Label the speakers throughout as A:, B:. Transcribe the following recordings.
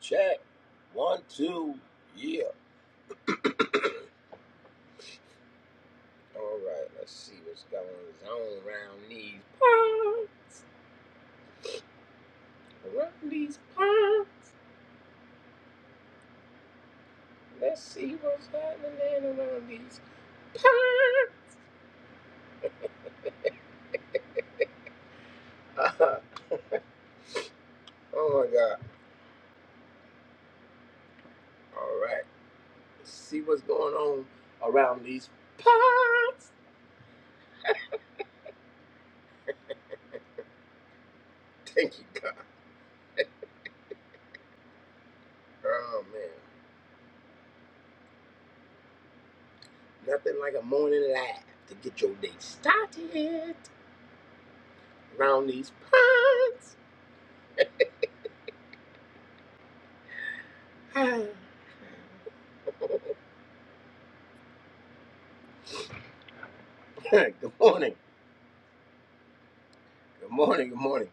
A: Check. One, two, yeah. All right, let's see what's going on around these parts. Around these parts. Let's see what's happening around these parts. oh my God. All right, let's see what's going on around these parts. Thank you, God. Oh man. Nothing like a morning laugh to get your day started around these parts. Good morning. Good morning, good morning.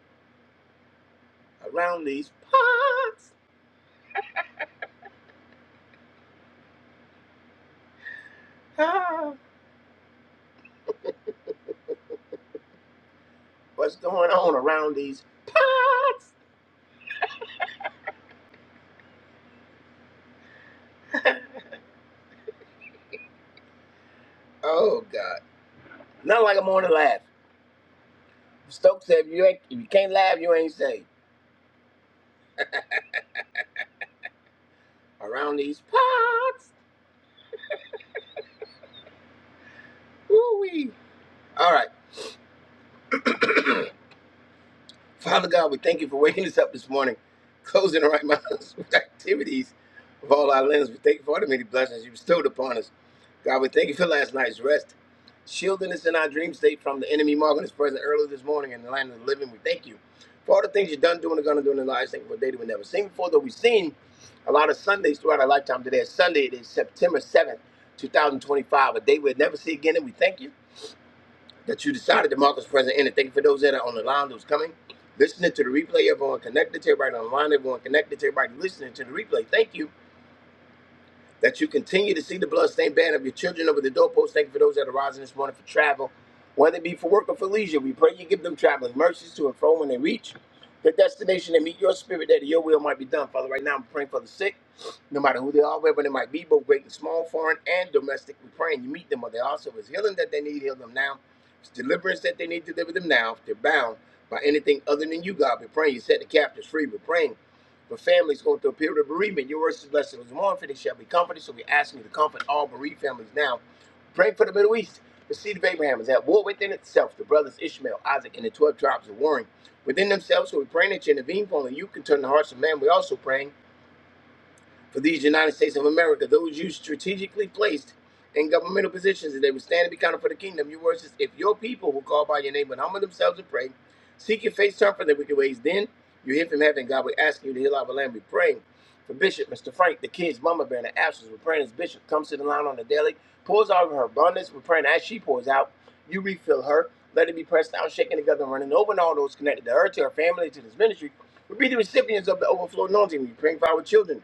A: Around these parts. Ah, what's going on around these parts? Oh, God. Not like I'm on a morning laugh. Stokes said, if you, ain't, if you can't laugh, you ain't safe. Around these parts. Woo-wee. All right. Father God, we thank you for waking us up this morning, closing the right minds with activities of all our limbs. We thank you for all the many blessings you bestowed upon us. God, we thank you for last night's rest, shielding us in our dream state from the enemy, marking us present early this morning in the land of the living. We thank you for all the things you've done, doing, and going to do in our lives. Thank you for a day that we never seen before, though we've seen a lot of Sundays throughout our lifetime. Today is Sunday, it is September 7th, 2025, a day we'll never see again, and we thank you that you decided to mark as present in. And thank you for those that are on the line, those coming, listening to the replay. Everyone connected to everybody on the line, everyone connected to everybody listening to the replay. Thank you that you continue to see the bloodstained banner of your children over the doorpost. Thank you for those that are rising this morning for travel, whether it be for work or for leisure. We pray you give them traveling mercies to and fro when they reach the destination and meet your spirit there, that your will might be done. Father, right now I'm praying for the sick, no matter who they are, wherever they might be, both great and small, foreign and domestic. We pray and you meet them or they also is healing that they need, heal them now. it's deliverance that they need, deliver them now. If they're bound by anything other than you, God, we pray you set the captives free. We're praying but families go through a period of bereavement. Your words is blessed. It was for they shall be comforted. So we ask you to comfort all bereaved families now. Pray for the Middle East. The seed of Abraham is at war within itself. The brothers Ishmael, Isaac, and the 12 tribes are warring within themselves. So we're praying that you intervene, for only you can turn the hearts of man. We're also praying for these United States of America, those you strategically placed in governmental positions, and they will stand and be counted for the kingdom. Your word says, If your people who call by your name would humble themselves and pray, seek your face, turn from their wicked ways, then you hear from heaven. God will ask you to heal our land. We pray for Bishop, Mr. Frank, the kids, Mama Bear, in the absence. We're praying as Bishop comes to the line on the daily, pours out of her abundance. We're praying as she pours out, you refill her. Let it be pressed down, shaken together, and running over, and all those connected to her, to her family, to this ministry. We be the recipients of the overflow anointing. We pray for our children.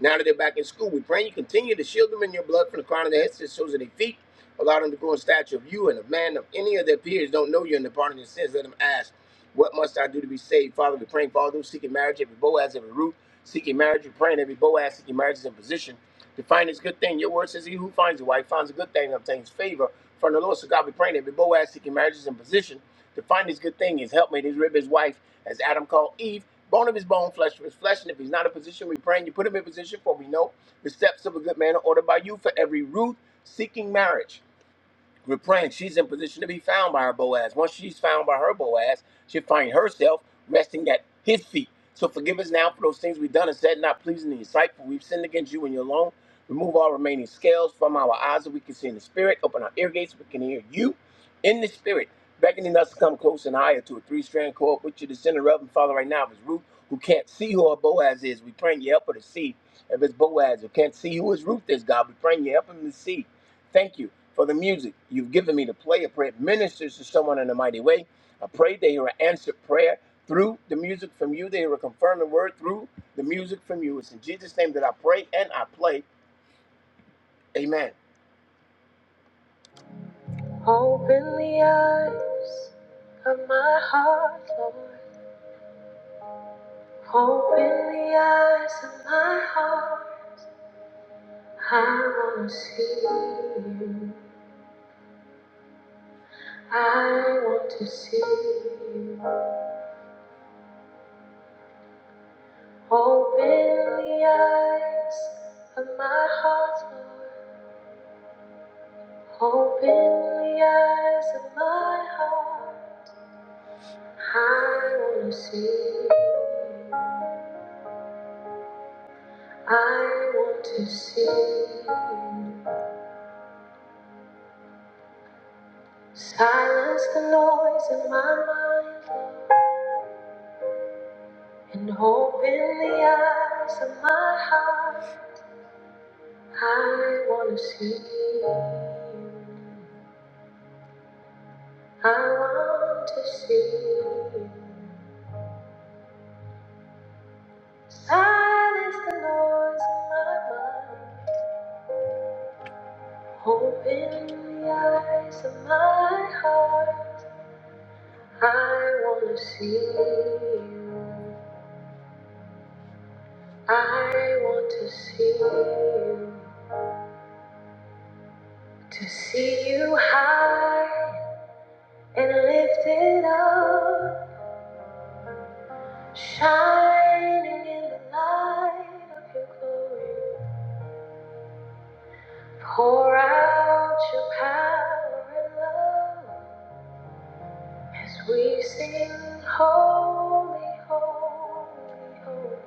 A: Now that they're back in school, we pray you continue to shield them in your blood from the crown of their heads to the soles of their feet. Allow them to grow in stature of you and of man. If any of their peers don't know you and depart of their sins, let them ask, What must I do to be saved? Father, we pray for all those seeking marriage, every Boaz, every Ruth, seeking marriage, we pray, and every Boaz seeking marriage is in position to find this good thing. Your word says, He who finds a wife finds a good thing and obtains favor from the Lord. So God, we pray, every Boaz seeking marriage is in position to find this good thing, his helpmate, his rib, his wife, as Adam called Eve. Bone of his bone, flesh of his flesh. And if he's not in position, we pray and you put him in position, for we know the steps of a good man are ordered by you for every root seeking marriage. We're praying she's in position to be found by her Boaz. Once she's found by her Boaz, she'll find herself resting at his feet. So forgive us now for those things we've done and said not pleasing in your sight, for we've sinned against you and you alone. Remove all remaining scales from our eyes that we can see in the spirit. Open our ear gates so we can hear you in the spirit, beckoning us to come close and higher to a three-strand cord, which you're the center of. And Father, right now, if it's Ruth who can't see who her Boaz is, we praying you help her to see. If it's Boaz who can't see who his Ruth is, God, we praying you help him to see. Thank you for the music you've given me to play. I pray it ministers to someone in a mighty way. I pray they hear an answered prayer through the music from you. They hear a confirming word through the music from you. It's in Jesus' name that I pray and I play. Amen. Open the eyes of my heart, Lord. Open the eyes of my heart. I want to see you. I want to see you. Open the eyes of my heart, Lord. Open the eyes of my heart. I want to see. I want to see. Silence the noise in my mind and open the eyes of my heart. I want to see. I want to see. Silence the noise in my mind. Open the eyes of my heart. I want to see you. I want to see you. To see you high and lifted up. Shining in the light of your glory. Pour out your power and love. As we sing holy, holy, holy,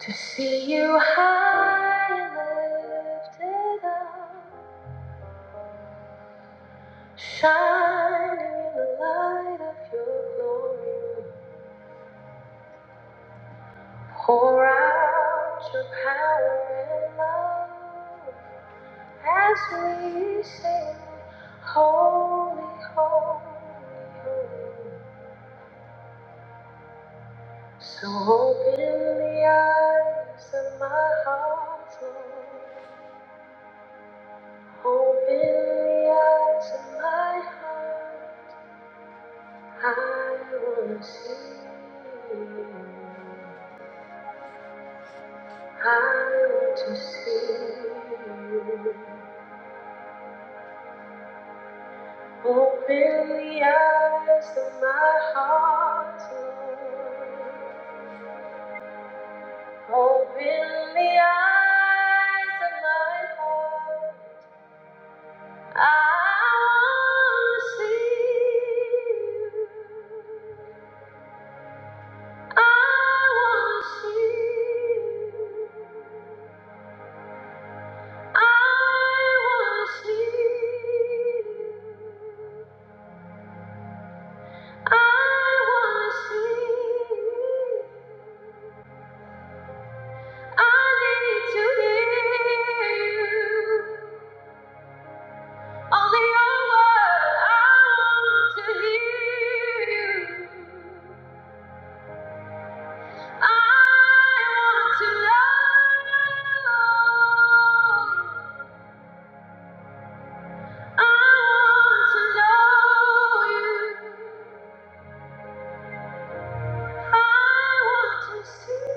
A: to see you high and lifted up, shining in the light of your glory, pour out your power and love as we sing holy, holy, holy. So open the eyes of my heart, Lord. Open the eyes of my heart. I want to see you. I want to see you. Open the eyes of my heart, Lord. Open the eyes of my heart. I see you. I wanna see you. I wanna see you. I wanna see you. I need to hear you. Only your word. I want to hear you. I want to know you. I want to know you. I want to see.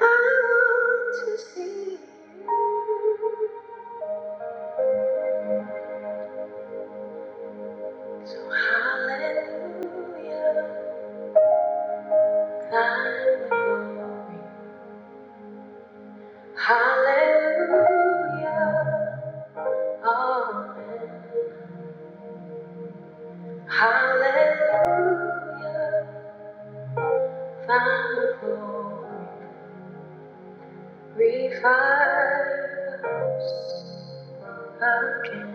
A: I want to see. So hallelujah, Hallelujah, amen. Hallelujah. Find the glory, revive us again.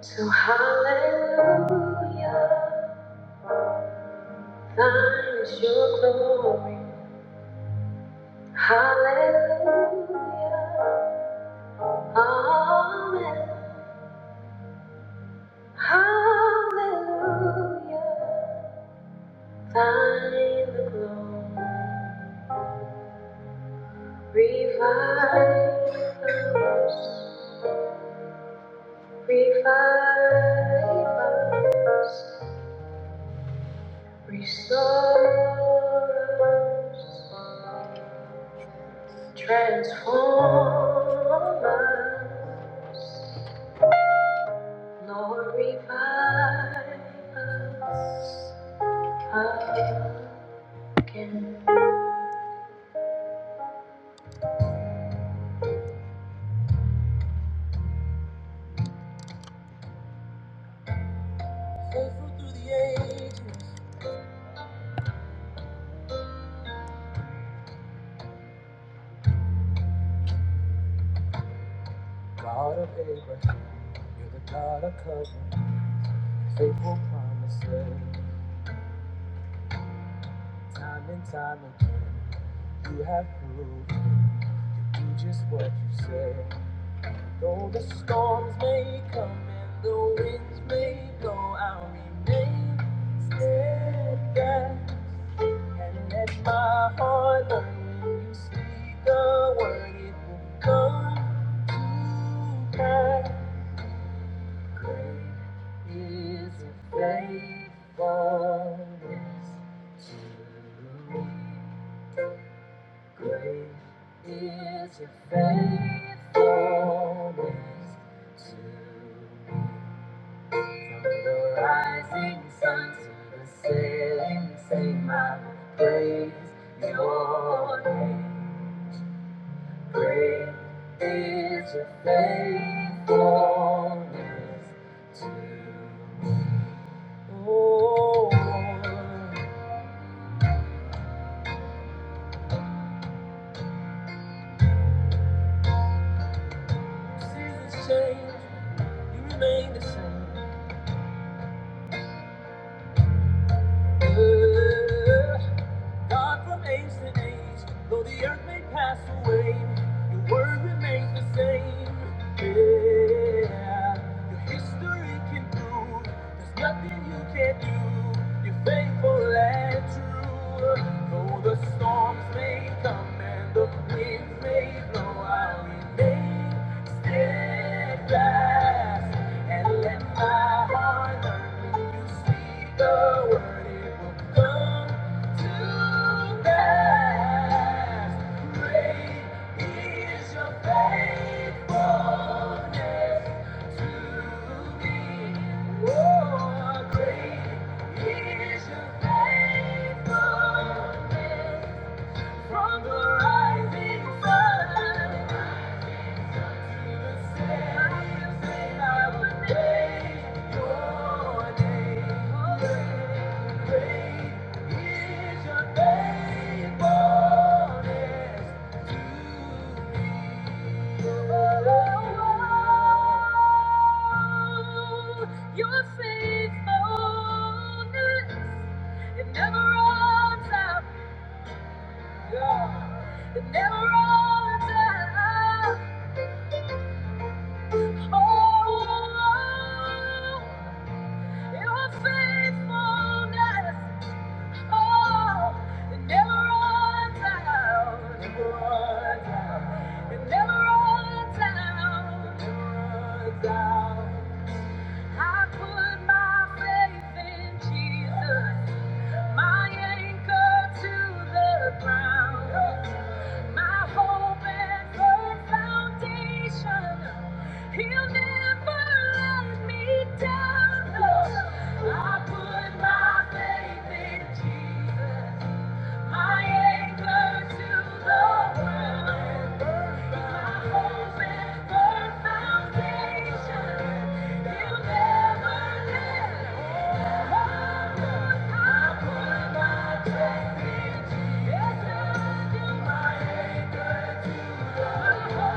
A: So hallelujah, thine is your glory. Hallelujah, amen. Hallelujah, thine the glory. Revive us, revive us. Restore us, transform us, Lord, revive us again. God of Abraham, you're the God of covenant, faithful promises, time and time again. You have proved it. You do just what you say. Though the storms may come and the winds may blow, I'll remain steadfast and let my heart learn. When you speak the word, it will come to pass. Great is your faithfulness to me. Great is your faithfulness to me. From the rising sun to the setting, same I will praise your name. Great is your faithfulness to me. Oh, seasons change, you remain the same. God from age to age, though the earth may pass away, your word remains the same. Yeah, your history can prove there's nothing you can't do. You're faithful and true. Though the storms may come and the winds may blow, I'll remain steadfast and let my heart learn when you speak the word, it will come. From the rising sun your faithfulness. It never runs out. Yeah. It never runs out. Oh, Your faithfulness, oh, it never runs out. Never runs out. It never runs out. Never runs out. I put my faith in Jesus, my anchor to the ground, my hope and firm foundation. He'll never let me down. I put my faith in Jesus, my anchor to the ground. My hope and firm foundation, he never let go. Yes, I put my trust in Jesus, my anchor to the ground.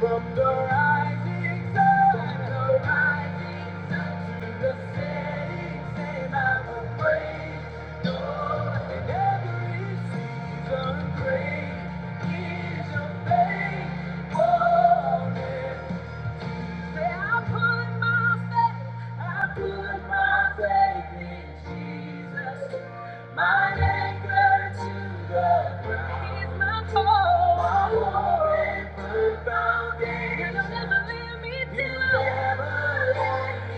A: From the rising sun, the rising sun, the setting sun, I will praise the Lord in every season. Great is your faithfulness. I put my faith, I put my faith in Jesus. My anchor to the ground. He's my core. My hope and firm foundation. He'll never let me down. He'll never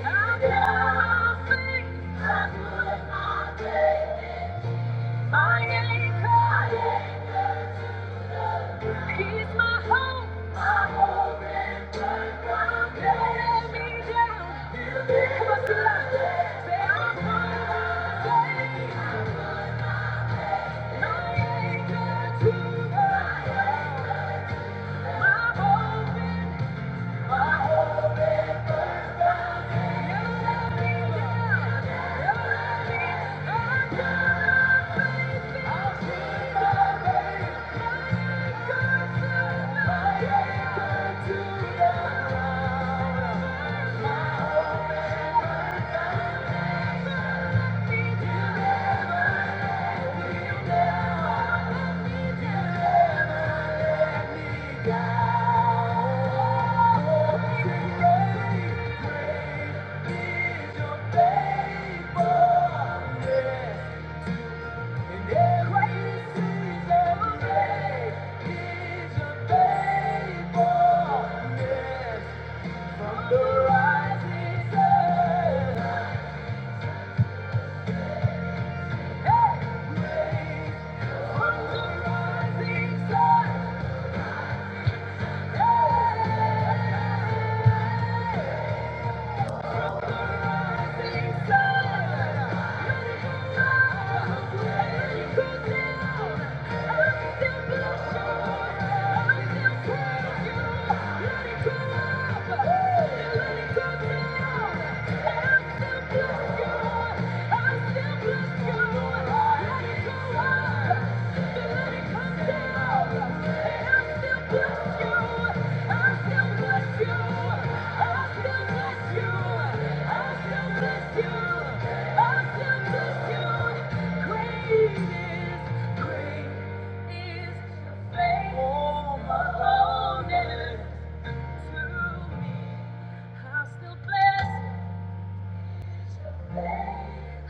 A: I put my faith. I put my faith. in My anchor. He's my hope. My hope and my God. Let me down. Come on, sing it out. Say, I'm gonna say, my anchor, my hope. My hope and Let me down. He'll let me- I'm gonna be- I'll see my way. Good to My anchor to the ground. From the rising sun, hey, rain from the rising sun.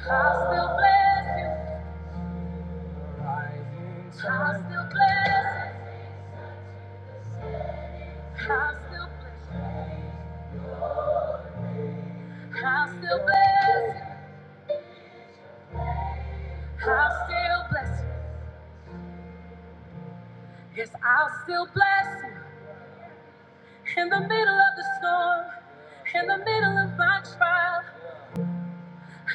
A: I still bless you. I still bless you. I'll still bless you. I'll still bless you. I'll still bless you. Yes, I'll still bless you. In the middle of the storm, in the middle of my trial,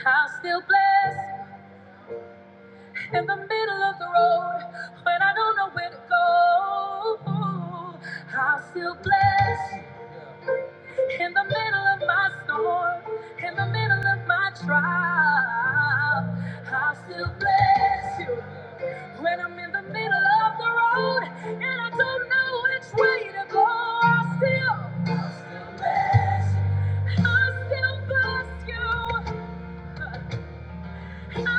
A: I'll still bless you. In the middle of the road, when I don't know where to go, I'll still bless you. In the middle of my storm, in the middle of my trial, I'll still bless you. When I'm in the middle of the road and I don't know which way to go, I'll still, I'll still bless you. I'll still bless you. Grace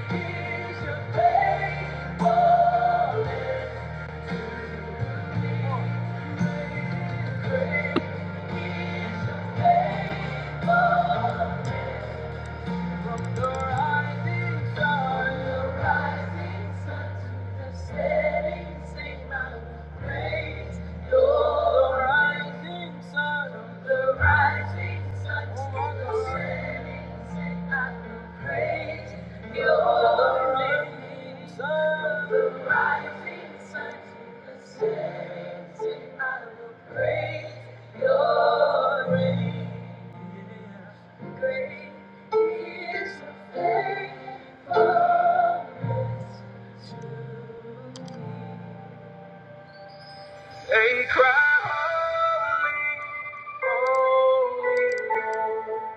A: your faithful, is your faith. From the rising sun, the rising sun to the setting sun, I will praise your rising sun. the rising sun to the setting sun, I will praise your rising sun. the rising sun to the setting sun, I will praise your reign. They cry, holy, holy, holy.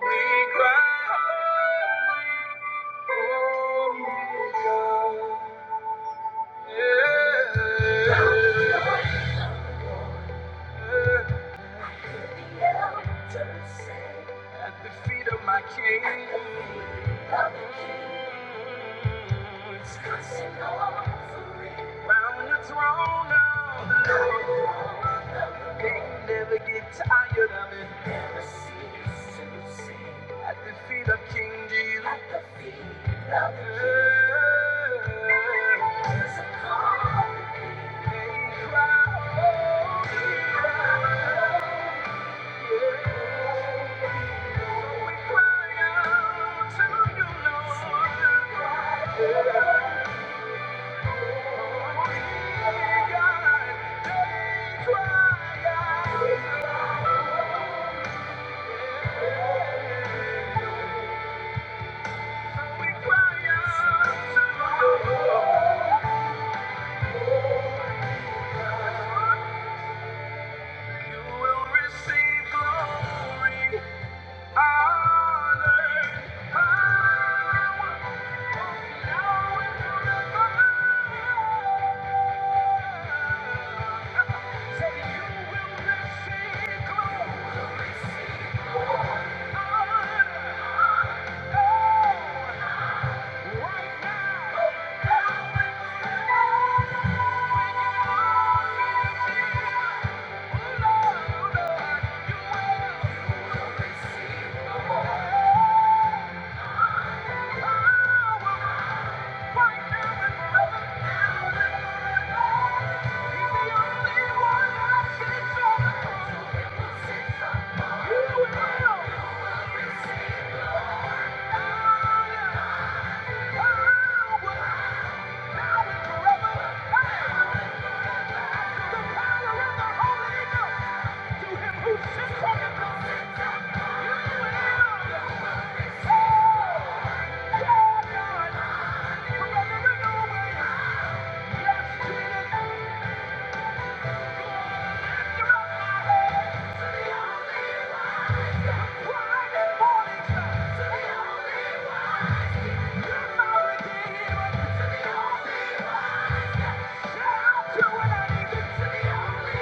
A: We cry, holy, holy God. Yeah. At the feet of my King. Round the throne of the Lord. Can't never get tired of it. The seas the sea. At the feet of King Jesus. At the foot of King Jesus. Cry out to know. He God, he cry out. Right now! Thank you. Yeah. Shout To what I need To be the only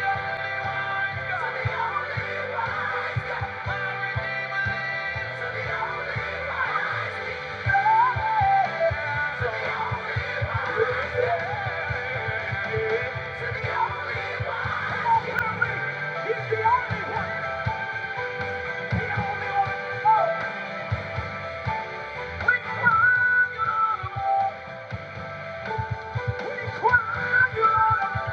A: Yeah. Oh!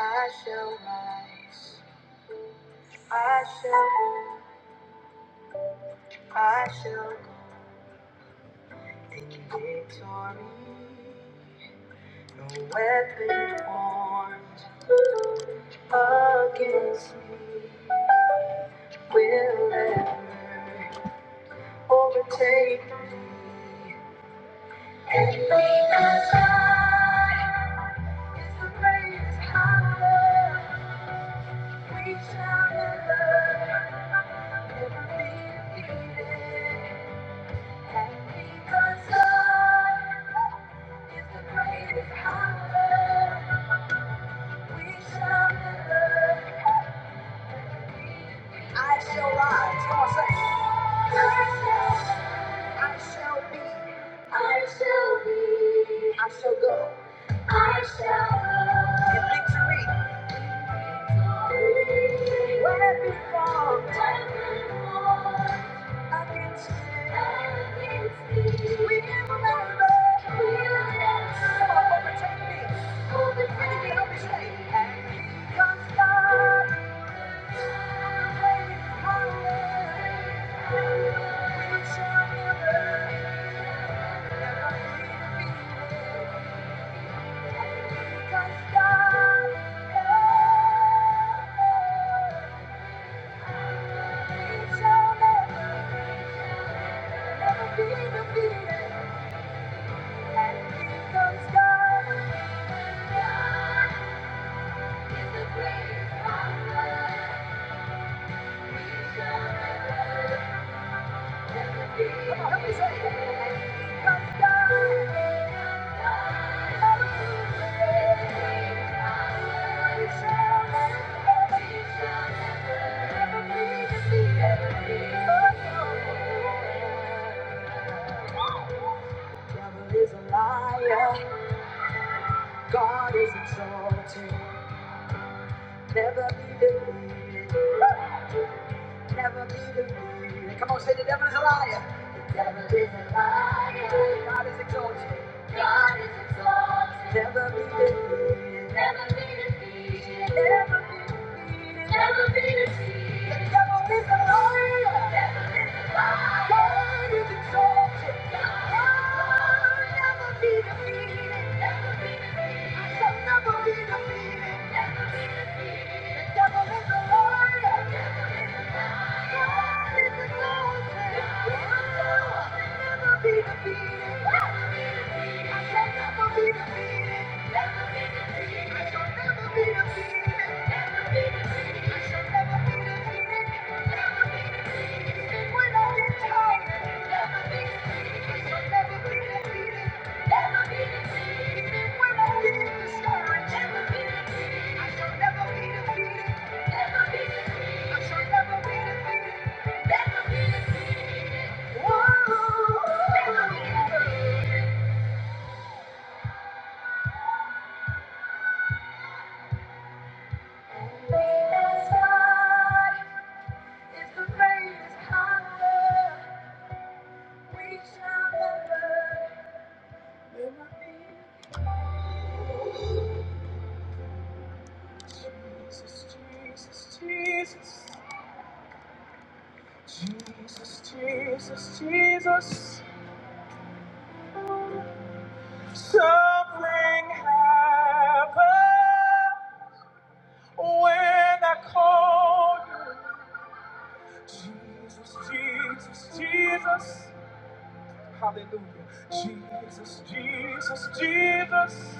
A: I shall rise. I shall go. I shall go. taking Victory. Weapon formed against me. will ever overtake me. And because I is the greatest power, we shall never, never be defeated. And because God is the greatest power, we shall never. I shall rise. Come on, say. it. I shall rise. I shall be. I shall be. I shall go. I shall go. In victory. When every fall. When every fall. Against me. Against me. We will never. We will never. Come on, overtake me. Overtake me. Help me say. And because God. God is the greatest power. He shall never be. Come devil is a liar. God is exalted. Never be defeated. Never be defeated. Come on, say the devil is a liar. The devil is a liar. God is exalted. Never be defeated. Never be defeated. Never be defeated. Never be defeated. The devil is a liar. The devil is a liar. God is exalted. God Never be defeated. Never be defeated. I shall never be defeated. Never be defeated. The devil is a liar. The devil is a liar. God is exalted. God Never be defeated. Never be defeated. Whoa. Never be defeated. That's why. If the rain is we shall never, never be. Jesus, Jesus, Jesus, Jesus, Jesus, Jesus. Something happened when I called you. Jesus, Jesus, Jesus. Hallelujah. Jesus, Jesus, Jesus.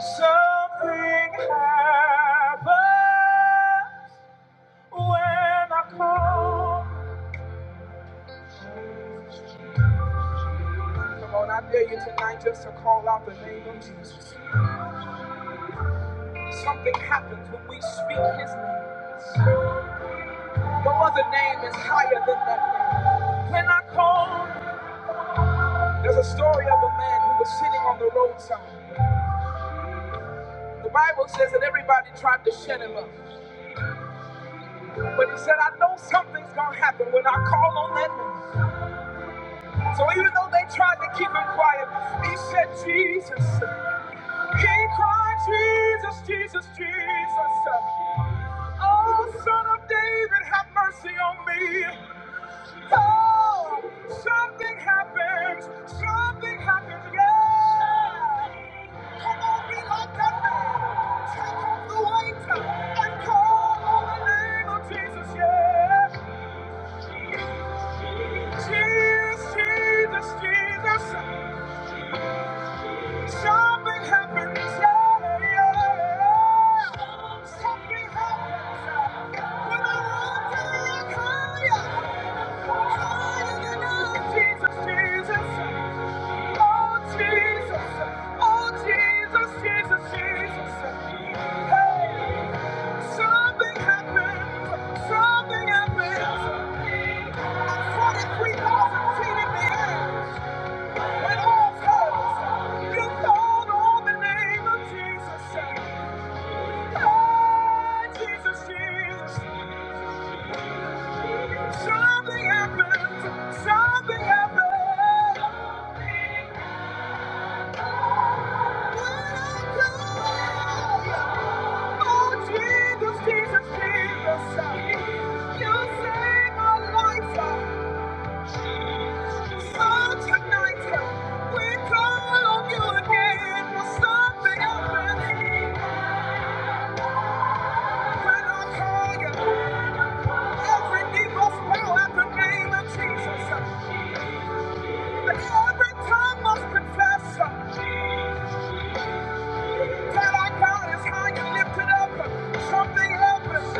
A: Something happens when I call. Come on, I dare you tonight just to call out the name of Jesus. Something happens when we speak his name. No other name is higher than that name. When I call, there's a story of a man who was sitting on the roadside. The Bible says that everybody tried to shut him up. But he said, I know something's going to happen when I call on that name. So even though they tried to keep him quiet, he said, Jesus. He cried, Jesus, Jesus, Jesus. Oh, son of David, have mercy on me. Oh, something happens. Something happens. Yeah. Come on, be like that man. Take off the weight and call on the name of Jesus. Yeah. Jesus, Jesus, Jesus. Something happens. yeah, yeah. Something happens. When I run to you, higher, higher than I- Jesus, Jesus, oh Jesus, oh Jesus, Jesus, Jesus. Hey, something happens. Something happens. I'm 43,000 feet in the air. When all comes, you call on the name of Jesus. "Ah, Jesus, Jesus." Something happens, something happens. When I call, oh, Jesus, Jesus, You saved my life. So tonight, we call on you again. Something happens when I call you. Every knee must at the name of Jesus. every tongue must confess that our God is high and lifted up. Something happens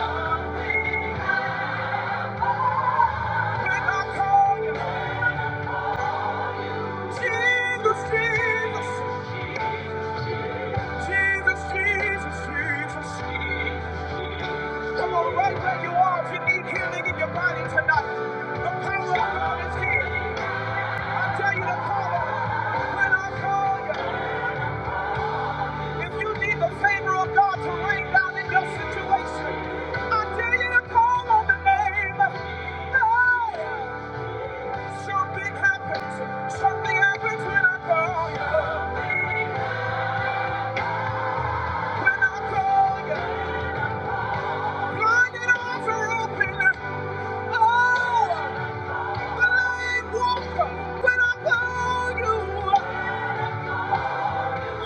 A: when I call you. Jesus, Jesus, Jesus, Jesus, Jesus. Come on, right where you are tonight. The power of God is here. I tell you to call when I call you. If you need the favor of God to rain down in your situation, I tell you to call on the name. Hey. Something happens. Something happens when I call you. When I call you, blinded eyes are open. Oh, the lame walk. When I call you,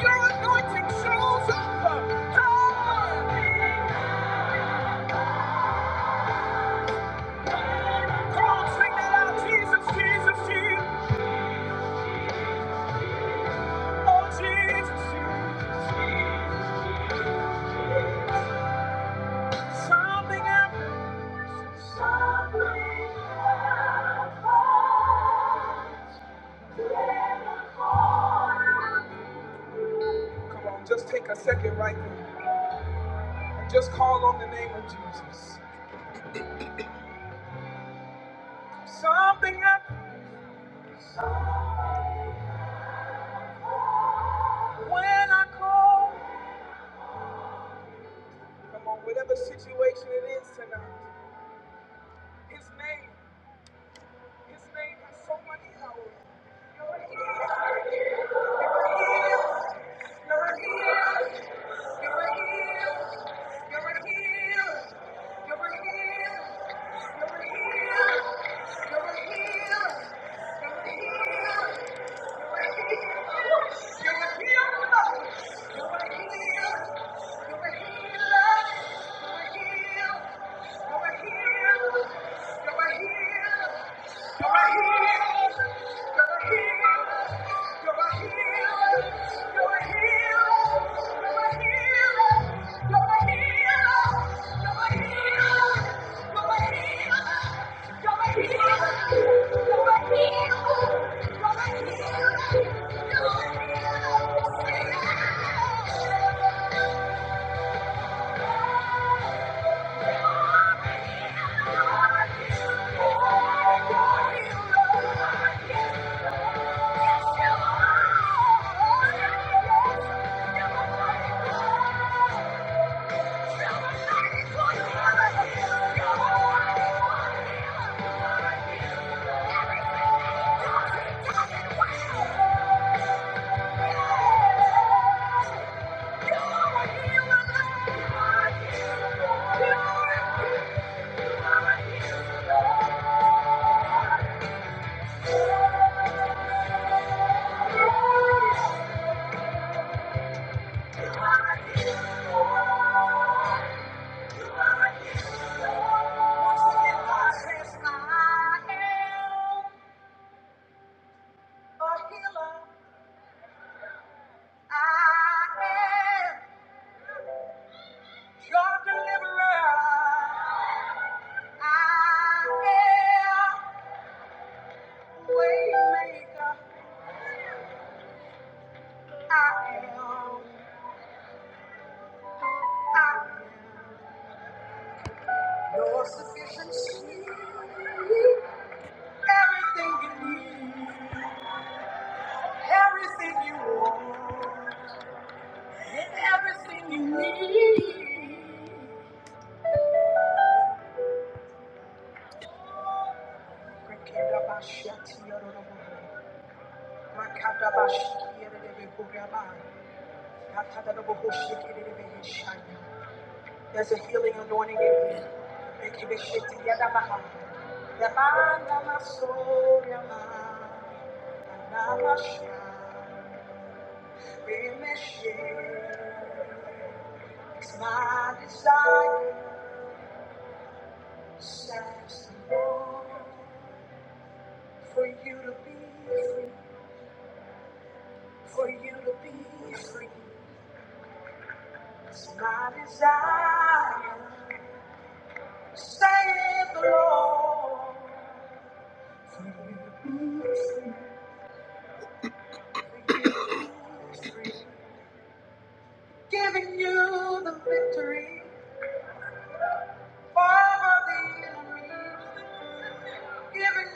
A: your anointing shows up. Power. Come on, sing that out. Jesus, Jesus, Jesus. Oh, Jesus, Jesus. Something happens. Come on, just take a second right there. Just call on the name of Jesus. Something happens. When I call, come on, whatever situation it is tonight, His name, His name has so many hours. You're here, you're here, you're here, you're here. you're here, you're here, you're here, you're here. You're a healer. You're a healer. You're a healer. You're a healer. You're a healer. You're a healer. You're a healer. Once again, God says, I am a healer. I am your deliverer. I am waymaker. I am, your sufficiency. Everything you need, everything you want, and everything you need. There's a healing anointing in you. Thank you, Bishop. Yadabaha. Yamana maso yama. Anamasha. Remeshe. It's my desire, Samson, for you to be free, for you to be free. It's my desire, save the Lord, for you to be free. Father, the enemy,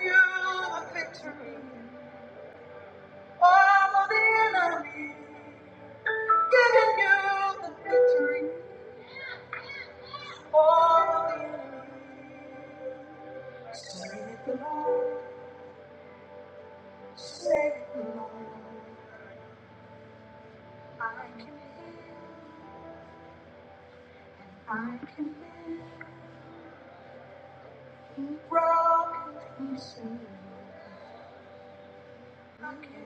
A: you have been All of the enemy, giving you the victory. All of the enemy, say it, the Lord, say it. I can hear, I can hear broken pieces. I can.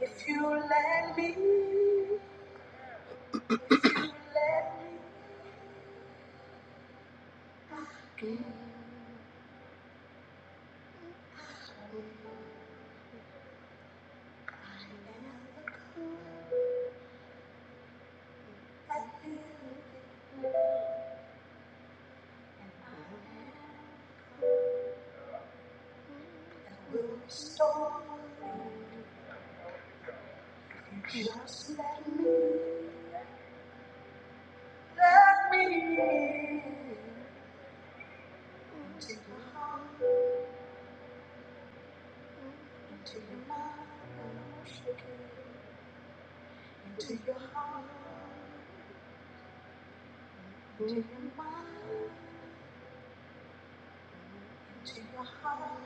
A: If you let me, if you let me I can into your heart, into your heart,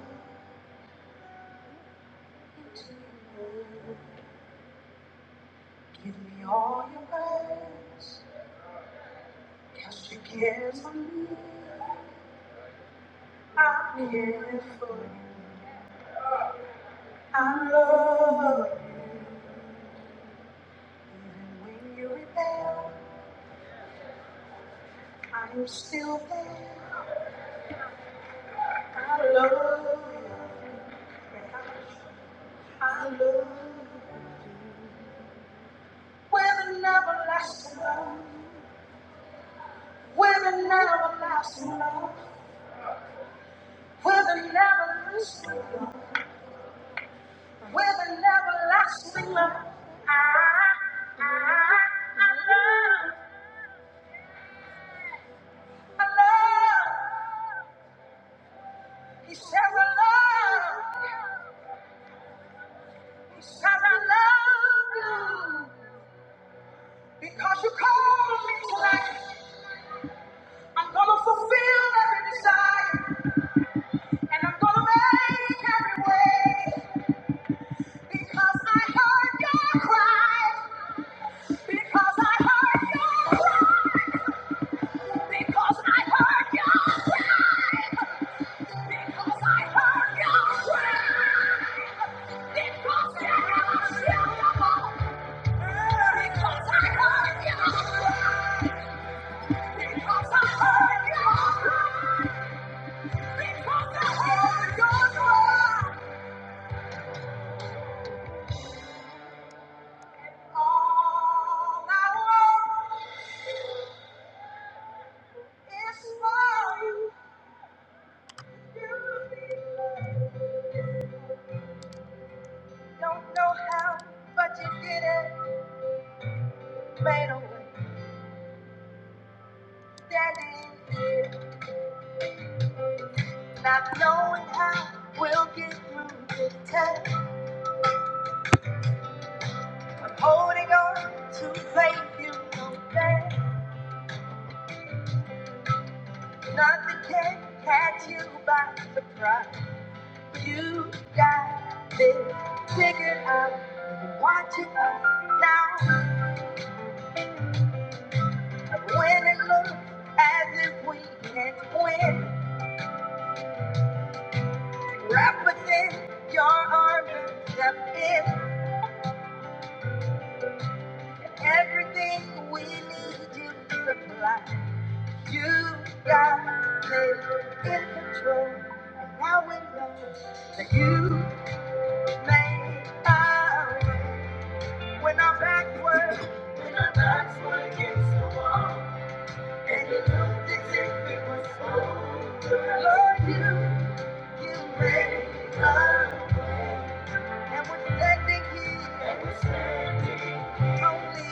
A: give me all your love, cast your cares on me. I'm here for i love you. When you rebel, I'm still there. I love you. I love you. With love, with an everlasting love, with an everlasting, with an everlasting love. He said, I love, he said, I love you. Because you called me tonight, I'm gonna fulfill every desire. And I'm gonna make every way because I heard your cry. Because I heard your cry. Because I heard your cry. Because I heard your cry. Because I heard your cry. Because I heard your cry. Because I heard your cry. Because I heard your cry. All I want. It's for you. You don't know how, but you did it Made a way, Standing, not knowing how we'll get through this test. Holding on to faith you know best. Nothing can catch you by surprise. You got this figured out. Watching us now when it looks as if we can't win. Wrap within your arms and step in. Everything we need you to supply. You got it in control. And now we know that you made our way. When our backs were, when our backs were against the wall. And you know this if we were so Lord, you, you made us. And we're standing here. And we're standing Thank you.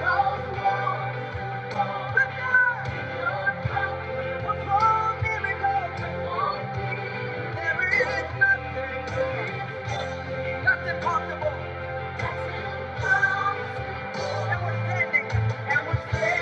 A: cause war. And We're standing standing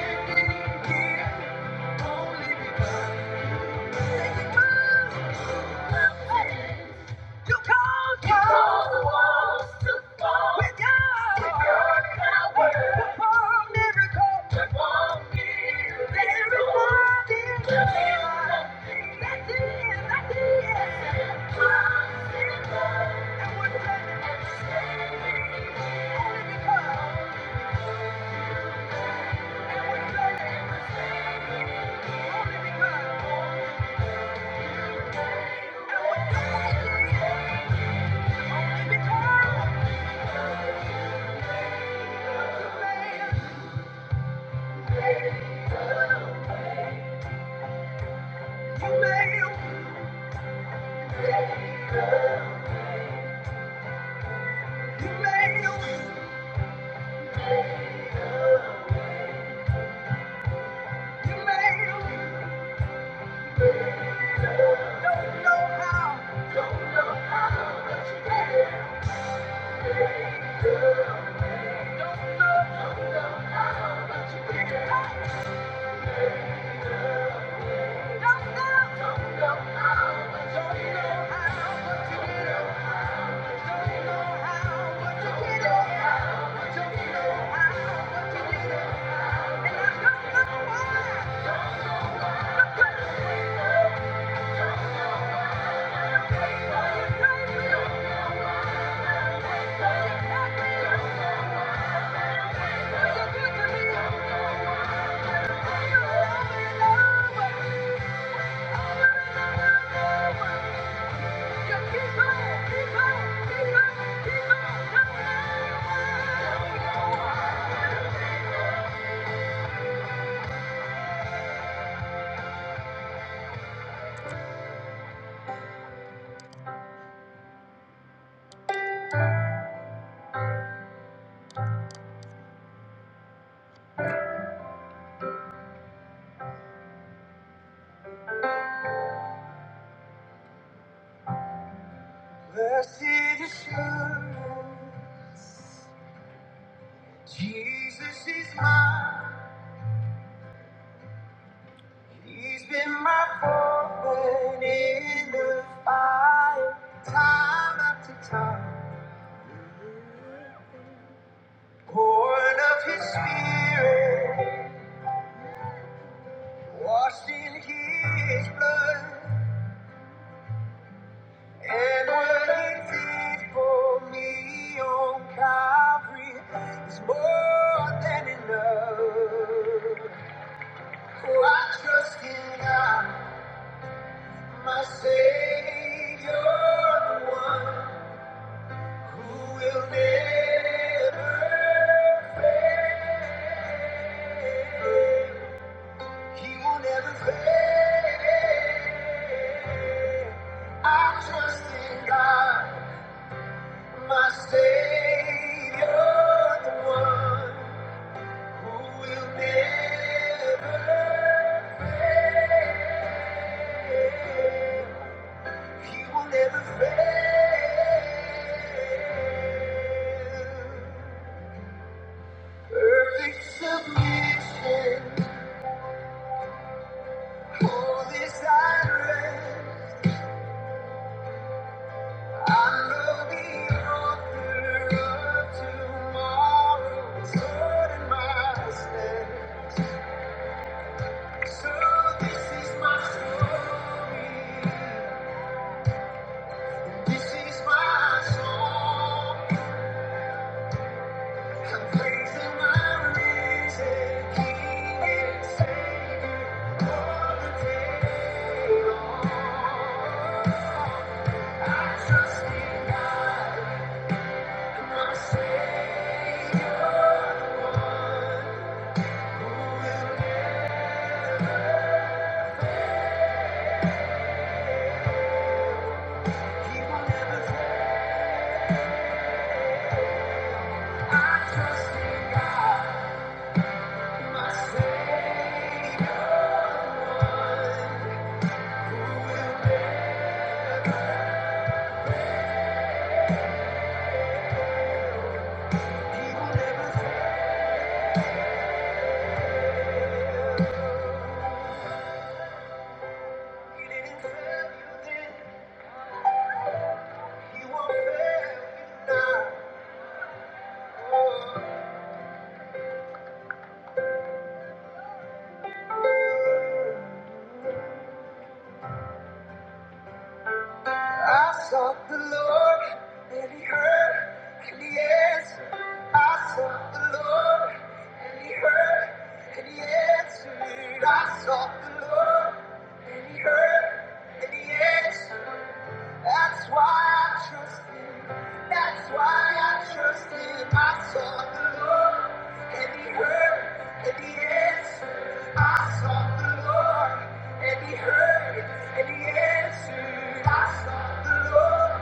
A: Thank you. Thank you. Blessed assurance, Jesus is mine. He's been my foreman in the fire, time after time. Born of his spirit, washed in his blood. And what he did for me on Calvary is more than enough. Oh, I trust in God, my Savior, the one. Who will never fail? He will never fail. I trust in God, my Savior, the one who will never fail. He will never fail. Perfect submission. For this I pray, I know the author of tomorrow is Lord my stead. So this is my I'm praising my reason. Can't say the day. I'm didn't fail you then. He won't fail me now. I sought the Lord, and He heard, and He answered. I sought the Lord, and He heard, and He answered. I sought the Lord, and He heard, and He answered. That's why I trust him. That's why I trust him. I sought the Lord and he heard and he answered. I sought the Lord and he heard and he answered. I sought the Lord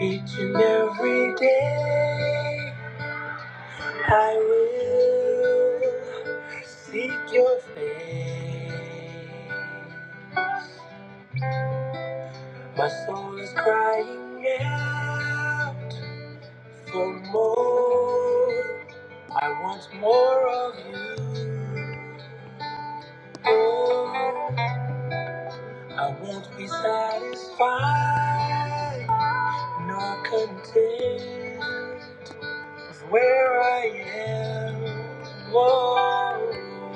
A: each and every day. My soul is crying out for more. I want more. I won't be s- nor controlled.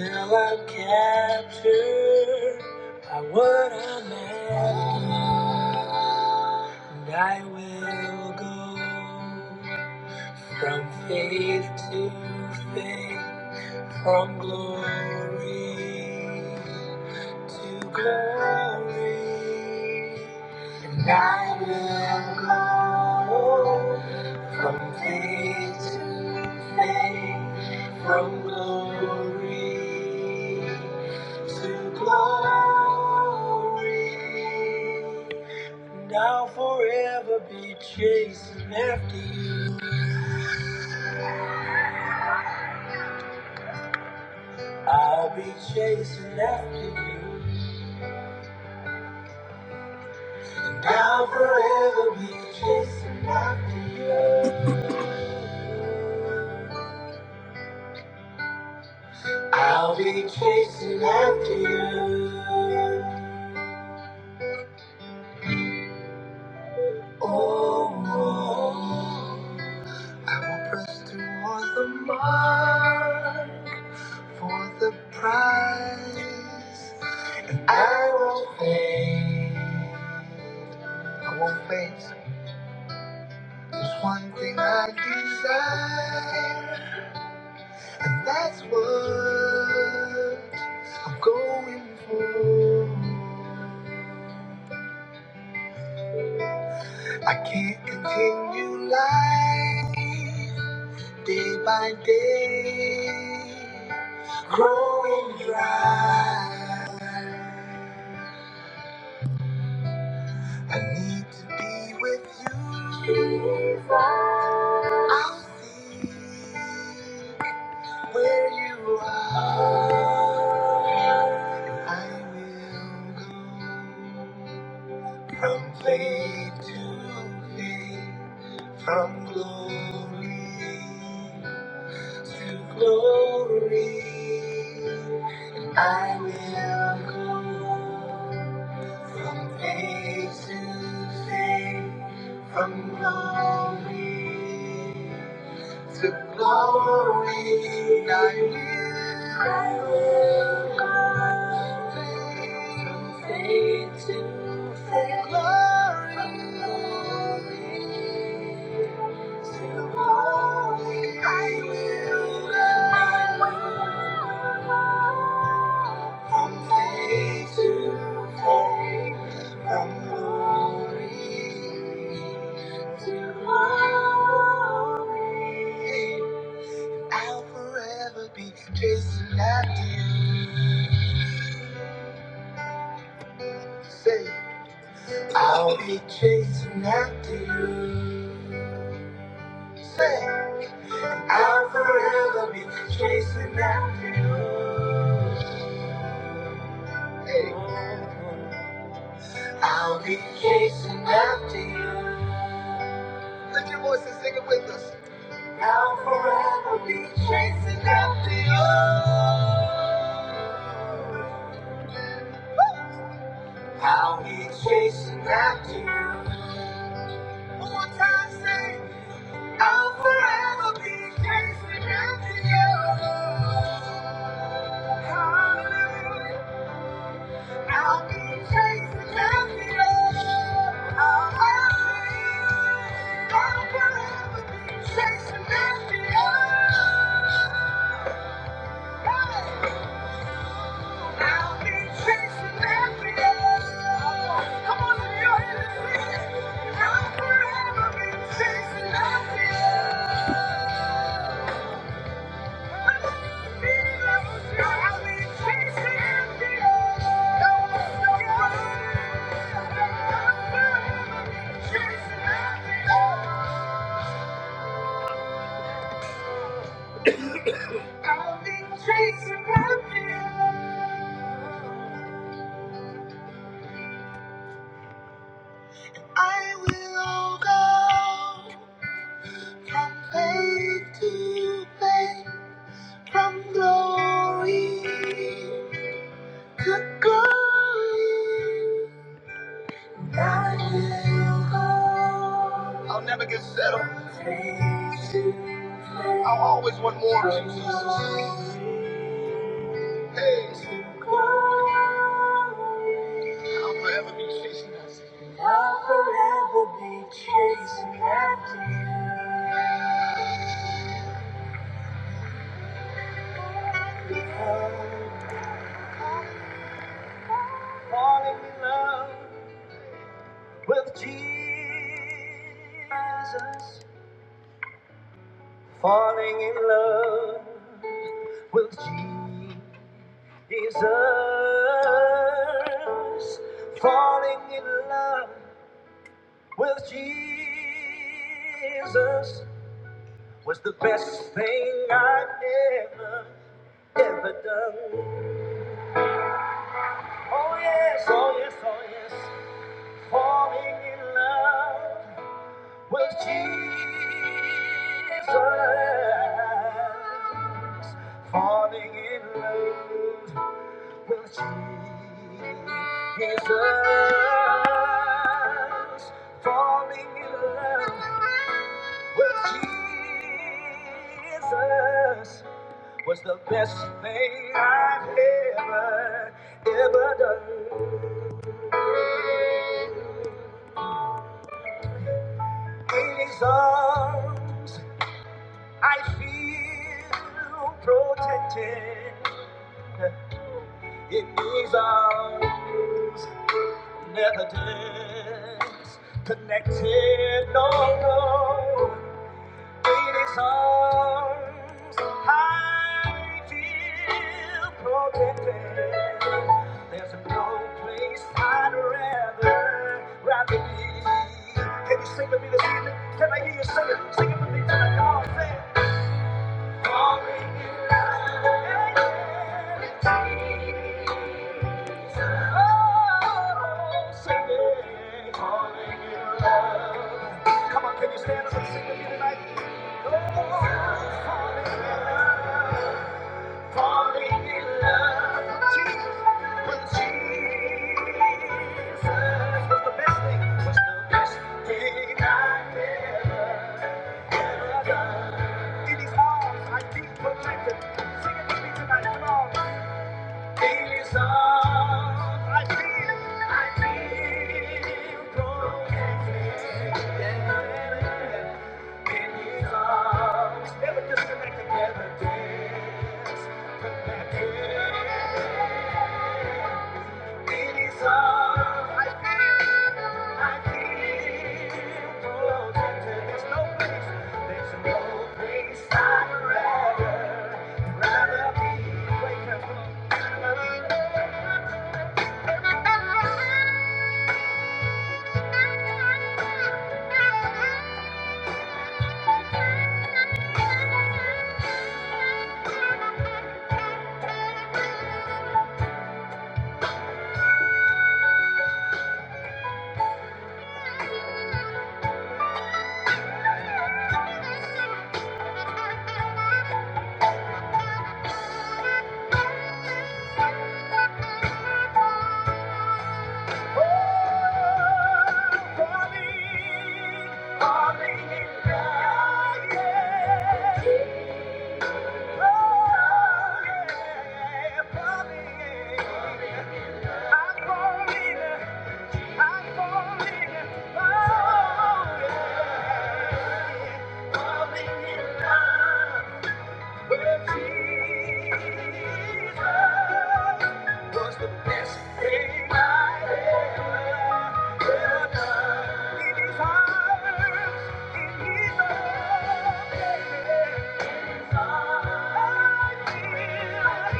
A: Till I'm captured. I would imagine, and I will go from faith to faith, from glory to faith, from glory to glory. And I'll forever be chasing after you. I'll be chasing after you. And I'll forever be chasing after you. I'll be chasing after you. Oh, oh, I will press toward the mark for the prize. I won't fade. I won't fade. There's one thing I desire, and that's what I'm going for. I can't continue life day by day, growing dry. I need to be with you. I'll see where you are. And I will go from faith to faith, from glory. to glory. I will go from faith to faith, from glory to glory. I will go faith to faith. Glory to glory. I will go from faith to faith, from glory. Hey, I'll forever be chasing after faith. I'll be chasing after you. Say, I'll forever be chasing after you. Hey, I'll be chasing after you. Lift your voice and sing it with us. I'll be chasing after you. I'll after you. I'll forever be chasing after you. Chasing happiness, I will go. From faith to faith, from glory to glory. Falling in love with Jesus. Falling in love with Jesus. Falling in love with Jesus was the best thing I'd ever, ever done. Oh yes, oh yes, oh yes, falling in love with Jesus, falling in love with Jesus, falling in love with Jesus was the best thing I've ever, ever done. In his arms, I feel protected. In his arms, never disconnected. No, no. In his arms, I feel protected. There's no place I'd rather, rather be. Can you sing with me this evening? Can I hear you sing it? Sing it with me tonight. Come on, sing it. Falling in love. Oh, sing it. calling you love. Come on, can you stand up and sing with me tonight? Oh, falling in love. Falling in love with Jesus, with the best thing? What's the best thing i ever done? In His arms, I feel protected. Sing it with me tonight, come on. In His arms, I feel, I feel protected. In His arms, never disconnected, never disconnected. I feel. Yeah. Thank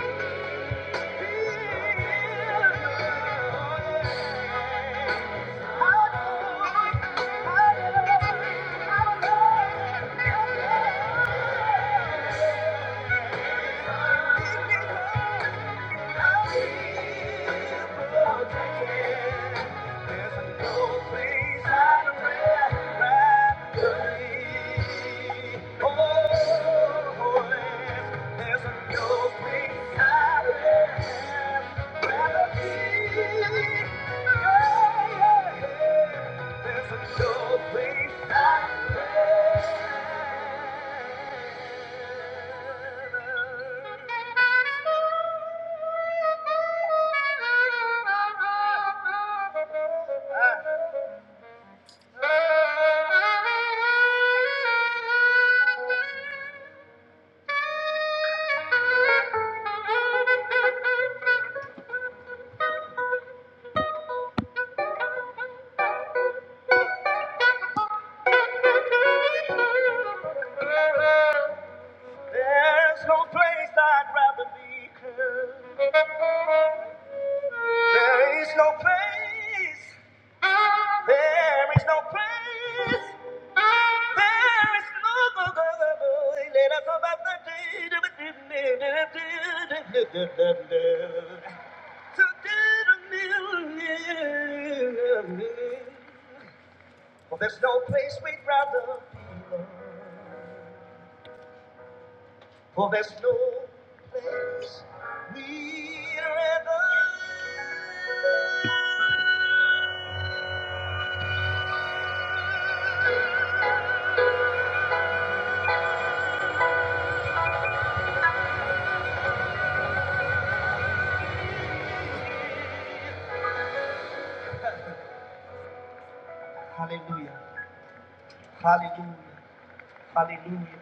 A: you. There's a no place. Thank There's no place I'd rather be. There is no place. There is no place. There is no place. Let us about the day. to do the million. For there's no place we'd rather be. For there's no place nearer. Hallelujah. Hallelujah. Hallelujah.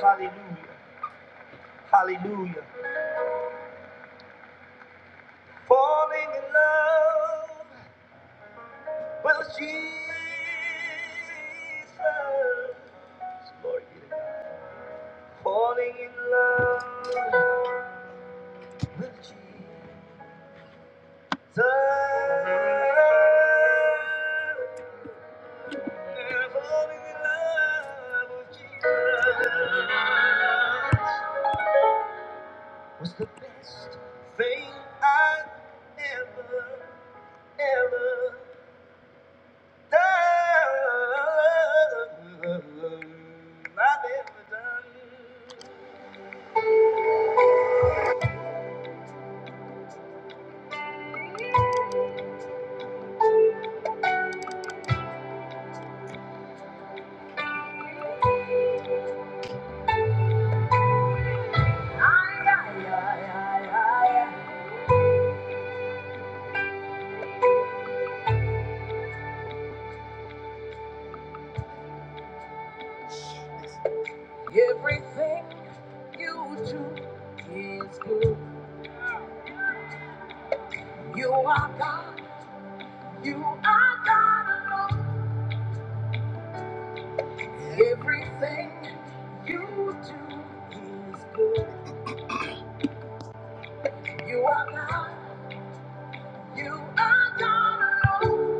A: Hallelujah. Hallelujah. Falling in love with Jesus. Glory be to God. Falling in love with Jesus. Falling in love with Jesus. was the best thing I ever, ever done. I've ever done. Yeah, yeah, yeah, yeah. Everything you do is good. You are God. You are God alone. Everything you do is good. You are God. You are God alone.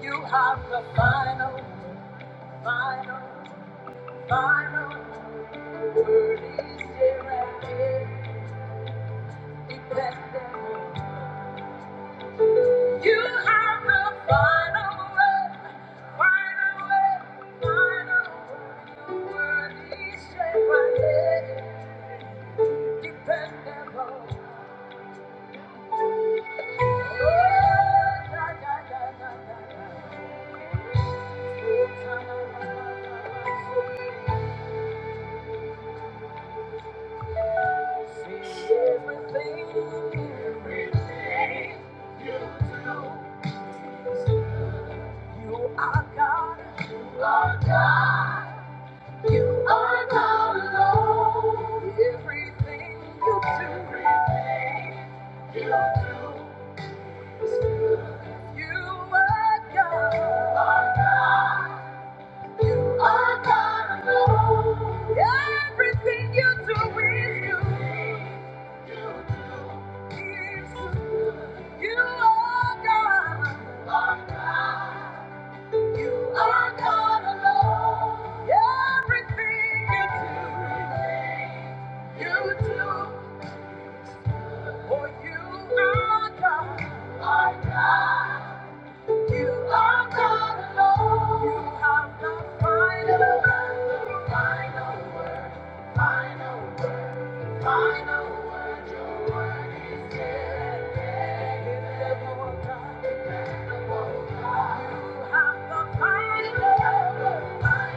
A: You have the final. You have the final word, final. You are God. You are God. You are God alone. Everything you do, everything you do is for you are God. You are God alone. Everything you do is you. You are God. You are God alone. Everything you do, you do. For you are God. Our God. You are God alone. You have the final, word. final, word. final, word. final. You have the final,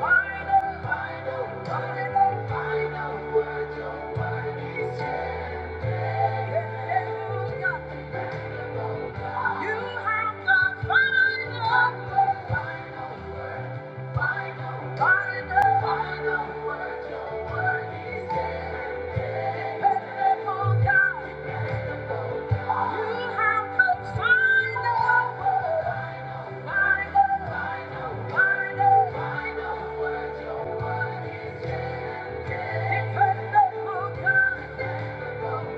A: word. final. Final final, word. Your word is guaranteed. It's a simple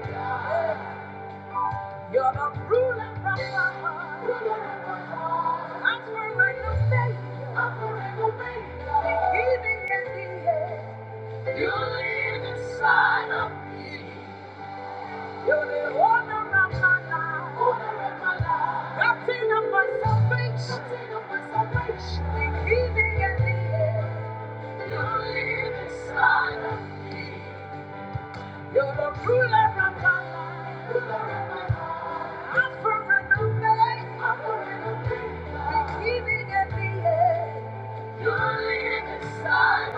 A: God. You're the ruler of my heart. Ruler of my heart. I'm forever faithful. I'm forever faithful. The and the end. You live inside of me. You're the owner of my life. Owner of my life. Captain of my salvation. Captain of my salvation. The giving and the end. You live inside of me. You're the ruler of my life. Ruler of my life. I'm surrendered. I'm surrendered. Beginning and the end. You're the inside.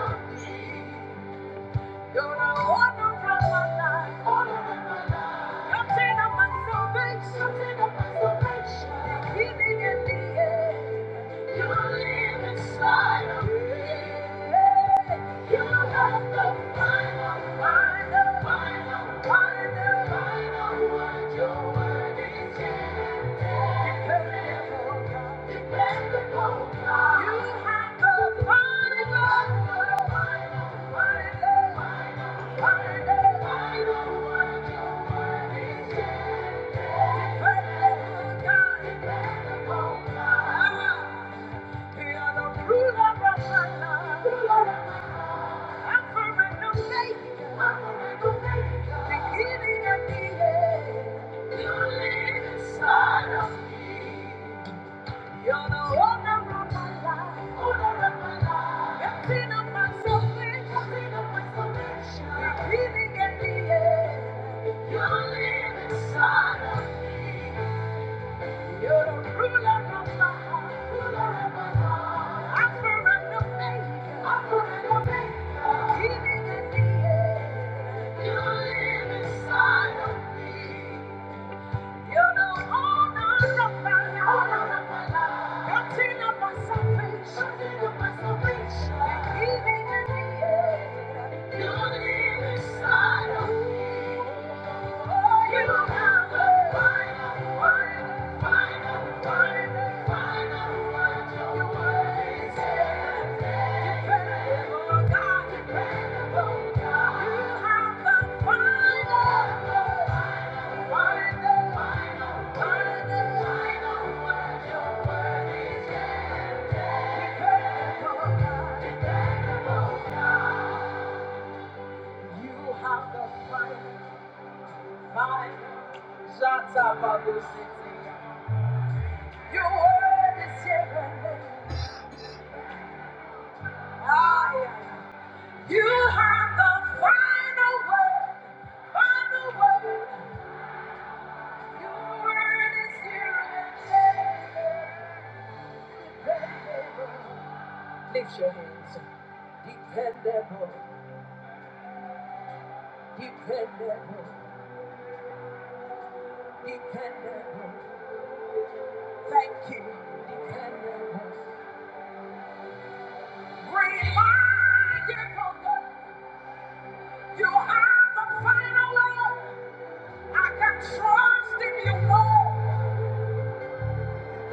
A: You're the owner of my life. Owner of my life. Captain of my salvation. Captain of my salvation. Beginning and the end. You're the inside. Thank you. You're living inside of me. You're the ruler of my heart, ruler of my heart. I surrender faith, I surrender faith. Even in the air, you live inside of me. Thank you. Shots up of the city. Your word is heavenly. Ah, yeah. You have the final word, final word. Your word is here and Lift your hands. Dependable, dependable, dependable. Remind you, God, you have the final word. I can trust in you more.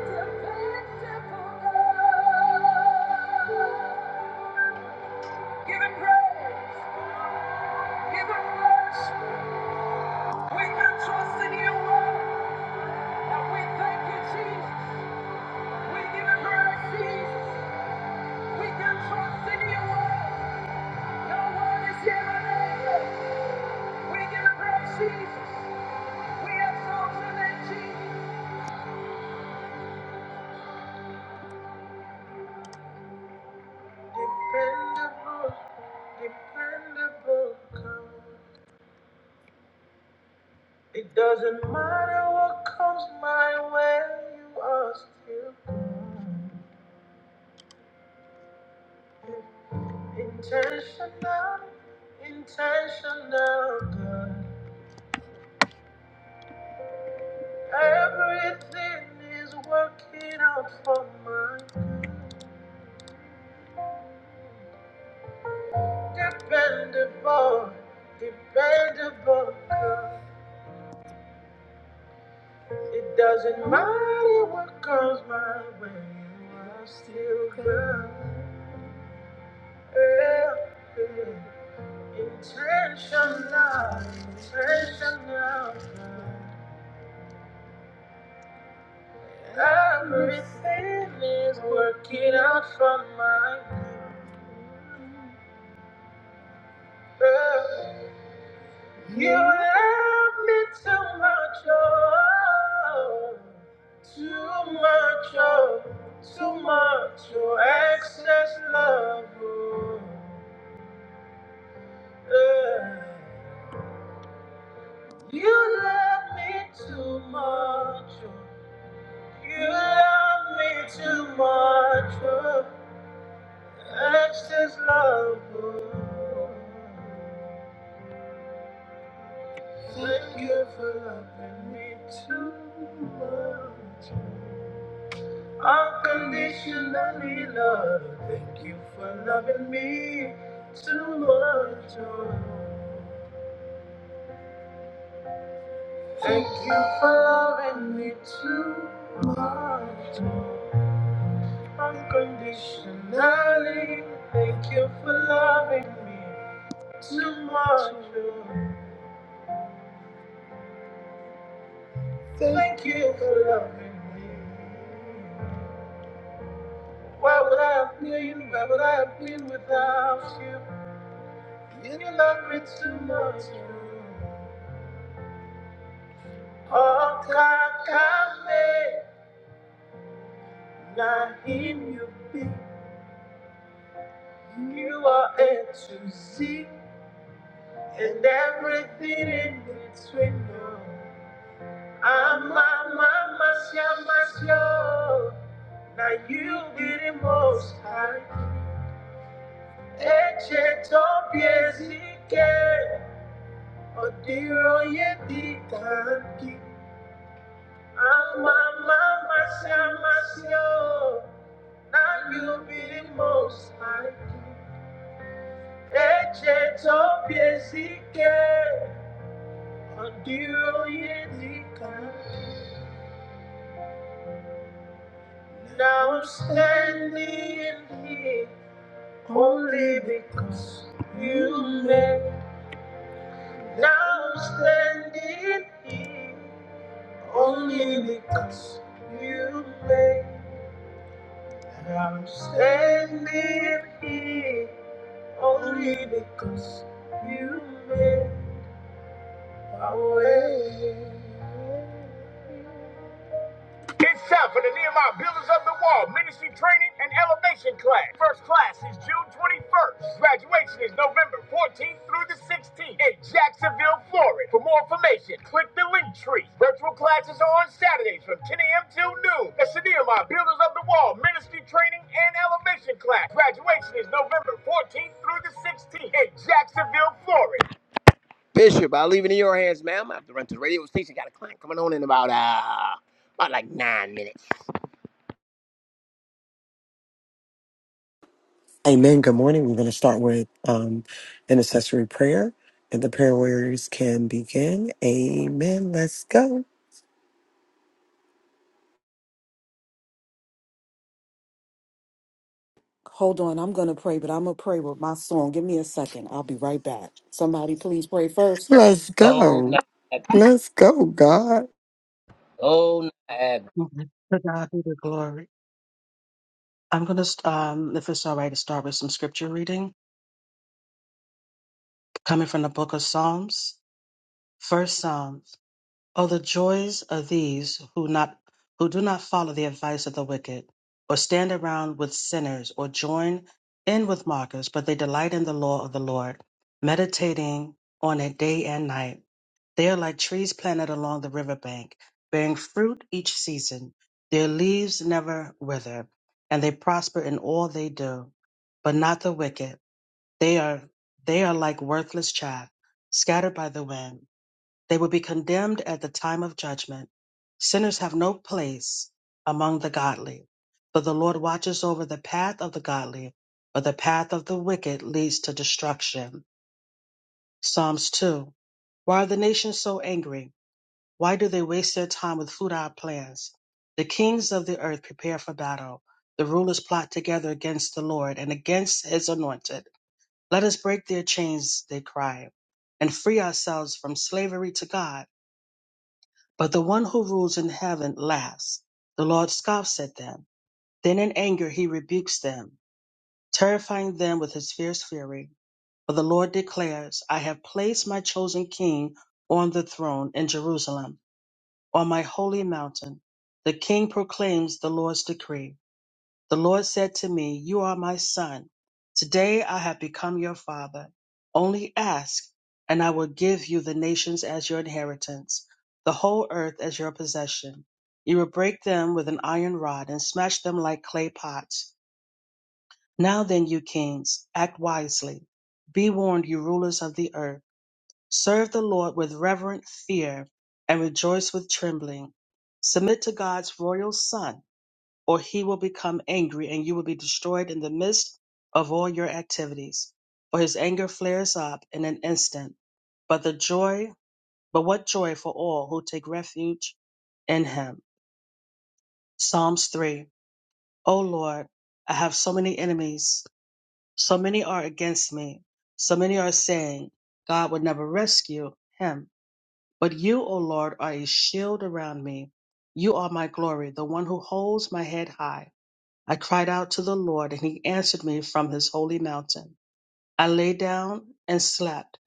A: Dependable God. Give him praise. Give him worship. We can trust in you more. And we thank you, Jesus. We give him praise, Jesus. We can trust in you more. No one is here but We give praise, Jesus. We exalt your name, Jesus. I don't walk everything is dependable, dependable. It doesn't matter what comes my way, you are still good. Intentional, intentional. Everything is working out for my good. You love me too much, oh, too much, oh, too much, oh, excess love, oh, yeah. You love me too much, oh, you love me too much, oh, excess love, oh. Thank you for loving me too much. Unconditionally love. Thank you for loving me too much. oh. Thank you for loving me too much. oh. Unconditionally. Thank you for loving me too much. oh. Thank you for loving me. Why would I have been? Why would I have been without you? You love me too much. oh. Okakame, Nahim, you be. You are A to Z, and everything in between. I'm a mama, Siamasio. Now you be the most high. Eche tobiezike, odiro ye dikanki. I'm a mama, Siamasio. Now you be the most high. Eche topiezike, ondiro yezika. Now I'm standing here only because you made. Now I'm standing here only because you made. Now I'm standing here only because you made. It's time for the Nehemiah Builders of the Wall Ministry Training and Elevation Class. First class is June 21st. Graduation is November 14th through the 16th in Jacksonville, Florida. For more information, click the link tree. Virtual classes are on Saturdays from 10 a.m. till noon. That's the Nehemiah Builders of the Wall Ministry Training and Elevation Class. Graduation is November 14th through the 16th in Jacksonville, Florida. Bishop, I will leave it in your hands, ma'am. I have to run to the radio station. Got a client coming on in about, uh, about like nine minutes.
B: Amen. Good morning. We're going to start with um, intercessory prayer, and the prayer warriors can begin. Amen. Let's go.
C: Hold on, I'm gonna pray, but I'm gonna pray with my song. Give me a second. I'll be right back. Somebody please pray first.
B: Let's
A: Oh, no.
B: go. Let's go, God.
D: Mhm. To God be the glory. I'm going to, um, if it's all right, to start with some scripture reading coming from the book of Psalms. First Psalms. Oh, the joys of these who not who do not follow the advice of the wicked, or stand around with sinners, or join in with mockers, but they delight in the law of the Lord, meditating on it day and night. They are like trees planted along the riverbank, bearing fruit each season. Their leaves never wither, and they prosper in all they do. But not the wicked. They are they are like worthless chaff, scattered by the wind. They will be condemned at the time of judgment. Sinners have no place among the godly. But the Lord watches over the path of the godly, but the path of the wicked leads to destruction. Psalms 2. Why are the nations so angry? Why do they waste their time with futile plans? The kings of the earth prepare for battle. The rulers plot together against the Lord and against his anointed. Let us break their chains, they cry, and free ourselves from slavery to God. But the one who rules in heaven laughs. The Lord scoffs at them. Then in anger he rebukes them, terrifying them with his fierce fury. For the Lord declares, I have placed my chosen king on the throne in Jerusalem on my holy mountain. The king proclaims the Lord's decree. The Lord said to me, You are my son. Today I have become your father. Only ask, and I will give you the nations as your inheritance, the whole earth as your possession. You will break them with an iron rod and smash them like clay pots. Now then, you kings, act wisely. Be warned, you rulers of the earth. Serve the Lord with reverent fear and rejoice with trembling. Submit to God's royal Son, or he will become angry and you will be destroyed in the midst of all your activities. For his anger flares up in an instant. But the joy, but what joy for all who take refuge in him. Psalms 3. O Lord, I have so many enemies. So many are against me. So many are saying, God would never rescue him. But you, O Lord, are a shield around me. You are my glory, the one who holds my head high. I cried out to the Lord, and he answered me from his holy mountain. I lay down and slept,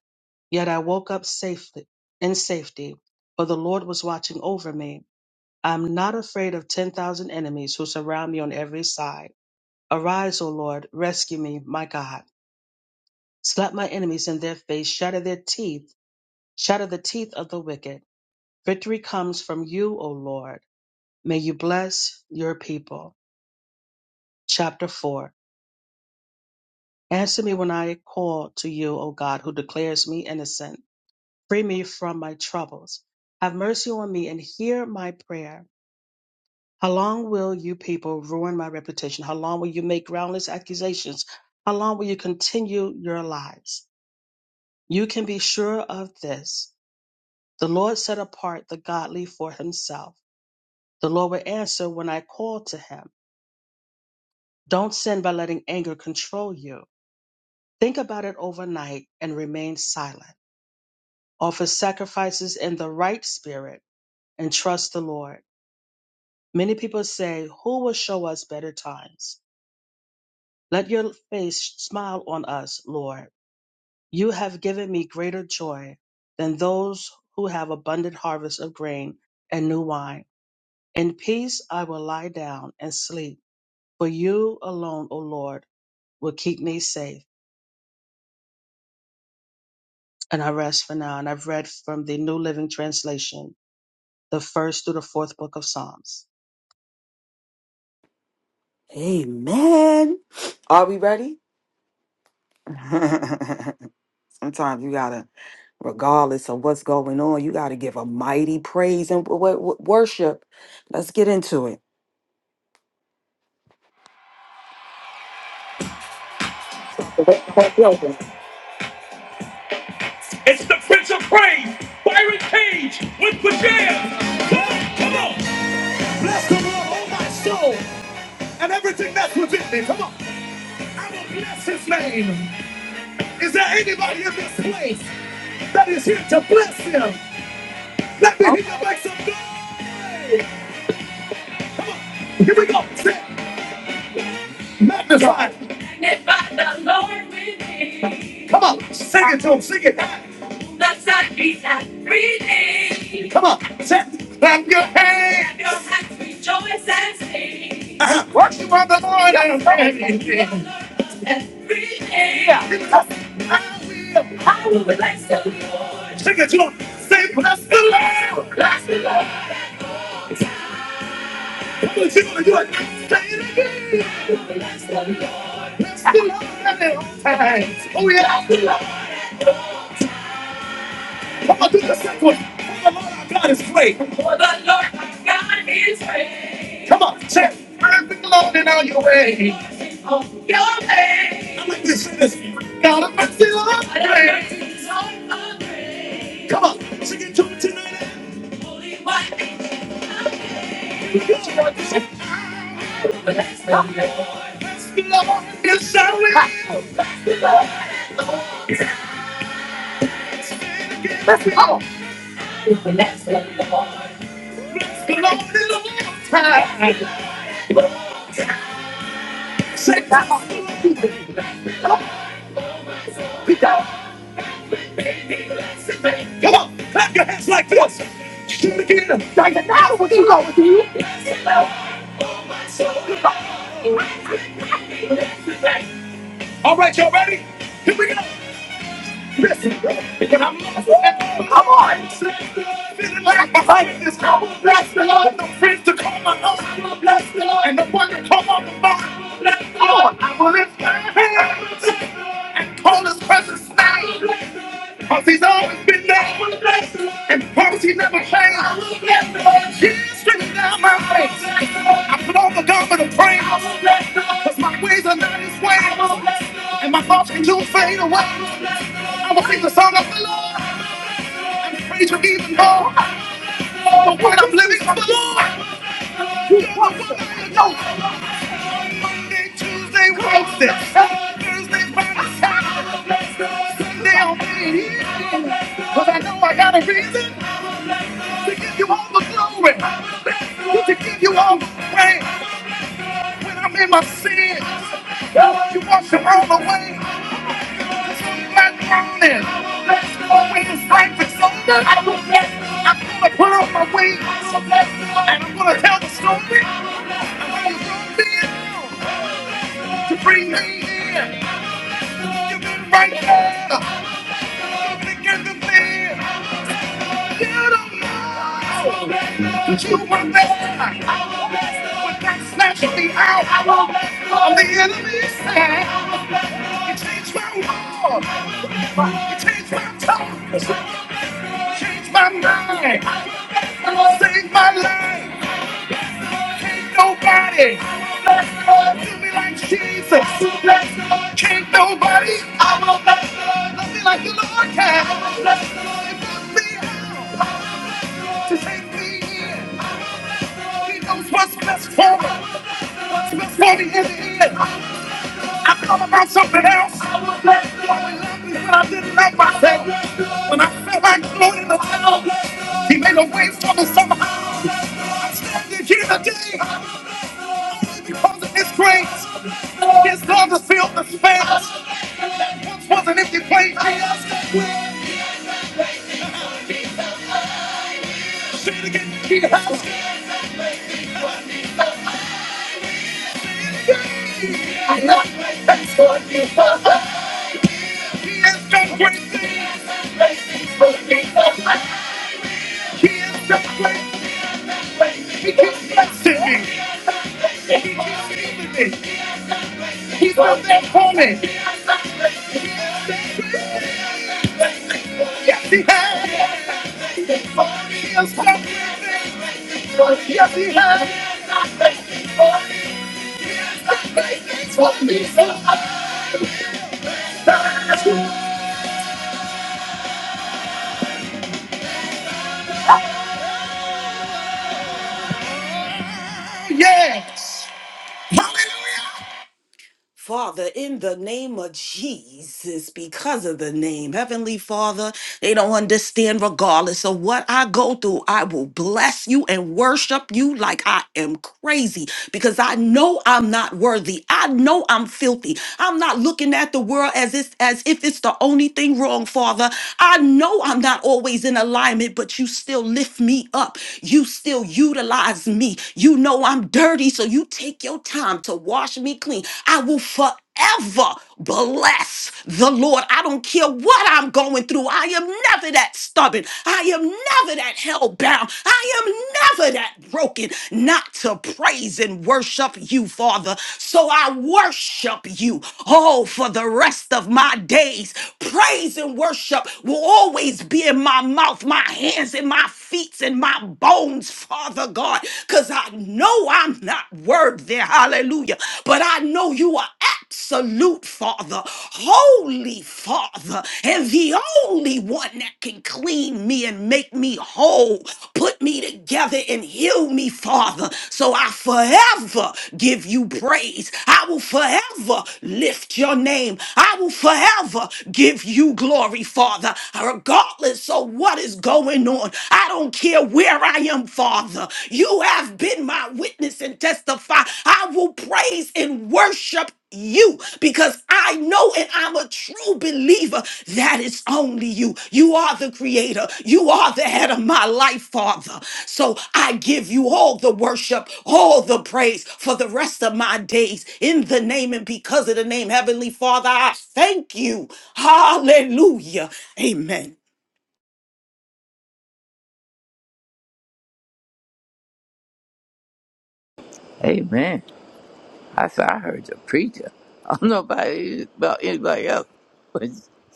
D: yet I woke up safely in safety, for the Lord was watching over me. I am not afraid of ten thousand enemies who surround me on every side. Arise, O Lord, rescue me, my God. Slap my enemies in their face, shatter their teeth, shatter the teeth of the wicked. Victory comes from you, O Lord. May you bless your people. Chapter 4 Answer me when I call to you, O God, who declares me innocent. Free me from my troubles. Have mercy on me and hear my prayer. How long will you people ruin my reputation? How long will you make groundless accusations? How long will you continue your lies? You can be sure of this. The Lord set apart the godly for himself. The Lord will answer when I call to him. Don't sin by letting anger control you. Think about it overnight and remain silent. Offer sacrifices in the right spirit and trust the Lord. Many people say, Who will show us better times? Let your face smile on us, Lord. You have given me greater joy than those who have abundant harvest of grain and new wine. In peace I will lie down and sleep, for you alone, O Lord, will keep me safe. And I rest for now. And I've read from the New Living Translation. the first through the fourth book of Psalms.
C: Amen. Are we ready? Sometimes you gotta, regardless of what's going on, you gotta give a mighty praise and w- w- worship. Let's get into it. It's the Prince of Praise, Byron Cage with Pajam. Come on, come on. Bless the Lord, oh my soul, and everything that's within me. Come on. I will bless his name. Is there anybody in this place that is here to bless him? Let me hear you make some noise. Here we go. Say, magnify. Magnify the Lord with me. Come on, sing it to him. Sing it. Blessed be that reading. Come on, say, it. clap your hands. Clap hands. your hands, rejoice and sing. Uh-huh. Worship of the Lord and everything. Everything. Yeah. I will. Take it to him. Say, bless the Lord. Bless the Lord. Come on, you gonna do it. Say it again. Bless the Lord at all times. Oh, yeah. Bless the Lord. Come on, do the second one. For the Lord our God is great. For the Lord our God is great. Come on, say, it. perfect Lord in all your ways. On your way. I like this. Say this. God of mercy, Lord. of grace. Lord of grace. Come on, sing it to me tonight. Holy white. Bless the Lord is our way. Let's go. Been on it a long time. Say that. Come on. Come on. Clap your hands like this. Do it again. Like the now what you know with you? All right, y'all ready? Here we go. Listen, can I move? Come on. Feeling like I fight this. I will bless the Lord. No friends to call my own. I will bless the Lord. And no one to call my own. I will bless the Lord. I will lift my hands and call his presence now. Because he's always been there. I will bless the Lord. And promise he never fails. I will bless the Lord. He's straight down my face. I put on the garment of praise. I will bless the Lord. Cause my ways are not his ways. I will bless the Lord. And my thoughts can soon fade away. I will sing the song of the Lord. Praise you even more. But when I'm living for the Lord, you going to me and go. Monday, Tuesday, Wednesday, Thursday, Friday, Saturday, Sunday, I'll be here. 'Cause I know I got a reason to give you all the glory. To give you all the praise. When I'm in my sins, you wash them all away. I'm I'm I'm gonna gonna put on my wings. And I'm gonna tell the story. I'm gonna bring to bring me in. You've been right there, looking to get the thing. You don't know that you were there when God snatched me out of the enemy's hand. You changed my world. You changed my tongue. Change my mind. Save my life. Can't nobody. Bless the Lord. Do me like Jesus. Bless the Lord. Can't nobody. I will bless the Lord. Love me like the Lord can. I will bless the Lord. It knows me how. To take me in. He knows what's best for me. What's best for me in the end. I thought about something else. I will bless the Lord. when I didn't love myself. When I felt like floating around. He made a way for me somehow. I'm here today because of His grace. His love has filled the space. That once was an empty place. Say it again. He has done great He has done great things. He has done great things. He keeps blessing me. He's done that for me. Yes, He has. He has done great things. Yes, He has. Yes. Father, in the name of Jesus, because of the name, Heavenly Father, they don't understand, regardless of what I go through, I will bless you and worship you like I am crazy because I know I'm not worthy. I know I'm filthy. I'm not looking at the world as, it's, as if it's the only thing wrong, Father. I know I'm not always in alignment, but you still lift me up. You still utilize me. You know I'm dirty, so you take your time to wash me clean, I will forever bless the Lord. I don't care what I'm going through. I am never that stubborn. I am never that held bound. I am never that broken not to praise and worship you, Father. So I worship you, oh, for the rest of my days. Praise and worship will always be in my mouth, my hands, and my feet, and my bones, Father God. God, because I know I'm not worthy. Hallelujah. But I know you are absolute Father, holy Father, and the only one that can clean me and make me whole, put me together and heal me, Father. So I forever give you praise. I will forever lift your name. I will forever give you glory, Father, regardless of what is going on. I don't care where I am, Father. You have been my witness and testify. I will praise and worship you because I know and I'm a true believer that it's only you. You are the creator. You are the head of my life, Father. So I give you all the worship, all the praise for the rest of my days in the name and because of the name, Heavenly Father. I thank you. Hallelujah. Amen.
E: Amen. I said, I heard the preacher. I don't know about, about anybody else, but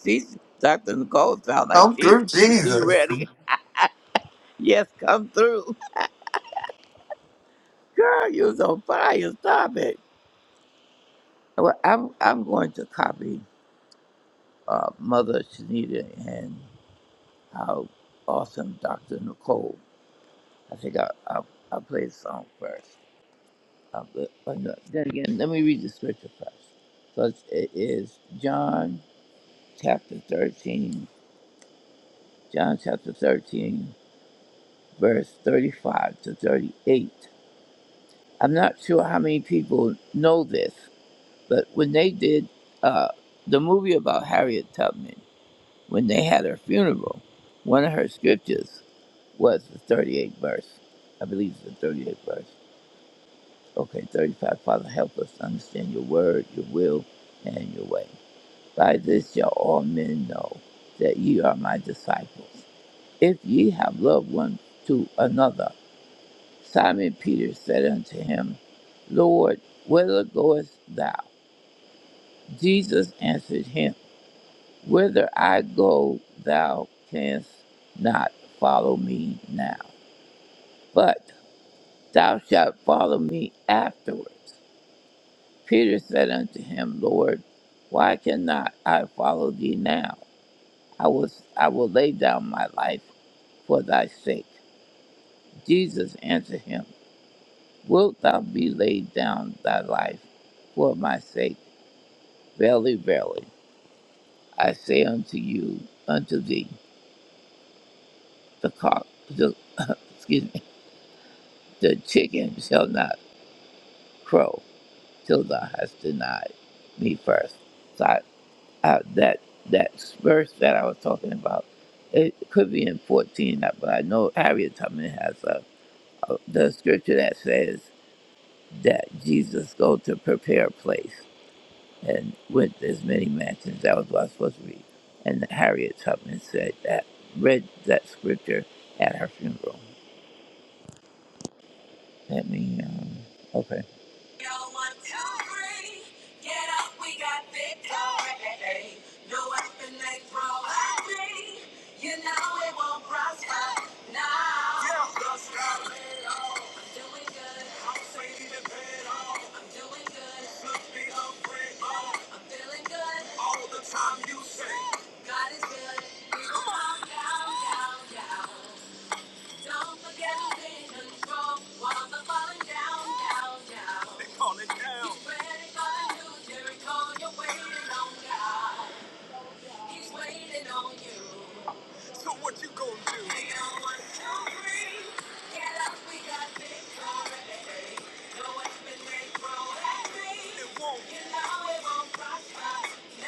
E: she, Dr. Nicole sound like
B: Come
E: she,
B: through
E: was she
B: Jesus.
E: ready? Yes, come through. Girl, you was on fire. Stop it. Well, I'm, I'm going to copy uh, Mother Shanita and our awesome Dr. Nicole. I think I'll, I'll, I'll play the song first. Uh, but, but no, then again, let me read the scripture first. So it is John chapter 13 John chapter 13, verse 35 to 38. I'm not sure how many people know this, but when they did uh, the movie about Harriet Tubman, when they had her funeral, one of her scriptures was the 38th verse. I believe it's the 38th verse. Okay, 35. Father, help us to understand your word, your will, and your way. By this shall all men know that ye are my disciples, if ye have loved one to another. Simon Peter said unto him, Lord, whither goest thou? Jesus answered him, Whither I go, thou canst not follow me now, but thou shalt follow me afterwards. Peter said unto him, Lord, why cannot I follow thee now? I will, I will lay down my life for thy sake. Jesus answered him, Wilt thou be laid down thy life for my sake? Verily, verily, I say unto you, unto thee, the cock, the, excuse me, the chicken shall not crow till thou hast denied me first. So I, I, that that verse that I was talking about, it could be in fourteen, uh, but I know Harriet Tubman has a, a the scripture that says that Jesus go to prepare a place. and went to as many matches. as I was not supposed to read. And Harriet Tubman said that read that scripture at her funeral. Let me um, okay. Y'all Get up, we got victory. No weapon they throw at me. You know it won't prosper. Now Yeah, that's right. I'm doing good. I'm saving the bed off. I'm doing good. Look me up, great off. I'm feeling good. All the time you say. God is good. Come on. Down, down, down. Don't forget to control. Walls are falling down, down, down. They call it down. He's ready for the new Jericho. You're waiting on God. He's waiting on you. So what you gonna do? We don't want to free. Get up, we got victory. No one's been made grow happy. It won't. You know it won't prosper.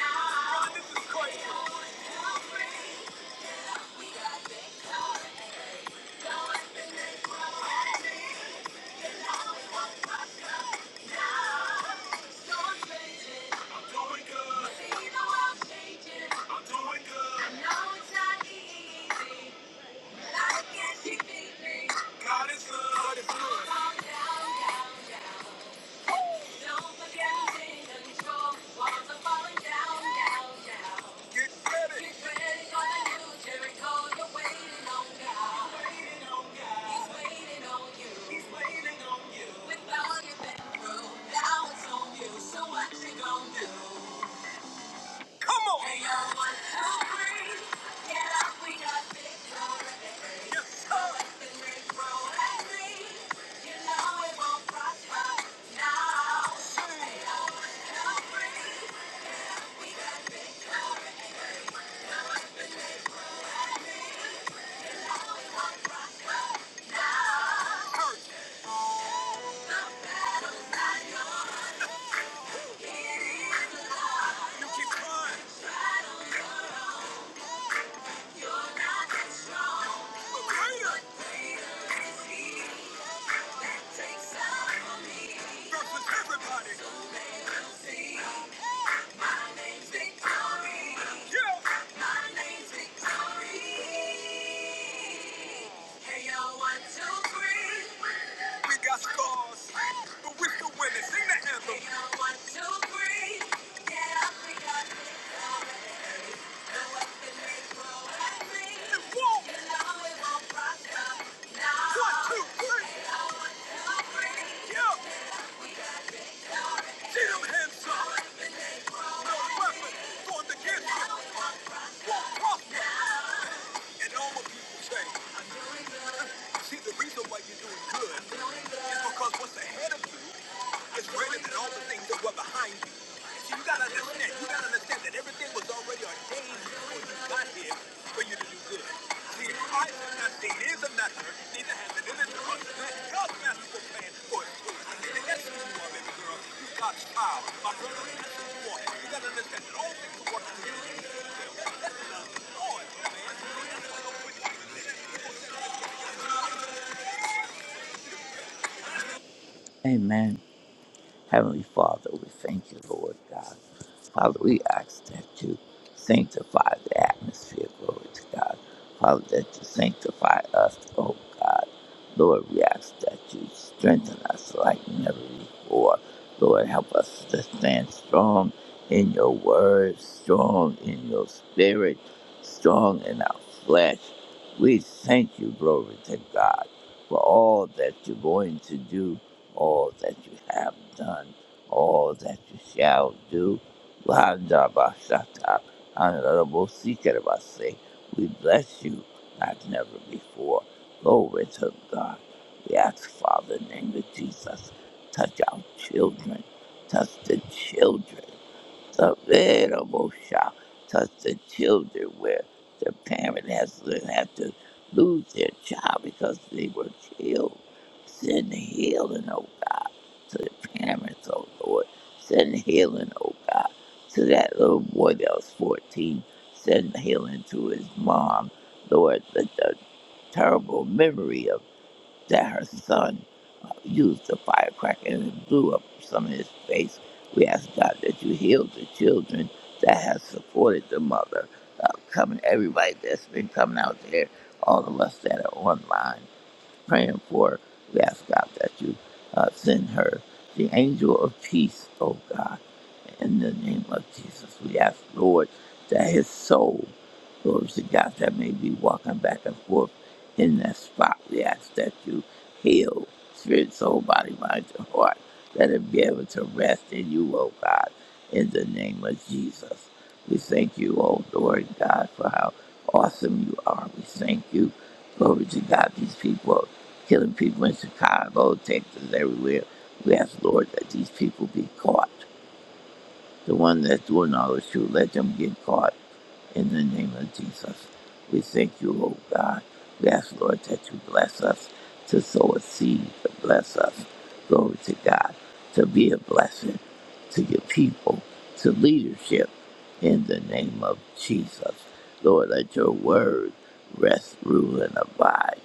E: Now. God, This is crazy. We don't want to free. Get up, we got victory. God is good. God is good. Down, down, down. With all you've been now it's on you. So what you gonna do? Come on. Hey, y'all, one, two, three. Get up, we got victory. Yes, sir. Listen, Rick, roll and see. You know it won't prosper now. Hey, y'all, one, two, three. You keep crying. You're not that strong. But greater. But greater is he that takes out. Versus everybody. So see. We got scars, but we still winning. Sing that anthem. It won't. One, two, three. Yeah. Jim Henson, no weapon formed against him won't prosper. And all what people say, see, the reason why you're doing good is because what's ahead of you it's greater than all the things that were behind you. See, you gotta understand, you gotta understand that everything was already ordained before you got here for you to do good. See, Christ is not the ears of not neither has it entered the heart of man, God's masterful plan for his good. See, the essence you are, baby girl, you God's child. My brother, that's what you are. You gotta understand that all things are working together. Amen. Heavenly Father, we thank you, Lord God. Father, we ask that you sanctify the atmosphere, glory to God. Father, that you sanctify us, oh God. Lord, we ask that you strengthen us like never before. Lord, help us to stand strong in your word, strong in your spirit, strong in our flesh. We thank you, glory to God, for all that you're going to do all that you have done, all that you shall do. Vandabashata, Anarabosikirabase. We bless you like never before. Glory to God. We ask, Father, in the name of Jesus, touch our children, touch the children. Saverabosha, Touch the children where the parent has had to lose their child because they were killed. Send healing, oh to the parents, oh Lord. Send healing, oh God, to that little boy that was 14. Send healing to his mom, Lord, the, the terrible memory of that her son used a firecracker and it blew up some of his face. We ask God that you heal the children that has supported the mother. Uh, coming, everybody that's been coming out there, all of us that are online praying for. We ask God that you uh, send her the angel of peace, oh God. In the name of Jesus, we ask, Lord, that his soul, glory to God, that may be walking back and forth in that spot. We ask that you heal spirit, soul, body, mind, and heart. Let it be able to rest in you, oh God, in the name of Jesus. We thank you, oh Lord God, for how awesome you are. We thank you, glory to God, these people killing people in Chicago, Texas, everywhere. We ask, Lord, that these people be caught. The one that's doing all this, you let them get caught in the name of Jesus. We thank you, oh God. We ask, Lord, that you bless us to sow a seed, to bless us. Glory to God, to be a blessing to your people, to leadership in the name of Jesus. Lord, let your word rest, rule, and abide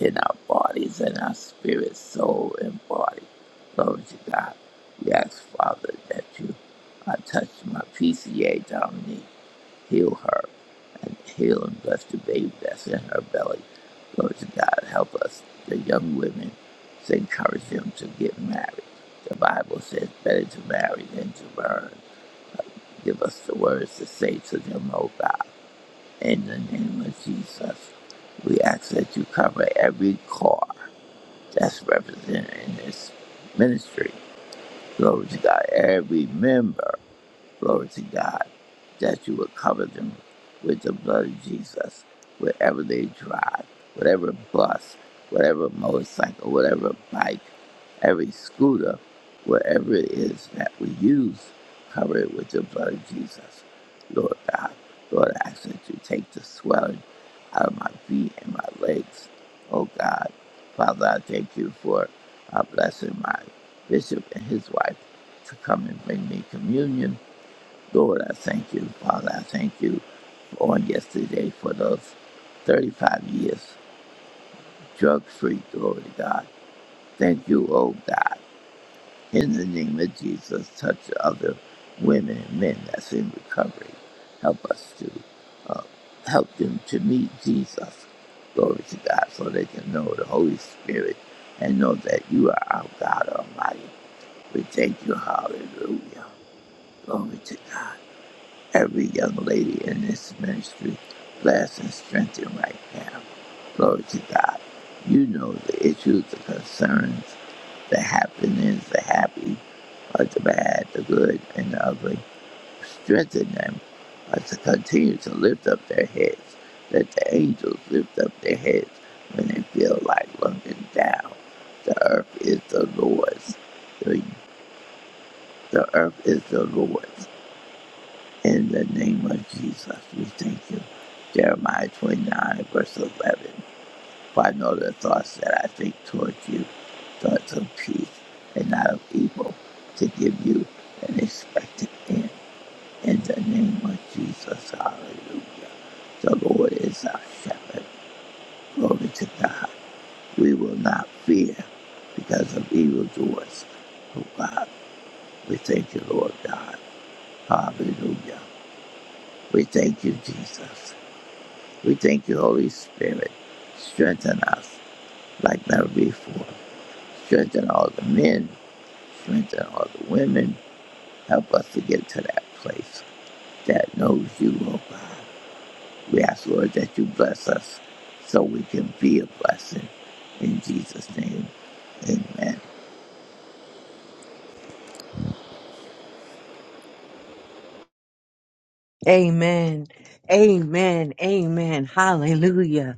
E: in our bodies and our spirit, soul, and body. Glory to God. We ask, Father, that you uh, touch my PCA, Dominique. Heal her and heal and bless the baby that's in her belly. Glory to God. Help us, the young women, to encourage them to get married. The Bible says, better to marry than to burn. Give us the words to say to them, O God. In the name of Jesus, we ask that you cover every car that's represented in this ministry. Glory to God. Every member. Glory to God that you would cover them with the blood of Jesus wherever they drive, whatever bus, whatever motorcycle, whatever bike, every scooter, wherever it is that we use, cover it with the blood of Jesus. Lord God, Lord, I ask that you take the swelling out of my feet and my legs. Oh God, Father, I thank you for uh, blessing my bishop and his wife to come and bring me communion Lord, I thank you. Father, I thank you on yesterday for those 35 years drug free. Glory to God. Thank you, oh God. In the name of Jesus, touch other women and men that's in recovery. Help us to uh, help them to meet Jesus. Glory to God, so they can know the Holy Spirit and know that you are our God Almighty. We thank you. Hallelujah. Glory to God. every young lady in this ministry. Bless and strengthen right now. Glory to God. You know the issues, the concerns, the happenings, the happy, or the bad, the good, and the ugly. Strengthen them uh, to continue to lift up their heads. Let the angels lift up their heads when they feel like looking down. The earth is the Lord's. The, the earth is the Lord's in the name of Jesus, we thank you. Jeremiah 29, verse 11. For I know the thoughts that I think toward you, thoughts of peace and not of evil, to give you an expected end. In the name of Jesus, hallelujah. The Lord is our shepherd. Glory to God. We will not fear because of evildoers. Oh God, we thank you, Lord God. Hallelujah. We thank you, Jesus. We thank you, Holy Spirit. Strengthen us like never before. Strengthen all the men, strengthen all the women. Help us to get to that place that knows you, oh God. We ask, Lord, that you bless us so we can be a blessing. In Jesus' name, amen.
F: Amen. Amen. Amen. Hallelujah.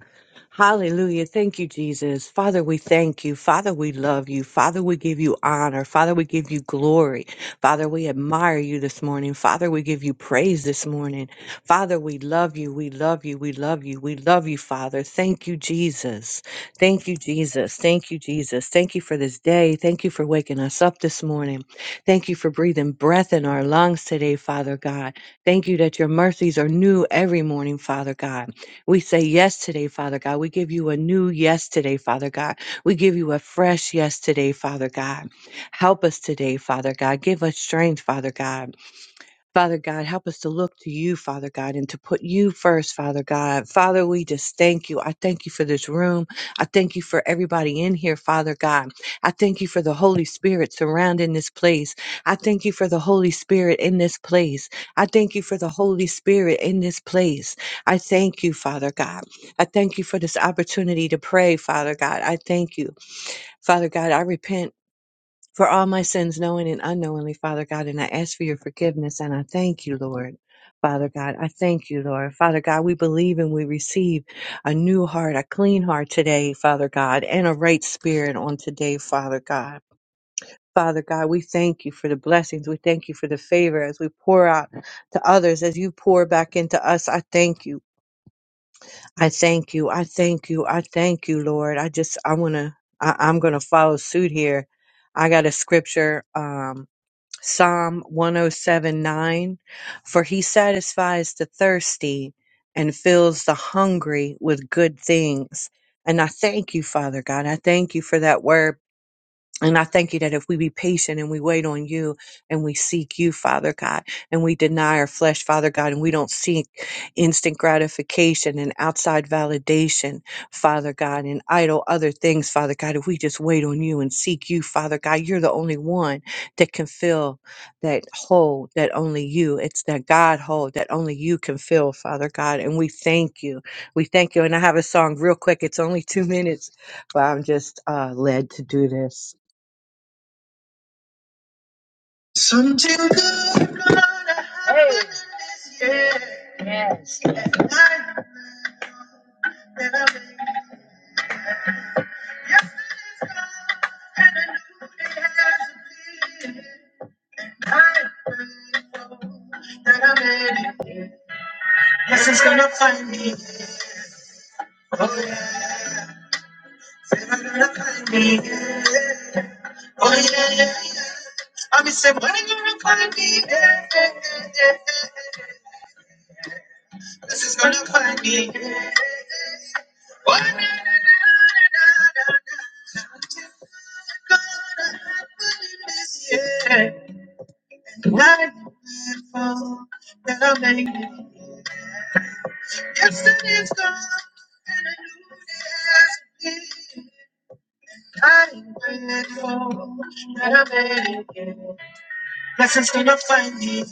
F: Hallelujah. Thank you, Jesus. Father, we thank you. Father, we love you. Father, we give you honor. Father, we give you glory. Father, we admire you this morning. Father, we give you praise this morning. Father, we love you. We love you. We love you. We love you, Father. Thank you, Jesus. Thank you, Jesus. Thank you, Jesus. Thank you for this day. Thank you for waking us up this morning. Thank you for breathing breath in our lungs today, Father God. Thank you that your mercies are new every morning, Father God. We say yes today, Father God. We give you a new yes today, Father God. We give you a fresh yes today, Father God. Help us today, Father God. Give us strength, Father God. Father God, help us to look to you, Father God, and to put you first, Father God. Father, we just thank you. I thank you for this room. I thank you for everybody in here, Father God. I thank you for the Holy Spirit surrounding this place. I thank you for the Holy Spirit in this place. I thank you for the Holy Spirit in this place. I thank you, Father God. I thank you for this opportunity to pray, Father God. I thank you. Father God, I repent for all my sins, knowing and unknowingly, Father God. And I ask for your forgiveness and I thank you, Lord. Father God, I thank you, Lord. Father God, we believe and we receive a new heart, a clean heart today, Father God, and a right spirit on today, Father God. Father God, we thank you for the blessings. We thank you for the favor as we pour out to others, as you pour back into us. I thank you. I thank you. I thank you. I thank you, Lord. I just, I want to, I'm going to follow suit here. I got a scripture. Um, Psalm 107:9 For he satisfies the thirsty and fills the hungry with good things. And I thank you, Father God. I thank you for that word and I thank you that if we be patient and we wait on you and we seek you, Father God, and we deny our flesh, Father God, and we don't seek instant gratification and outside validation, Father God, and idle other things, Father God, if we just wait on you and seek you, Father God, you're the only one that can fill that hole that only you, it's that God hole that only you can fill, Father God. And we thank you. We thank you. And I have a song real quick. It's only two minutes, but I'm just uh, led to do this. Yes, it's gonna find me. Oh yeah, said gonna find me. Oh yeah, yeah, yeah. I mean, said when are you gonna find me? Yeah, yeah, yeah, yeah, yeah. This is gonna find me. Why na- na- na- na- na- na- na- gonna happen in this year? And I'm grateful that I made it. Yesterday's gone and a new day has been. I'm grateful that I made it. Blessings gonna find me.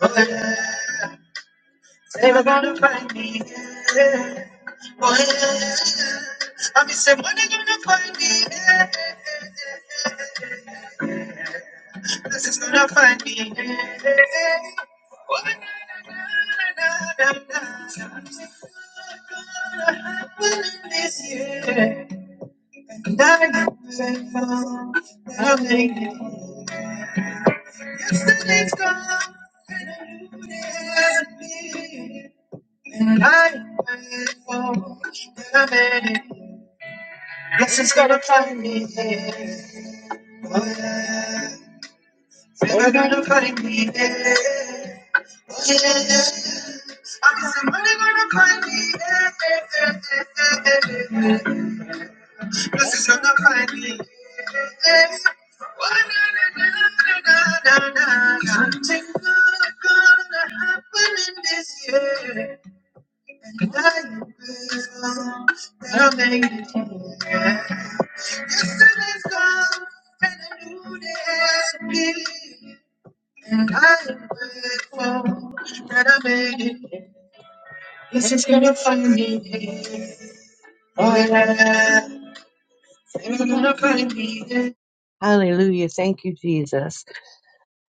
F: Oh, yeah. Never gonna find me. Yeah. Oh, yeah. I'm just saying, when they gonna find me? Yeah. This is gonna find me. Yeah. Oh, na, na, na, na, na, na. And I'm not that I'm making it. Yesterday's gone. Yeah. And I'm grateful that I made it. Yes, it's gonna find me there. Oh, yeah. it's gonna find me there. Oh, yeah. I'm guess just gonna find me there. Yes, it's gonna find me there. Oh, na, na, na, na, na, na, na. Something good gonna happen in this year. And I will, I'll make it clear. Yesterday's gone, and a new day has begun. And I am grateful that I made it. Yes, is gonna find me here. Oh yeah, it's gonna find me here. Hallelujah. Thank you, Jesus.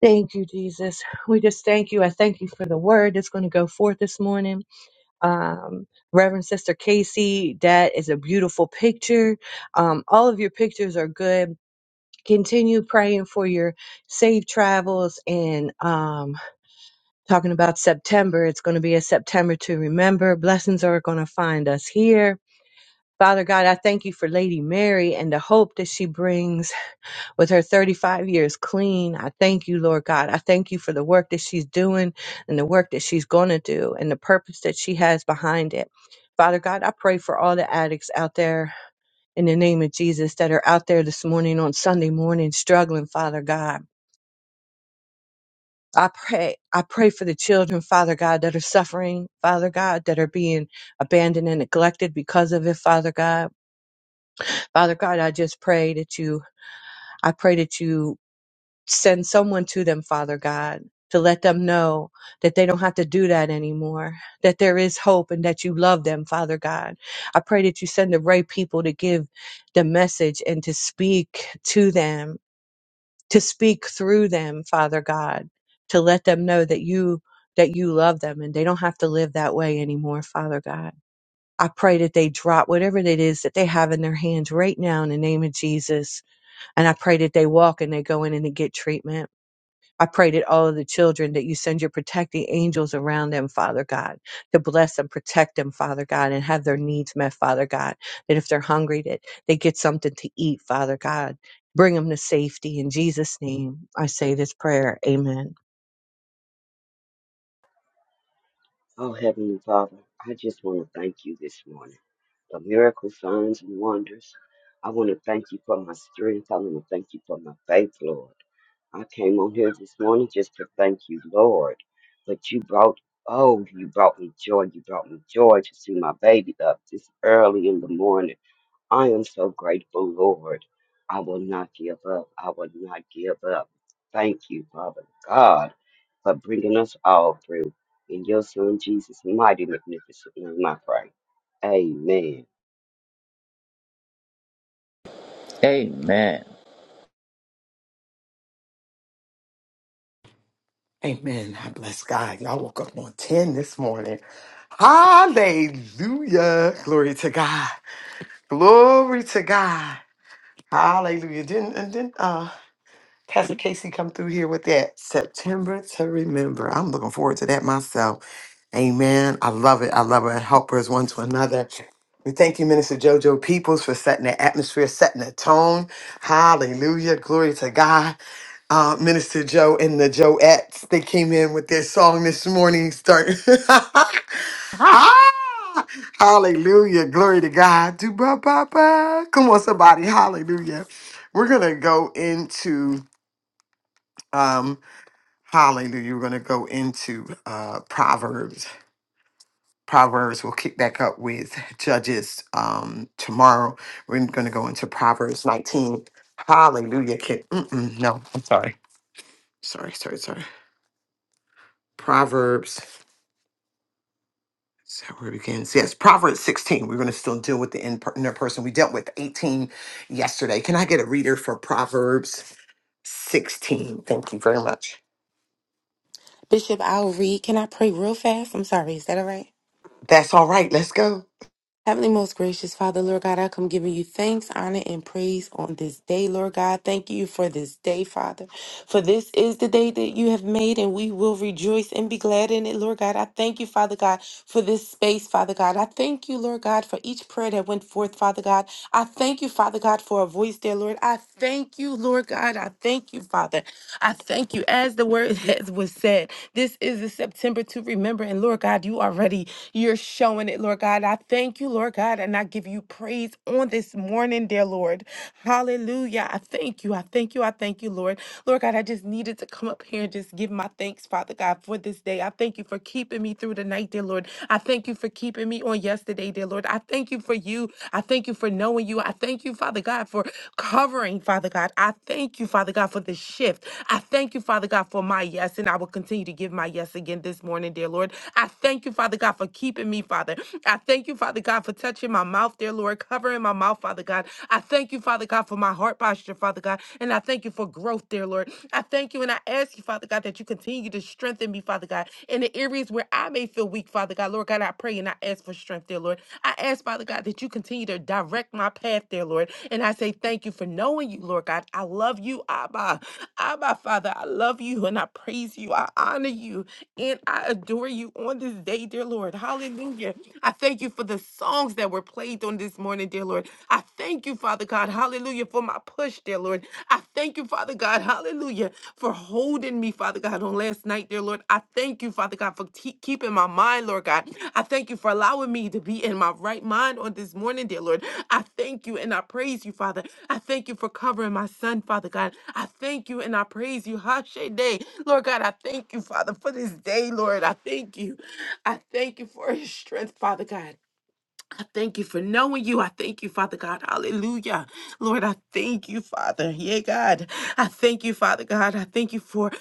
F: Thank you, Jesus. We just thank you. I thank you for the word that's going to go forth this morning. um, Reverend Sister Casey. That is a beautiful picture. Um, all of your pictures are good. Continue praying for your safe travels and um, talking about September. It's going to be a September to remember. Blessings are going to find us here. Father God, I thank you for Lady Mary and the hope that she brings with her 35 years clean. I thank you, Lord God. I thank you for the work that she's doing and the work that she's going to do and the purpose that she has behind it. Father God, I pray for all the addicts out there in the name of Jesus that are out there this morning on Sunday morning struggling, Father God. I pray, I pray for the children, Father God, that are suffering, Father God, that are being abandoned and neglected because of it, Father God. Father God, I just pray that you, I pray that you send someone to them, Father God, to let them know that they don't have to do that anymore, that there is hope and that you love them, Father God. I pray that you send the right people to give the message and to speak to them, to speak through them, Father God, to let them know that you that you love them and they don't have to live that way anymore, Father God. I pray that they drop whatever it is that they have in their hands right now in the name of Jesus. And I pray that they walk and they go in and they get treatment. I pray that all of the children that you send your protecting angels around them, Father God, to bless them, protect them, Father God, and have their needs met, Father God. That if they're hungry, that they get something to eat, Father God. Bring them to safety. In Jesus' name, I say this prayer. Amen.
G: Oh, Heavenly Father, I just want to thank you this morning for miracles, signs, and wonders. I want to thank you for my strength. I want to thank you for my faith, Lord. I came on here this morning just to thank you, Lord. But you brought, oh, you brought me joy. You brought me joy to see my baby up this early in the morning. I am so grateful, Lord. I will not give up. I will not give up. Thank you, Father God for bringing us all through. In your son Jesus' mighty magnificent name, I pray. Amen.
E: Amen.
B: Amen. I bless God. Y'all woke up on 10 this morning. Hallelujah. Glory to God. Glory to God. Hallelujah. Didn't, and didn't, uh, Pastor Casey come through here with that September to remember. I'm looking forward to that myself. Amen. I love it. I love it. Helpers one to another. We thank you, Minister JoJo Peoples, for setting the atmosphere, setting the tone. Hallelujah. Glory to God. Uh, Minister Joe and the Joettes, they came in with their song this morning. Start. ah, hallelujah. Glory to God. Do ba ba ba. Come on, somebody. Hallelujah. We're going to go into um, hallelujah. We're going to go into uh, Proverbs. Proverbs, we'll kick back up with Judges um, tomorrow. We're going to go into Proverbs 19. Hallelujah. Can, mm-mm, no, sorry, sorry, sorry. Proverbs. So where we begins? Yes, Proverbs 16. We're going to still deal with the in- inner person. We dealt with 18 yesterday. Can I get a reader for Proverbs 16? Thank you very much.
H: Bishop, I'll read. Can I pray real fast? I'm sorry. Is that all right?
B: That's all right. Let's go.
H: Heavenly, most gracious Father, Lord God, I come giving you thanks, honor, and praise on this day, Lord God. Thank you for this day, Father. For this is the day that you have made, and we will rejoice and be glad in it, Lord God. I thank you, Father God, for this space, Father God. I thank you, Lord God, for each prayer that went forth, Father God. I thank you, Father God, for a voice there, Lord. I thank you, Lord God. I thank you, Father. I thank you. As the word has was said, this is the September to remember, and Lord God, you already you're showing it, Lord God. I thank thank you, Lord God, and I give you praise on this morning, dear Lord. Hallelujah. I thank you. I thank you. I thank you, Lord. Lord God, I just needed to come up here and just give my thanks, Father God, for this day. I thank you for keeping me through the night, dear Lord. I thank you for keeping me on yesterday, dear Lord. I thank you for you. I thank you for knowing you. I thank you, Father God, for covering, Father God. I thank you, Father God, for the shift. I thank you, Father God, for my yes, and I will continue to give my yes again this morning, dear Lord. I thank you, Father God, for keeping me, Father. I thank you, Father. Father God, for touching my mouth, dear Lord, covering my mouth, Father God. I thank you, Father God, for my heart posture, Father God. And I thank you for growth, dear Lord. I thank you and I ask you, Father God, that you continue to strengthen me, Father God, in the areas where I may feel weak, Father God. Lord God, I pray and I ask for strength, dear Lord. I ask, Father God, that you continue to direct my path, dear Lord. And I say thank you for knowing you, Lord God. I love you, Abba. Abba, Father, I love you and I praise you. I honor you and I adore you on this day, dear Lord. Hallelujah. I thank you for for the songs that were played on this morning, dear Lord. I thank you, Father God. Hallelujah for my push, dear Lord. I thank you, Father God. Hallelujah for holding me, Father God, on last night, dear Lord. I thank you, Father God, for te- keeping my mind, Lord God. I thank you for allowing me to be in my right mind on this morning, dear Lord. I thank you and I praise you, Father. I thank you for covering my son, Father God. I thank you and I praise you. Hashay day. Lord God, I thank you, Father, for this day, Lord. I thank you. I thank you for his strength, Father God. I thank you for knowing you. I thank you, Father God. Hallelujah. Lord, I thank you, Father. Yeah, God. I thank you, Father God. I thank you for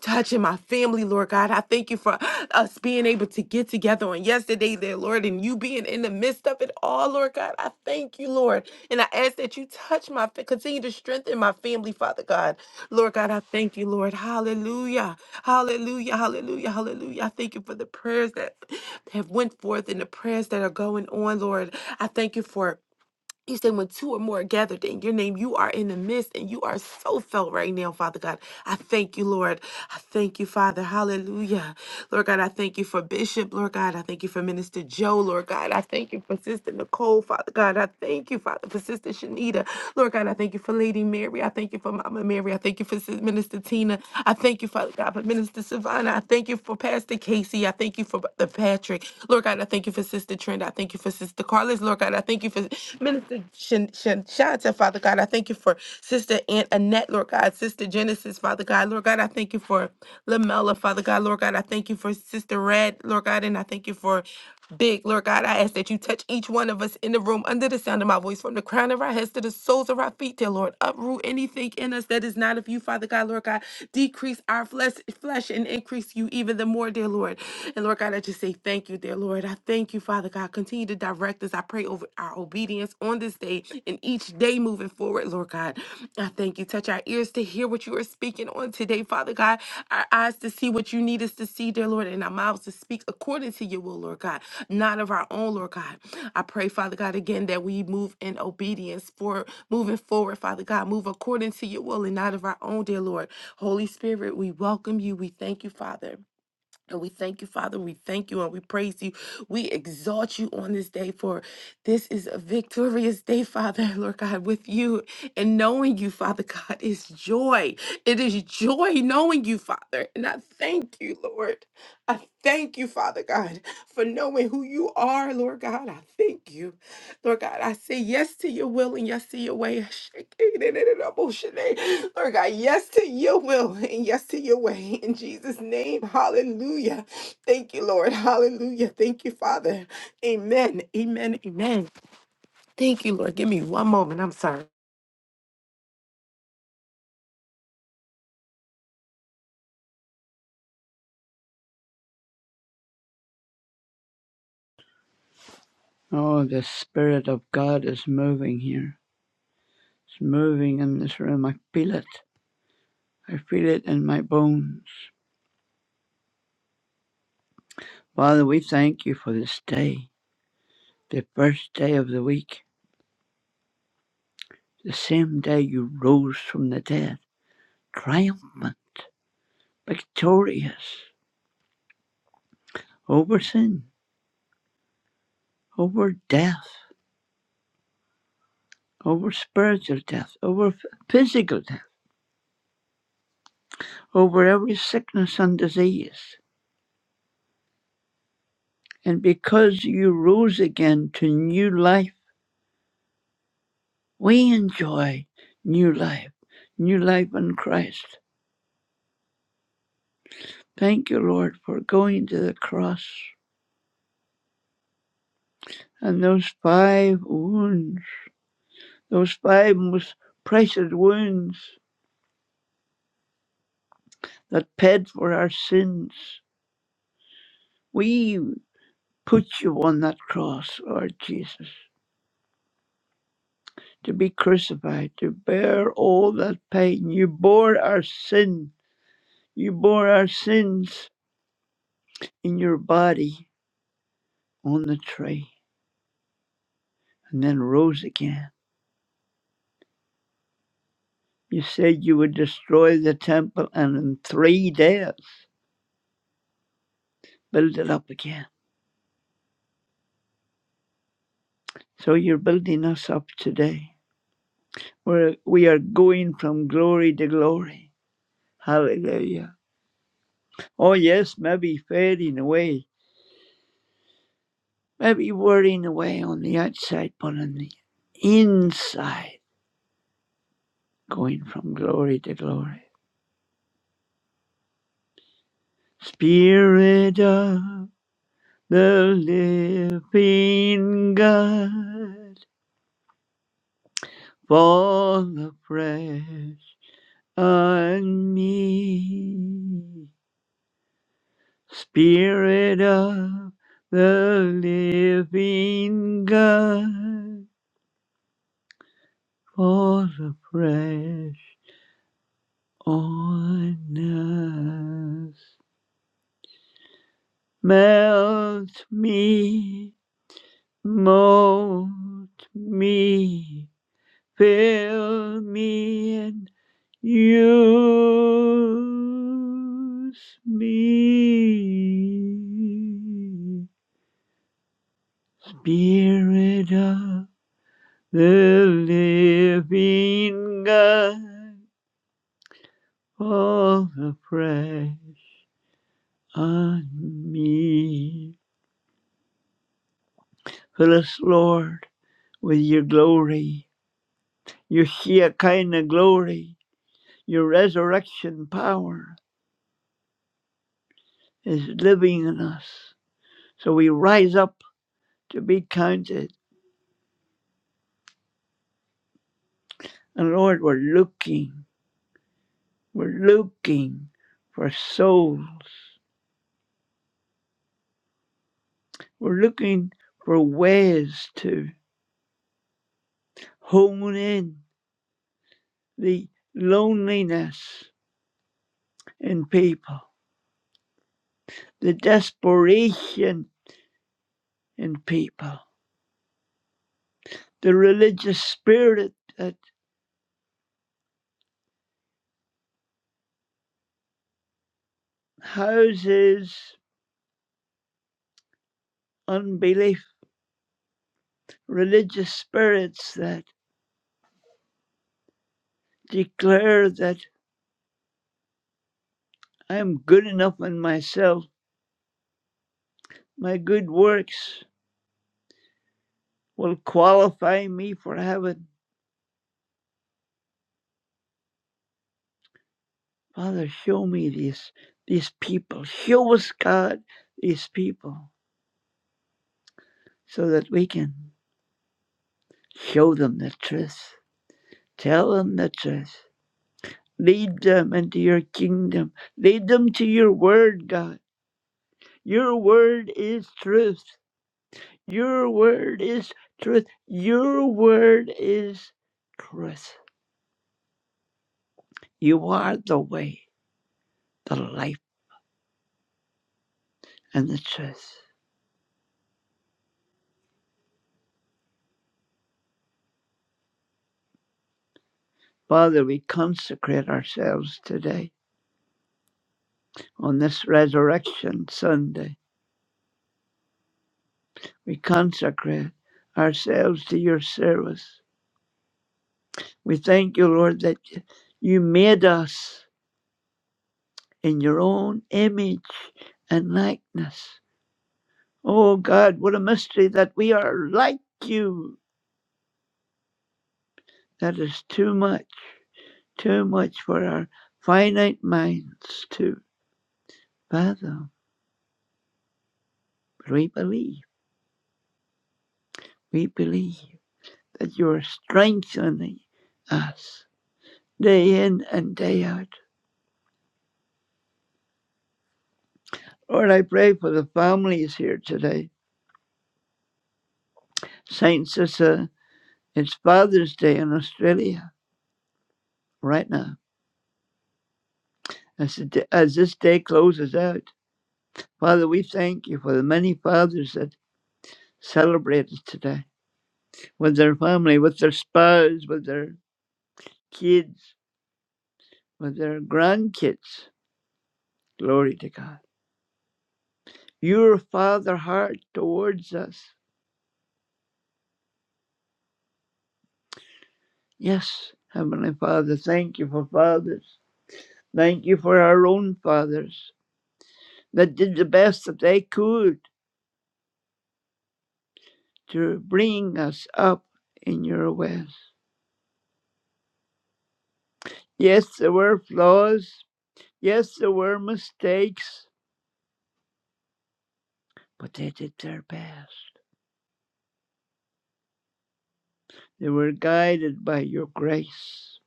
H: touching my family, Lord God. I thank you for us being able to get together on yesterday there, Lord, and you being in the midst of it all, Lord. Lord God. I thank you, Lord. And I ask that you touch my, fa- continue to strengthen my family, Father God. Lord God, I thank you, Lord. Hallelujah. Hallelujah. Hallelujah. Hallelujah. I thank you for the prayers that have went forth and the prayers that are going on, Lord. I thank you for you said when two or more are gathered in your name, you are in the midst and you are so felt right now, Father God. I thank you, Lord. I thank you, Father. Hallelujah. Lord God, I thank you for Bishop, Lord God. I thank you for Minister Joe, Lord God. I thank you for Sister Nicole, Father God. I thank you, Father, for Sister Shanita. Lord God, I thank you for Lady Mary. I thank you for Mama Mary. I thank you for Sis- Minister Tina. I thank you, Father God, for Minister Savannah. I thank you for Pastor Casey. I thank you for Brother Patrick. Lord God, I thank you for Sister Trent. I thank you for for Sister Carlos, Lord God. I thank you for Minister Shan- Shan- Shanta, Father God. I thank you for Sister Aunt Annette, Lord God. Sister Genesis, Father God. Lord God, I thank you for Lamella, Father God. Lord God, I thank you for Sister Red, Lord God, and I thank you for Big, Lord God, I ask that you touch each one of us in the room under the sound of my voice, from the crown of our heads to the soles of our feet, dear Lord. Uproot anything in us that is not of you, Father God, Lord God. Decrease our flesh, flesh and increase you even the more, dear Lord. And Lord God, I just say thank you, dear Lord. I thank you, Father God. Continue to direct us. I pray over our obedience on this day and each day moving forward, Lord God. I thank you. Touch our ears to hear what you are speaking on today, Father God. Our eyes to see what you need us to see, dear Lord, and our mouths to speak according to your will, Lord God, not of our own, Lord God. I pray, Father God, again that we move in obedience for moving forward, Father God. Move according to your will and not of our own, dear Lord. Holy Spirit, we welcome you. We thank you, Father. And we thank you, Father. We thank you and we praise you. We exalt you on this day, for this is a victorious day, Father, Lord God, with you and knowing you, Father God, is joy. It is joy knowing you, Father. And I thank you, Lord. I thank you, Father God, for knowing who you are, Lord God. I thank you. Lord God, I say yes to your will and yes to your way. Lord God, yes to your will and yes to your way. In Jesus' name, hallelujah. Thank you, Lord. Hallelujah. Thank you, Father. Amen. Amen. Amen. Thank you, Lord. Give me one moment. I'm sorry.
I: Oh, the Spirit of God is moving here. It's moving in this room. I feel it. I feel it in my bones. Father, we thank you for this day, the first day of the week, the same day you rose from the dead, triumphant, victorious, over sin, over death, over spiritual death, over physical death, over every sickness and disease. And because you rose again to new life, We enjoy new life, new life in Christ. Thank you, Lord, for going to the cross and those five wounds, those five most precious wounds that paid for our sins. We put you on that cross, Lord Jesus, to be crucified, to bear all that pain. You bore our sin. You bore our sins in your body on the tree and then rose again. You said you would destroy the temple and in three days build it up again. So you're building us up today. We're, we are going from glory to glory. Hallelujah. Oh, yes, maybe fading away, maybe wearing away on the outside, but on the inside, going from glory to glory. Spirit of the living God, fall afresh on me. Spirit of the living God, fall afresh on us. Melt me, mold me, fill me and use me Spirit of the living God, fall afresh on me. Fill us, Lord, with your glory, your Shekinah glory, your resurrection power is living in us. So we rise up to be counted. And Lord, we're looking, we're looking for souls. We're looking for ways to. hone in the loneliness in people, the desperation in people, the religious spirit that houses unbelief, religious spirits that declare that I'm good enough in myself, my good works will qualify me for heaven. Father, show me these, these people. Show us, God, these people so that we can Show them the truth. Tell them the truth. Lead them into your kingdom. Lead them to your word, God. Your word is truth. Your word is truth. Your word is truth. You are the way, the life, and the truth. Father, we consecrate ourselves today on this Resurrection Sunday. We consecrate ourselves to your service. We thank you, Lord, that you made us in your own image and likeness. Oh God, what a mystery that we are like you. That is too much, too much for our finite minds to fathom. But we believe, we believe that you are strengthening us day in and day out. Lord, I pray for the families here today. Saints, it's, a it's Father's Day in Australia right now as, the as this day closes out. Father, we thank you for the many fathers that celebrated today with their family, with their spouse, with their kids, with their grandkids. Glory to God. Your father heart towards us. Yes, Heavenly Father, thank you for fathers. Thank you for our own fathers that did the best that they could to bring us up in your ways. Yes, there were flaws, Yes, there were mistakes, but they did their best. They were guided by your grace.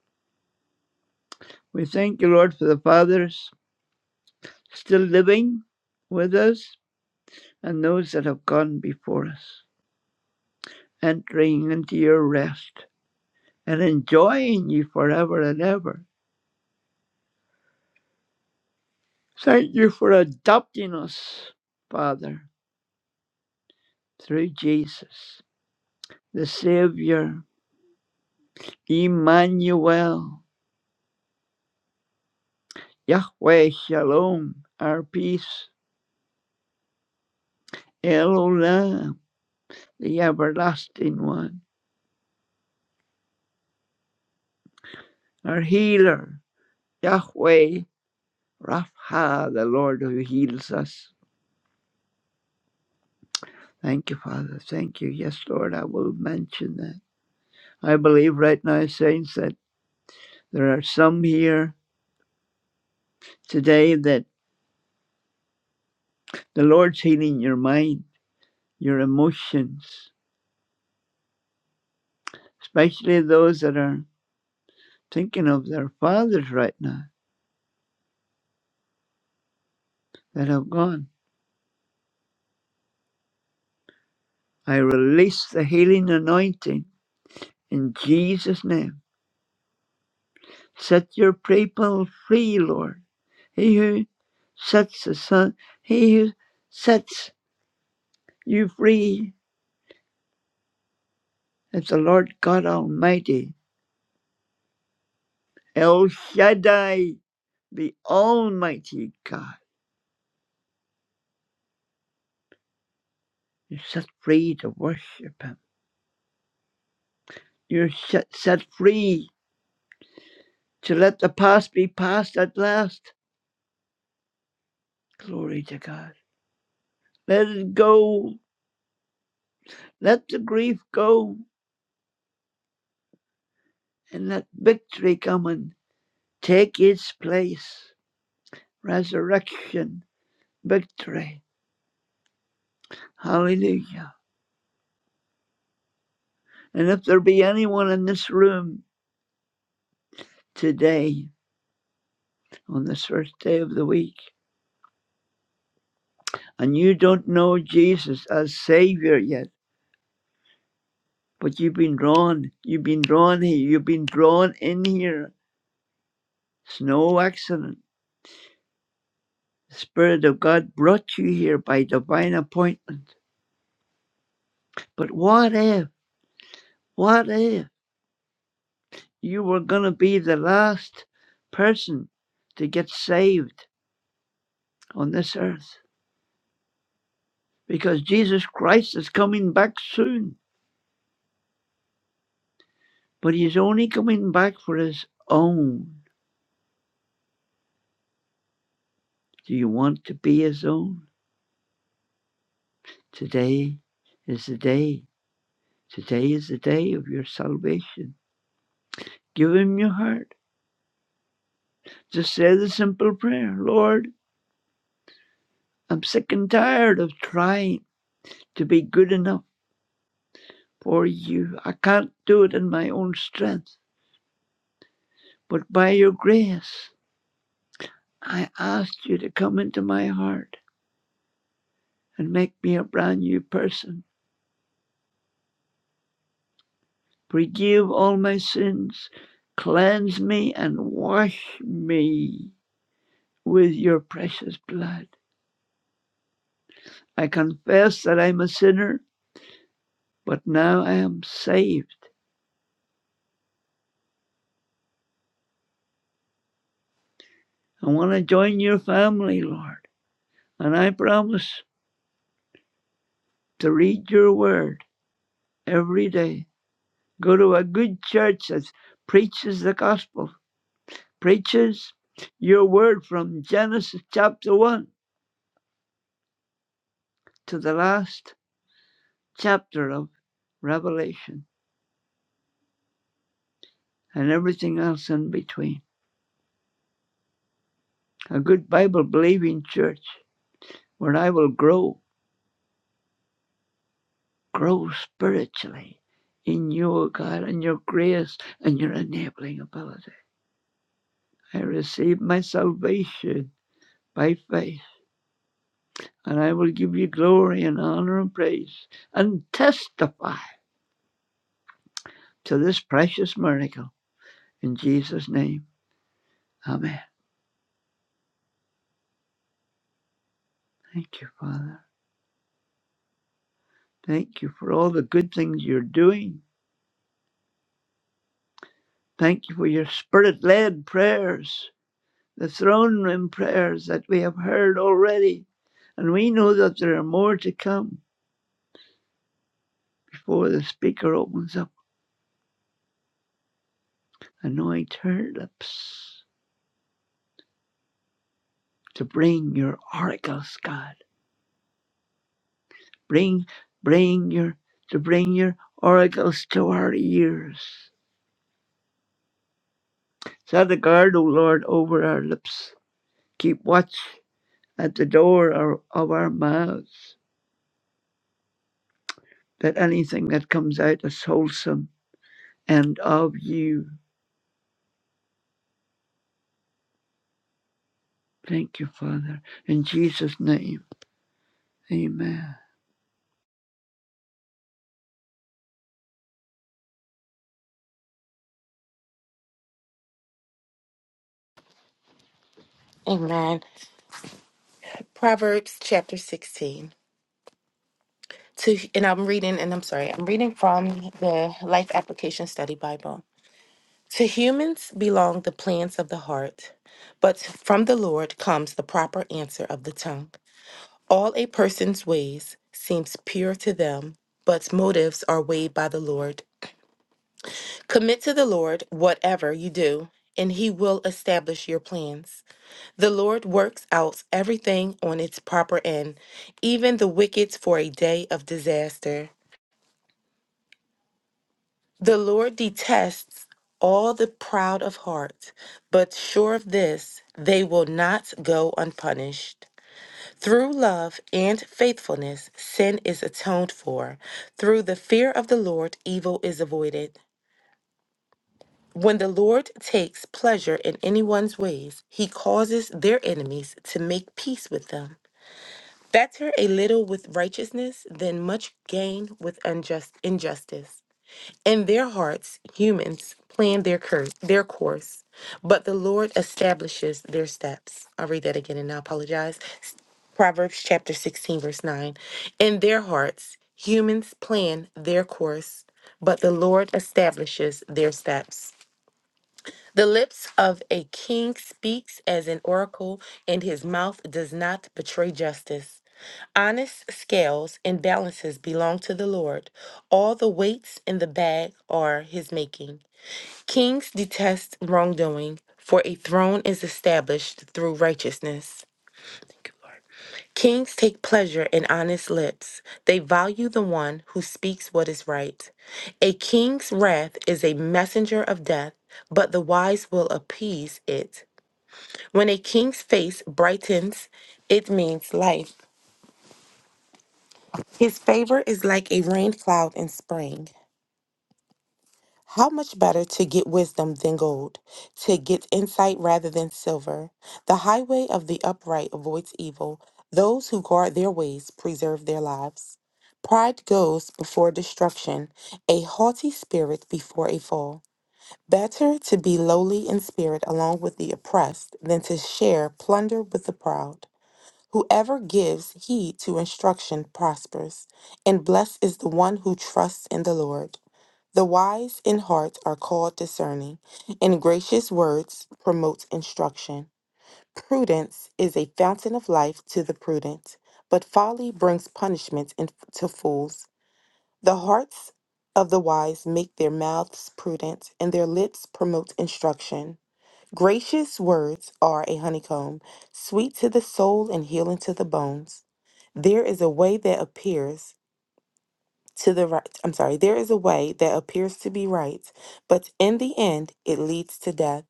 I: We thank you, Lord, for the fathers still living with us and those that have gone before us, entering into your rest and enjoying you forever and ever. Thank you for adopting us, Father, through Jesus, the Savior, Emmanuel, Yahweh Shalom, our peace. Hello, love, the everlasting one, our healer, Yahweh, Rapha, the Lord who heals us. Thank you, Father. Thank you. Yes, Lord, I will mention that. I believe right now, saints, that there are some here today that the Lord's healing your mind, your emotions, especially those that are thinking of their fathers right now that have gone. I release the healing anointing in Jesus' name. Set your people free, Lord. He who sets the sun, he who sets you free is the Lord God Almighty. El Shaddai, the Almighty God. You're set free to worship Him. You're set, set free to let the past be past at last. Glory to God. Let it go. Let the grief go and let victory come and take its place. resurrection victory. Hallelujah. And if there be anyone in this room today, on this first day of the week, and you don't know Jesus as Savior yet, but you've been drawn, you've been drawn here, you've been drawn in here. It's no accident. The Spirit of God brought you here by divine appointment. But what if, what if you were going to be the last person to get saved on this earth? because Jesus Christ is coming back soon, but he's only coming back for his own. Do you want to be his own? Today is the day. Today is the day of your salvation. Give him your heart. Just say the simple prayer Lord, I'm sick and tired of trying to be good enough for you. I can't do it in my own strength, but by your grace, I ask you to come into my heart and make me a brand new person. Forgive all my sins. Cleanse me and wash me with your precious blood. I confess that I'm a sinner, but now I am saved. I want to join your family, Lord. And I promise to read your word every day. Go to a good church that preaches the gospel, preaches your word from Genesis chapter 1 to the last chapter of Revelation. and everything else in between. A good Bible believing church where I will grow, grow spiritually in you, O God, and your grace and your enabling ability. I receive my salvation by faith, and I will give you glory and honor and praise and testify to this precious miracle. In Jesus' name, Amen. Thank you, Father. Thank you for all the good things you're doing. Thank you for your spirit led prayers. the throne room prayers that we have heard already. And we know that there are more to come before the speaker opens up. Anoint her lips to bring your oracles, God. Bring, bring your, to bring your oracles to our ears. Set a guard, O Lord, over our lips. Keep watch at the door of of our mouths, that anything that comes out is wholesome and of you. Thank you, Father. In Jesus' name, amen.
H: Amen. Proverbs chapter 16. To, and I'm reading, and I'm sorry, I'm reading from the Life Application Study Bible. To humans belong the plans of the heart, but from the Lord comes the proper answer of the tongue. All a person's ways seems pure to them, but motives are weighed by the Lord. Commit to the Lord whatever you do, and he will establish your plans. The Lord works out everything on its proper end, even the wicked for a day of disaster. The Lord detests all the proud of heart, but sure of this, they will not go unpunished. Through love and faithfulness, sin is atoned for. Through the fear of the Lord, evil is avoided. When the Lord takes pleasure in anyone's ways, he causes their enemies to make peace with them. Better a little with righteousness than much gain with unjust injustice. In their hearts, humans plan their cur- their course, but the Lord establishes their steps. I'll read that again and I apologize. S- Proverbs chapter 16, verse 9. In their hearts, humans plan their course, but the Lord establishes their steps. The lips of a king speaks as an oracle, and his mouth does not betray justice. Honest scales and balances belong to the Lord. All the weights in the bag are his making. Kings detest wrongdoing, for a throne is established through righteousness. Good Lord. Kings take pleasure in honest lips. They value the one who speaks what is right. A king's wrath is a messenger of death, but the wise will appease it. When a king's face brightens, it means life. His favor is like a rain cloud in spring. How much better to get wisdom than gold, to get insight rather than silver. The highway of the upright avoids evil. Those who guard their ways preserve their lives. Pride goes before destruction, a haughty spirit before a fall. Better to be lowly in spirit along with the oppressed than to share plunder with the proud. Whoever gives heed to instruction prospers, and blessed is the one who trusts in the Lord. The wise in heart are called discerning, and gracious words promote instruction. Prudence is a fountain of life to the prudent, but folly brings punishment in- to fools. The hearts of the wise make their mouths prudent, and their lips promote instruction. Gracious words are a honeycomb, sweet to the soul and healing to the bones. There is a way that appears to the right. I'm sorry, there is a way that appears to be right, but in the end it leads to death.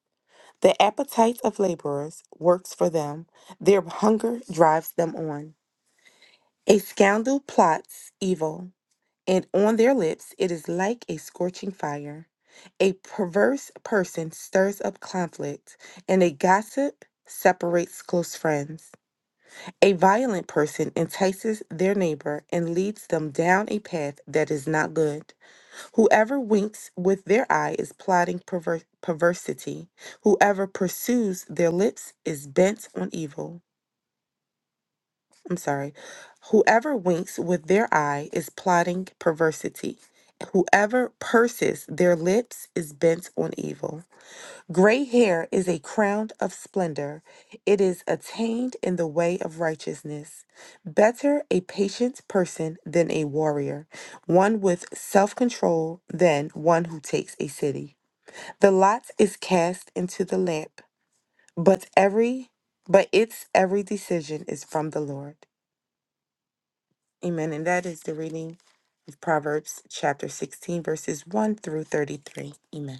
H: The appetite of laborers works for them, their hunger drives them on. A scoundrel plots evil, and on their lips it is like a scorching fire. A perverse person stirs up conflict, and a gossip separates close friends. A violent person entices their neighbor and leads them down a path that is not good. Whoever winks with their eye is plotting perver- perversity. Whoever pursues their lips is bent on evil. I'm sorry. Whoever winks with their eye is plotting perversity. Whoever purses their lips is bent on evil. Gray hair is a crown of splendor. It is attained in the way of righteousness. Better a patient person than a warrior, one with self control than one who takes a city. The lot is cast into the lamp, but every but its every decision is from the Lord. Amen. And that is the reading of Proverbs chapter 16, verses 1 through 33. Amen.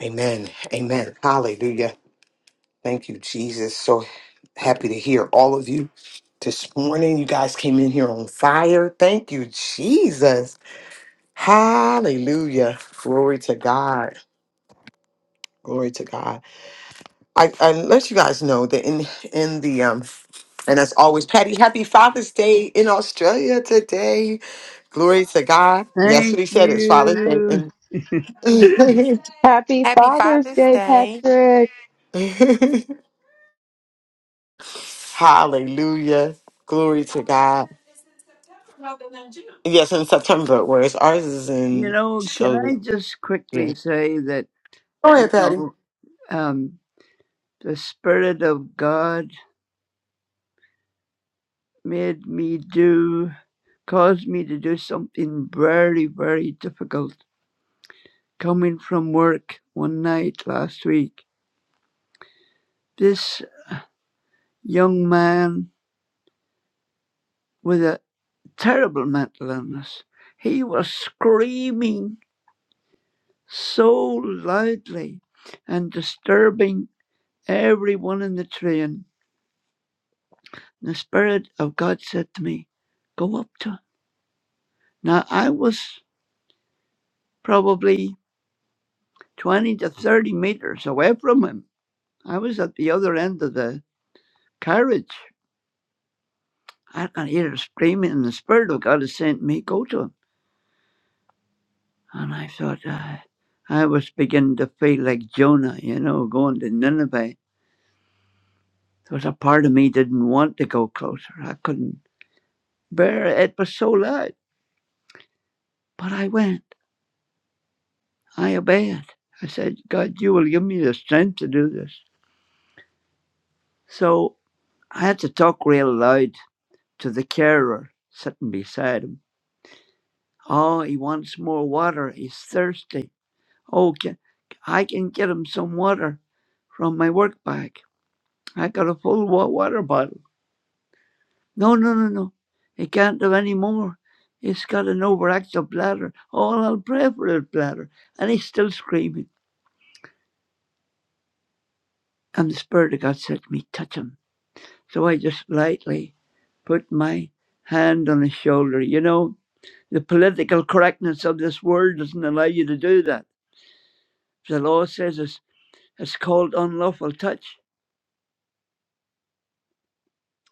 B: Amen. Amen. Hallelujah. Thank you, Jesus. So happy to hear all of you this morning. You guys came in here on fire. Thank you, Jesus. Hallelujah. Glory to God. Glory to God. I, I let you guys know that in in the um and as always, Patty, happy Father's Day in Australia today. Glory to God. Yes, what
I: Thank
B: he said is Father's Day.
I: you.
B: And
I: you
J: Happy
H: Happy
J: Father's
H: Father's
J: Day,
H: Day.
J: Patrick.
B: Hallelujah. Glory to God. Yes, in September, whereas ours is in
I: know, can I
B: show.
I: just
B: Yeah.
I: quickly say that,
B: Go
I: you
B: ahead, Patty.
I: know, um, the Spirit of God made me do, caused me to do something very, very difficult. Coming from work one night last week, this young man with a terrible mental illness, he was screaming so loudly and disturbing everyone in the train. The Spirit of God said to me, Go up to him. Now, I was probably 20 to 30 meters away from him. I was at the other end of the carriage. I can hear him screaming, and the Spirit of God is saying to me, Go to him. And I thought, uh, I was beginning to feel like Jonah, you know, going to Nineveh. There was a part of me didn't want to go closer. I couldn't Bear, it was so light. But I went. I obeyed. I said, God, you will give me the strength to do this. So I had to talk real loud to the carer sitting beside him. Oh, he wants more water. He's thirsty. Oh, can, I can get him some water from my work bag. I got a full wa- water bottle. No, no, no, no. He can't do any more. He's got an overactive bladder. Oh, I'll pray for his bladder. And he's still screaming. And the Spirit of God said to me, touch him. So I just lightly put my hand on his shoulder. You know, the political correctness of this world doesn't allow you to do that. The law says it's, it's called unlawful touch.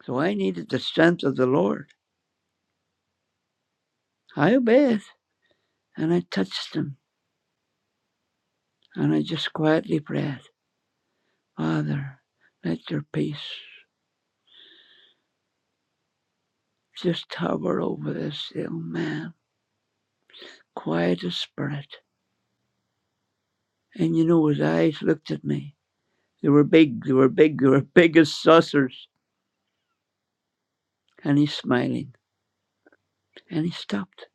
I: So I needed the strength of the Lord. I obeyed and I touched him and I just quietly prayed, Father, let your peace just hover over this ill man, quiet his spirit. And you know, his eyes looked at me You were big, you were big, you were big as saucers. And he's smiling. And he stopped.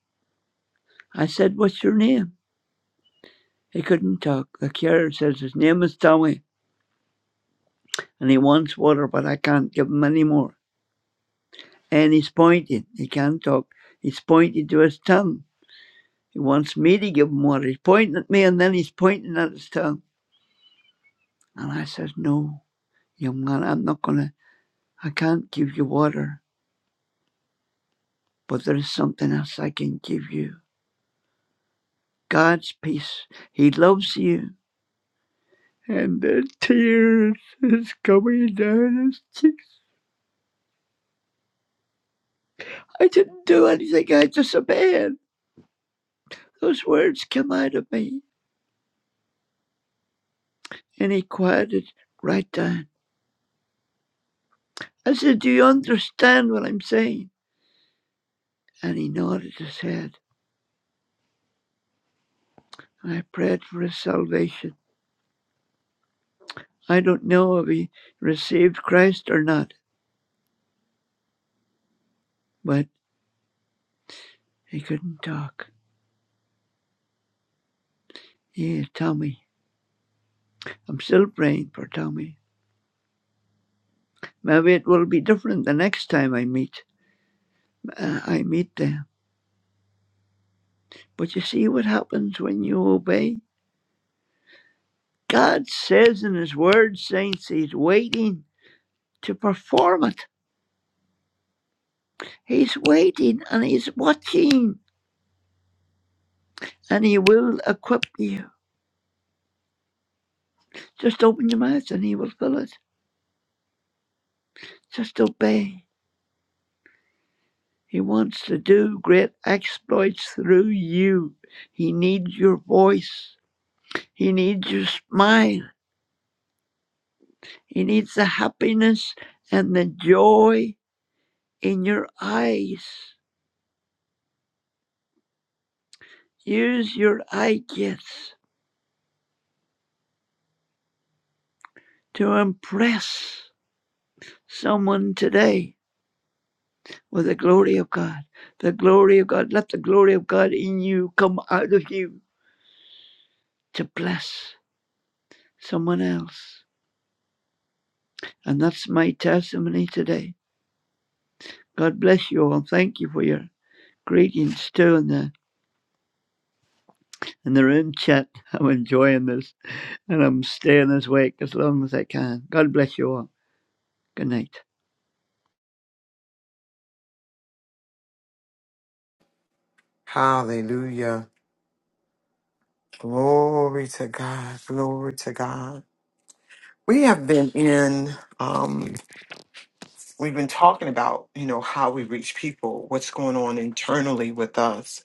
I: I said, What's your name? He couldn't talk. The carrier says his name is Tommy and he wants water, but I can't give him any more. And he's pointing. He can't talk. He's pointing to his tongue. He wants me to give him water. He's pointing at me and then he's pointing at his tongue. And I says, No, young man, I'm not gonna I can't give you water, but there is something else I can give you. God's peace. He loves you. and the tears is coming down his cheeks. I didn't do anything. I disobeyed. Those words came out of me. And he quieted right down. I said, Do you understand what I'm saying? And he nodded his head. And I prayed for his salvation. I don't know if he received Christ or not, but he couldn't talk. Yeah, Tommy. I'm still praying for Tommy. Maybe it will be different the next time I meet. Uh, I meet them. But you see what happens when you obey? God says in His Word, saints, He's waiting to perform it. He's waiting and He's watching and He will equip you. Just open your mouth and He will fill it. Just obey. He wants to do great exploits through you. He needs your voice. He needs your smile. He needs the happiness and the joy in your eyes. Use your eye gifts to impress someone today with the glory of God. The glory of God. Let the glory of God in you come out of you to bless someone else. And that's my testimony today. God bless you all. Thank you for your greetings too in the in the room chat. I'm enjoying this and I'm staying this week as long as I can. God bless you all. Good night.
B: Hallelujah. Glory to God. Glory to God. We have been in um we've been talking about, you know, how we reach people, what's going on internally with us.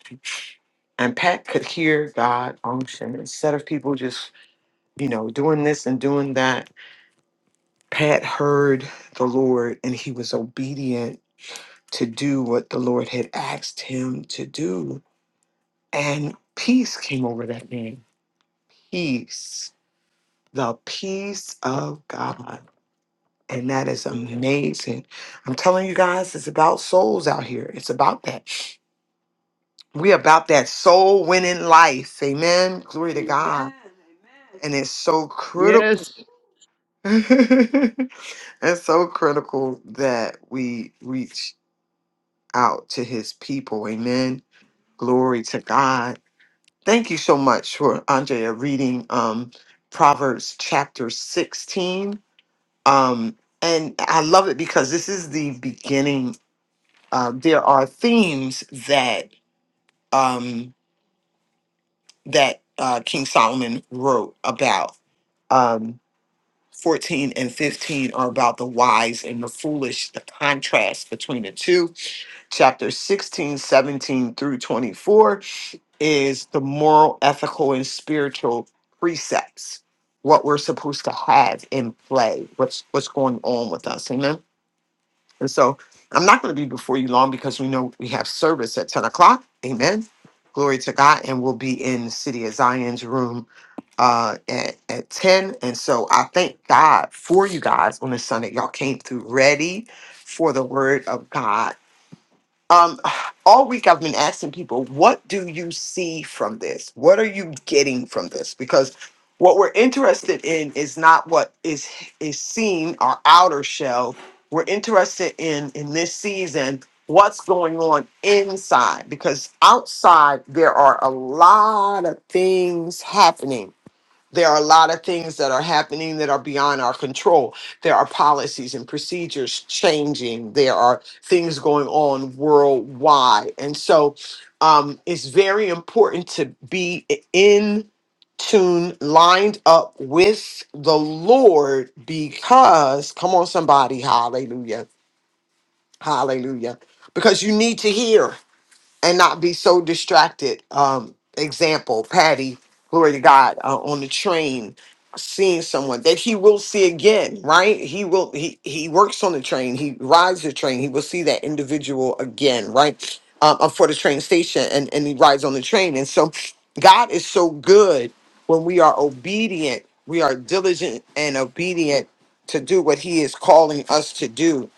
B: And Pat could hear God unction. Instead of people just, you know, doing this and doing that, Pat heard the Lord and he was obedient to do what the Lord had asked him to do And peace came over that man. Peace. The peace of God. And that is amazing. I'm telling you guys, it's about souls out here. It's about that. We about that soul winning life. Amen. Glory to God. And it's so critical.
I: Yes.
B: it's so critical that we reach out to his people. Amen. Glory to God. Thank you so much for Andrea reading um, Proverbs chapter 16. Um, and I love it because this is the beginning. Uh, there are themes that um, that uh, King Solomon wrote about. Um, 14 and 15 are about the wise and the foolish, the contrast between the two. Chapter 16, 17 through 24 is the moral, ethical, and spiritual precepts, what we're supposed to have in play, what's what's going on with us. Amen. And so I'm not going to be before you long because we know we have service at 10 o'clock. Amen. Glory to God. And we'll be in the city of Zion's room uh at, at 10. And so I thank God for you guys on this Sunday. Y'all came through ready for the word of God um all week i've been asking people what do you see from this what are you getting from this because what we're interested in is not what is is seen our outer shell we're interested in in this season what's going on inside because outside there are a lot of things happening there are a lot of things that are happening that are beyond our control. There are policies and procedures changing. There are things going on worldwide. And so um, it's very important to be in tune, lined up with the Lord because, come on, somebody, hallelujah, hallelujah, because you need to hear and not be so distracted. Um, example, Patty, glory to God, uh, on the train, seeing someone that he will see again, right? He will, he, he works on the train, he rides the train, he will see that individual again, right? Um, uh, for the train station and, and he rides on the train. And so God is so good when we are obedient, we are diligent and obedient to do what he is calling us to do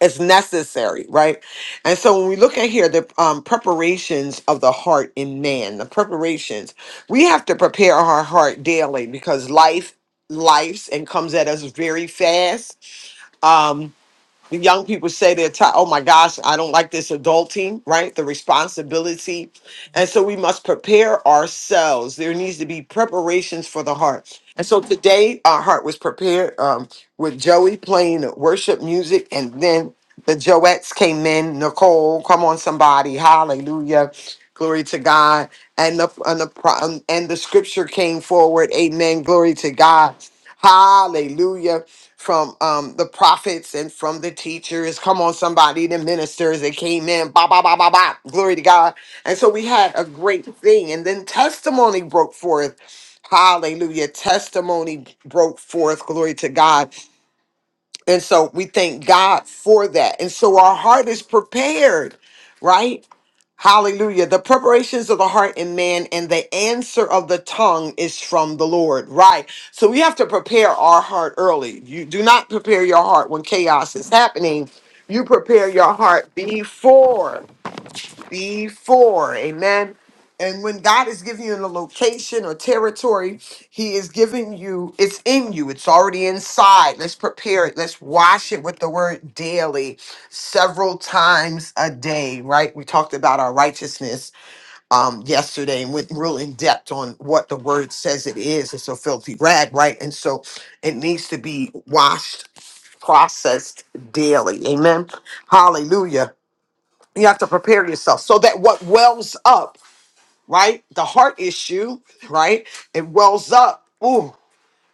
B: it's necessary, right? And so when we look at here, the um, preparations of the heart in man, the preparations, we have to prepare our heart daily because life, lives and comes at us very fast. Um, the young people say they're tired. Oh my gosh, I don't like this adulting, right? The responsibility. And so we must prepare ourselves. There needs to be preparations for the heart. And so today, our heart was prepared um, with Joey playing worship music. And then the Joettes came in. Nicole, come on, somebody. Hallelujah. Glory to God. And the, and the, pro- and the scripture came forward. Amen. Glory to God. Hallelujah. From um the prophets and from the teachers. Come on, somebody, the ministers that came in. Ba ba ba ba ba. Glory to God. And so we had a great thing. And then testimony broke forth. Hallelujah. Testimony broke forth. Glory to God. And so we thank God for that. And so our heart is prepared, right? Hallelujah. The preparations of the heart in man and the answer of the tongue is from the Lord, right? So we have to prepare our heart early. You do not prepare your heart when chaos is happening. You prepare your heart before before. Amen. And when God is giving you a location or territory, He is giving you, it's in you, it's already inside. Let's prepare it. Let's wash it with the word daily, several times a day, right? We talked about our righteousness um, yesterday and went real in depth on what the word says it is. It's a filthy rag, right? And so it needs to be washed, processed daily. Amen. Hallelujah. You have to prepare yourself so that what wells up, right? The heart issue, right? It wells up. Ooh,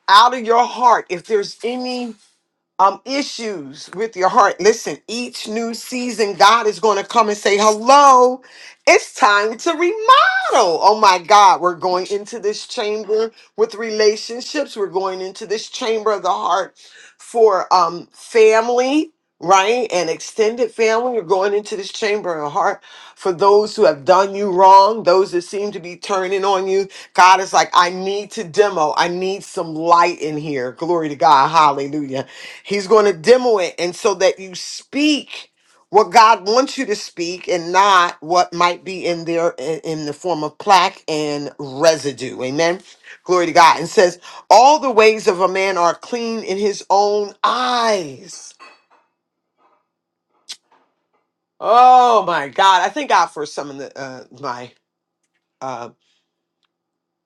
B: out of your heart. If there's any um issues with your heart. Listen, each new season, God is going to come and say, "Hello, it's time to remodel." Oh my God, we're going into this chamber with relationships. We're going into this chamber of the heart for um family, right, and extended family. We're going into this chamber of the heart for those who have done you wrong, those that seem to be turning on you. God is like, "I need to demo. I need some light in here." Glory to God. Hallelujah. He's going to demo it. And so that you speak what God wants you to speak and not what might be in there in, in the form of plaque and residue. Amen. Glory to God. And says, All the ways of a man are clean in his own eyes. Oh my God. I thank God for some of the, uh, my uh,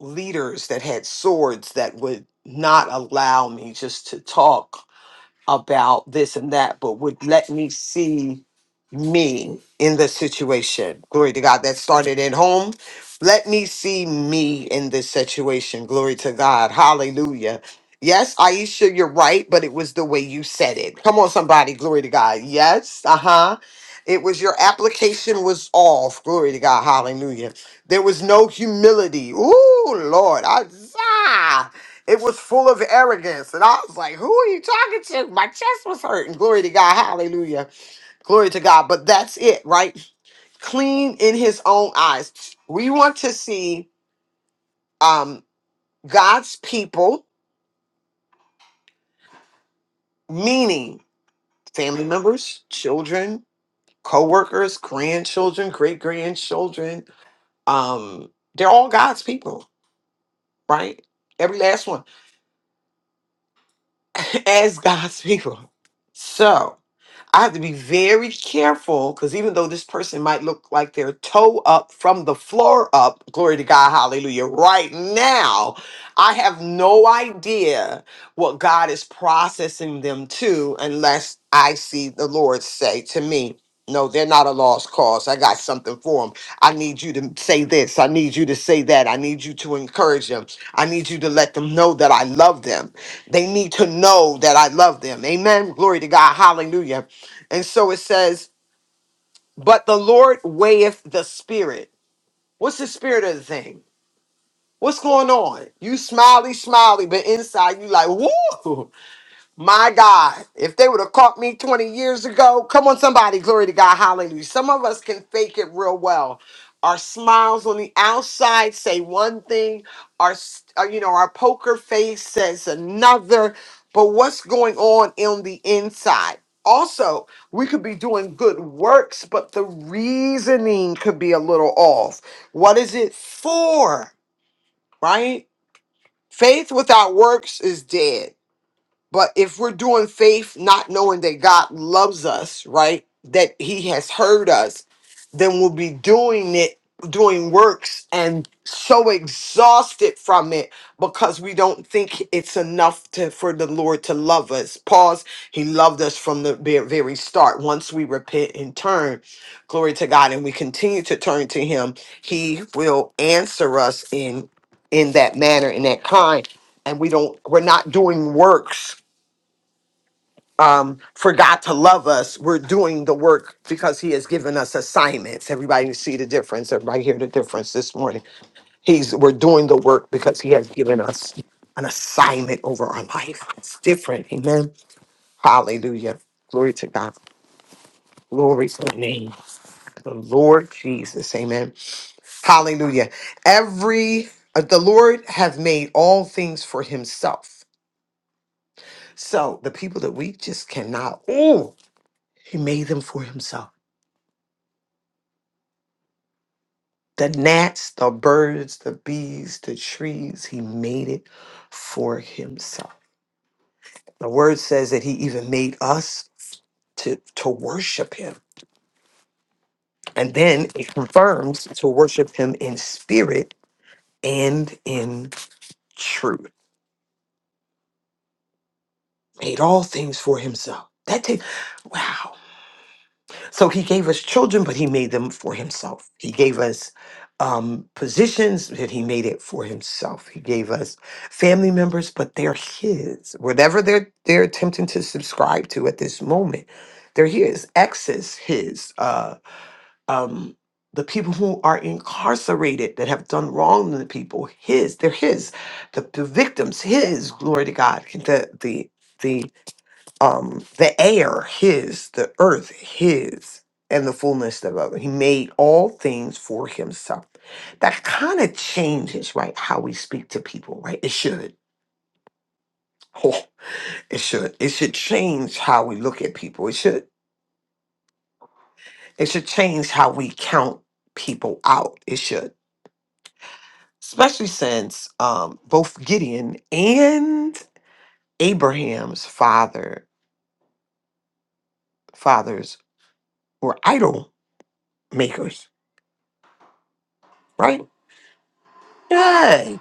B: leaders that had swords that would not allow me just to talk about this and that, but would let me see me in the situation. Glory to God. That started at home. Let me see me in this situation. Glory to God. Hallelujah. Yes, Aisha, you're right, but it was the way you said it. Come on, somebody. Glory to God. Yes. Uh huh. It was your application was off. Glory to God. Hallelujah. There was no humility. Ooh, Lord. Isaiah. It was full of arrogance. And I was like, who are you talking to? My chest was hurting. Glory to God. Hallelujah. Glory to God. But that's it, right? Clean in his own eyes. We want to see um, God's people, meaning family members, children, co-workers, grandchildren, great grandchildren. Um, they're all God's people, right? Every last one as God's people. So I have to be very careful because even though this person might look like they're toe up from the floor up, glory to God, hallelujah, right now, I have no idea what God is processing them to unless I see the Lord say to me, no, they're not a lost cause. I got something for them. I need you to say this. I need you to say that. I need you to encourage them. I need you to let them know that I love them. They need to know that I love them. Amen. Glory to God. Hallelujah and so it says, But the Lord weigheth the spirit. What's the spirit of the thing? What's going on? You smiley, smiley, but inside you like, woo. My God, if they would have caught me 20 years ago, come on, somebody, glory to God, hallelujah. Some of us can fake it real well. Our smiles on the outside say one thing, our, s- uh, you know, our poker face says another, but what's going on on the inside? Also, we could be doing good works, but the reasoning could be a little off. What is it for, right? Faith without works is dead. But if we're doing faith, not knowing that God loves us, right? That He has heard us, then we'll be doing it, doing works, and so exhausted from it because we don't think it's enough to, for the Lord to love us. Pause. He loved us from the ve- very start. Once we repent and turn, glory to God, and we continue to turn to Him, He will answer us in in that manner, in that kind. And we don't, we're not doing works um, for God to love us, we're doing the work because He has given us assignments. Everybody see the difference. Everybody hear the difference this morning. He's we're doing the work because He has given us an assignment over our life. It's different. Amen. Hallelujah. Glory to God. Glory to the name. of The Lord Jesus. Amen. Hallelujah. Every uh, the Lord have made all things for himself. So the people that we just cannot, oh, he made them for himself. the gnats, the birds, the bees, the trees. He made it for himself. The word says that he even made us to, to worship him. And then it confirms to worship him in spirit and in truth. Made all things for himself. That takes wow. So he gave us children, but he made them for himself. He gave us um, positions, but he made it for himself. He gave us family members, but they're his. Whatever they're they're attempting to subscribe to at this moment, they're his. Exes, his. Uh, um, the people who are incarcerated that have done wrong to the people, his. They're his. The, the victims, his. Glory to God. The the the um the air his the earth his and the fullness thereof he made all things for himself that kind of changes right how we speak to people right it should oh, it should it should change how we look at people it should it should change how we count people out it should especially since um both gideon and abraham's father fathers were idol makers right Yeah.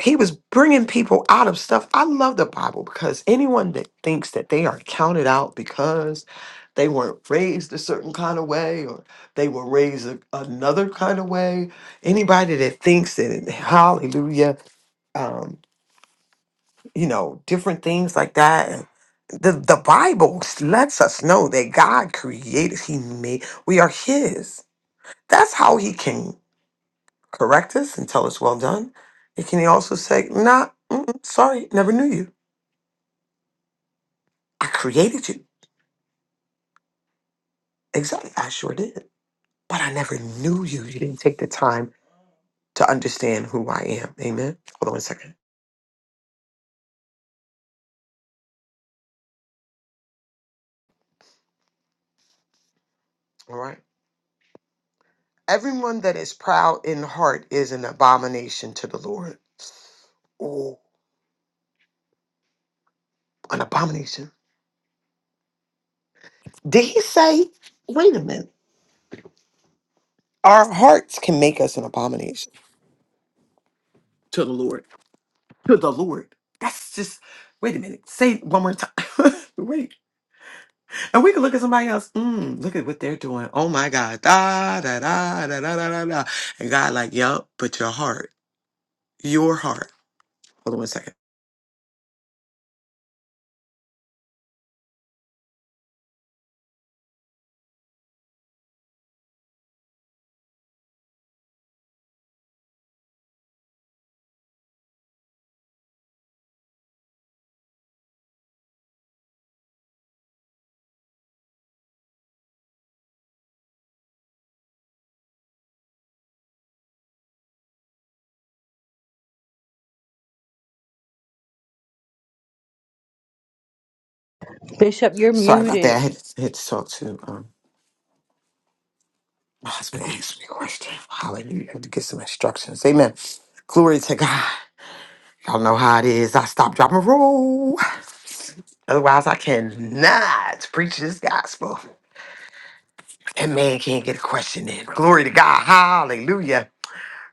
B: he was bringing people out of stuff. I love the Bible because anyone that thinks that they are counted out because they weren't raised a certain kind of way or they were raised a, another kind of way, anybody that thinks that it- hallelujah, um, you know, different things like that. and The, the Bible s- lets us know that God created, He made, we are His. That's how He can correct us and tell us, well done. And can He also say, nah, mm-mm, sorry, never knew you I created you. Exactly. I sure did. But I never knew you. You didn't take the time to understand who I am. Amen. Hold on a second. All right. Everyone that is proud in heart is an abomination to the Lord. Oh, an abomination. Did he say, wait a minute, our hearts can make us an abomination to the Lord? To the Lord. That's just, wait a minute. Say it one more time. wait. And we can look at somebody else. Mm, look at what they're doing. Oh my God. Da da da da da da da. da. And God, like, yup, but your heart, your heart. Hold on one second.
F: Bishop, you're
B: Sorry about that. I
F: muted.
B: had to, had to talk to um, my husband. Asked me a question. Hallelujah. I had to get some instructions. Amen. Glory to God. Y'all know how it is. I stop, drop, and roll. Otherwise, I cannot preach this gospel. And man can't get a question in. Glory to God. Hallelujah.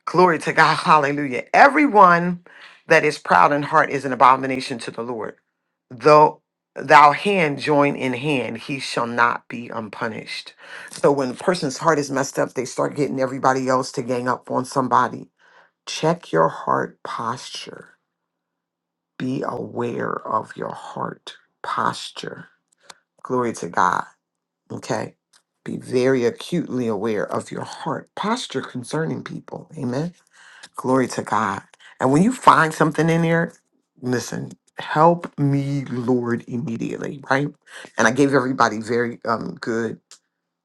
B: Glory to God. Hallelujah. Everyone that is proud in heart is an abomination to the Lord. Though thou hand join in hand, he shall not be unpunished. So when a person's heart is messed up, they start getting everybody else to gang up on somebody. Check your heart posture Be aware of your heart posture. Glory to God. Okay. Be very acutely aware of your heart posture concerning people. Amen. Glory to God. And when you find something in there, listen, help me, Lord, immediately, right? And I gave everybody very um, good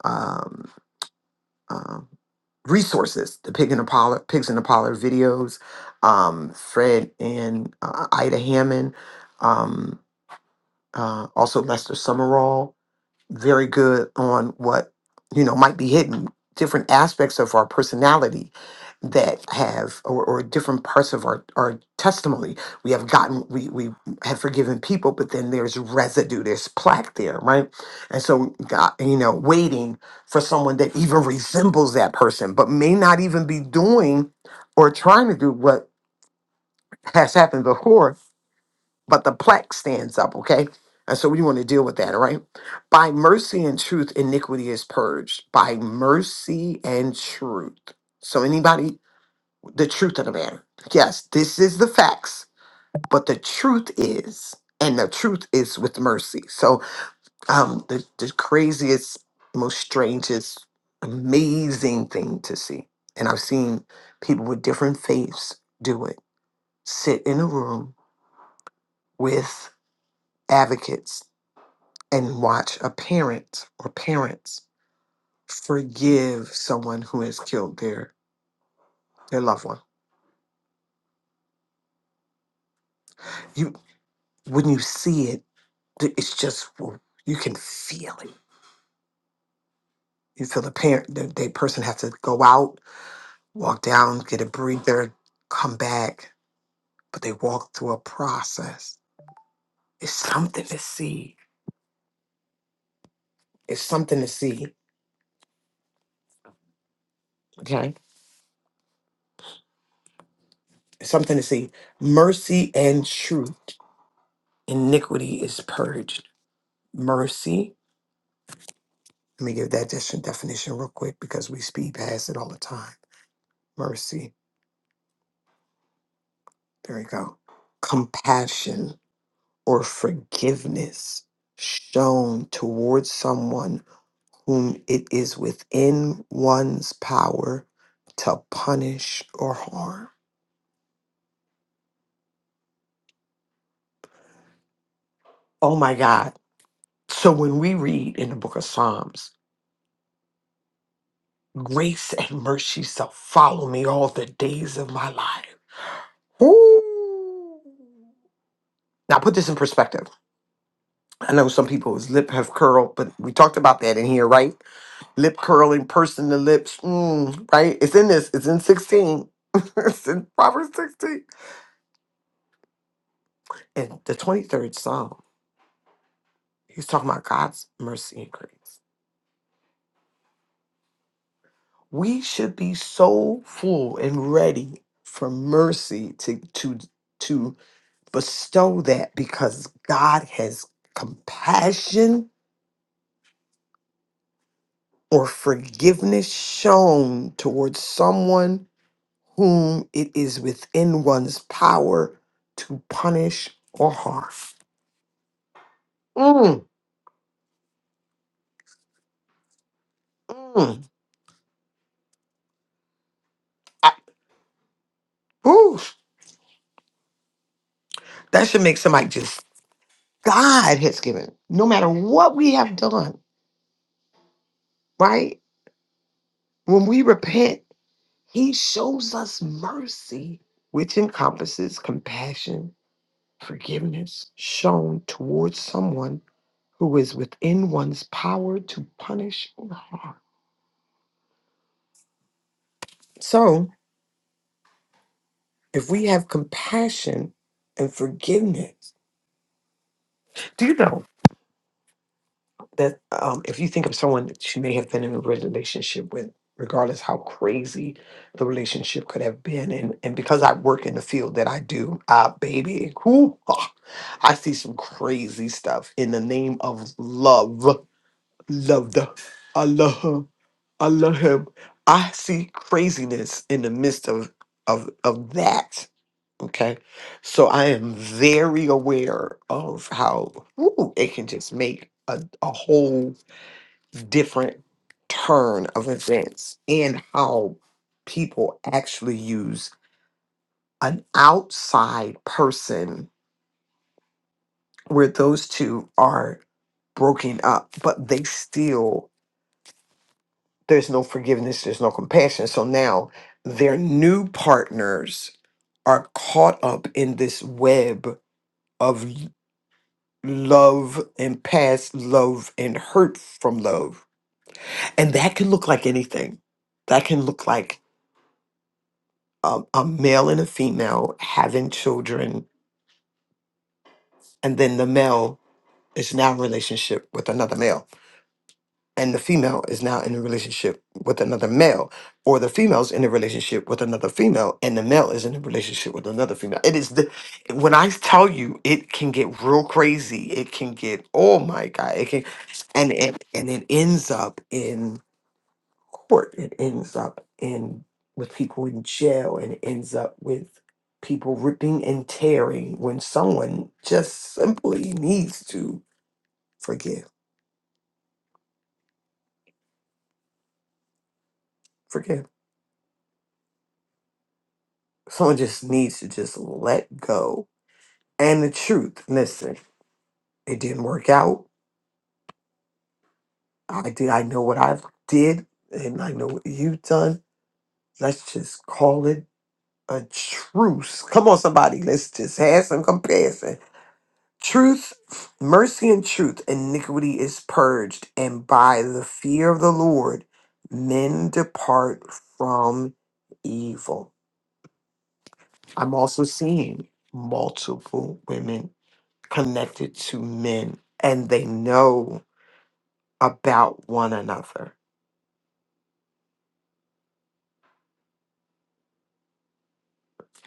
B: um, um, resources the pig and the pollard pigs and the pollard videos um fred and uh, ida hammond um, uh, also Lester Summerall, very good on what you know might be hidden, different aspects of our personality that have or, or different parts of our, our testimony. We have gotten we we have forgiven people, but then there's residue, there's plaque there, right? And so God, you know, waiting for someone that even resembles that person, but may not even be doing or trying to do what has happened before but the plaque stands up, okay? And so we want to deal with that, all right? By mercy and truth, iniquity is purged. By mercy and truth. So anybody, the truth of the matter. Yes, this is the facts, but the truth is, and the truth is with mercy. So um the, the craziest, most strangest, amazing thing to see. And I've seen people with different faiths do it. Sit in a room with advocates and watch a parent or parents forgive someone who has killed their their loved one. You when you see it, th- it's just you can feel it. You feel the parent, the, the person has to go out, walk down, get a breather, come back, but they walk through a process. It's something to see. It's something to see. Okay, it's something to see. Mercy and truth, iniquity is purged. Mercy Let me give that dis- definition real quick because we speed past it all the time. Mercy, there we go. Compassion or forgiveness shown towards someone whom it is within one's power to punish or harm. Oh my God. So when we read in the book of Psalms, grace and mercy shall follow me all the days of my life. Ooh. Now put this in perspective. I know some people's lip have curled, but we talked about that in here, right? Lip curling, pursing the lips, mm, right? It's in this. It's in 16. it's in Proverbs 16. And the 23rd Psalm, he's talking about God's mercy and grace. We should be so full and ready for mercy to to to bestow that because God has compassion or forgiveness shown towards someone whom it is within one's power to punish or harm. Mm, mm. I- whew. that should make somebody just, God has given, no matter what we have done, right? When we repent, He shows us mercy, which encompasses compassion, forgiveness shown towards someone who is within one's power to punish or harm. So. if we have compassion and forgiveness, do you know that um, if you think of someone that you may have been in a relationship with, regardless how crazy the relationship could have been, and, and because I work in the field that I do, uh, baby, whoo, ah, I see some crazy stuff in the name of love, loved, I love her. I love him. I see craziness in the midst of of of that. Okay. So I am very aware of how woo, it can just make a, a whole different turn of events and how people actually use an outside person where those two are broken up, but they still, there's no forgiveness, there's no compassion. So now their new partners are caught up in this web of. love and past love and hurt from love. And that can look like anything. That can look like a, a male and a female having children, and then the male is now in a relationship with another male. and the female is now in a relationship with another male, or the female's in a relationship with another female, and the male is in a relationship with another female. It is the when I tell you, it can get real crazy. It can get oh my god, it can, and it and it ends up in court. It ends up in with people in jail, and it ends up with people ripping and tearing when someone just simply needs to forgive, forgive. Someone just needs to just let go. And the truth, listen, it didn't work out. I did. I know what I did, and I know what you've done. Let's just call it a truce. Come on, somebody. Let's just have some comparison. Truth, mercy, and truth, iniquity is purged, and by the fear of the Lord, men depart from evil. I'm also seeing multiple women connected to men and they know about one another.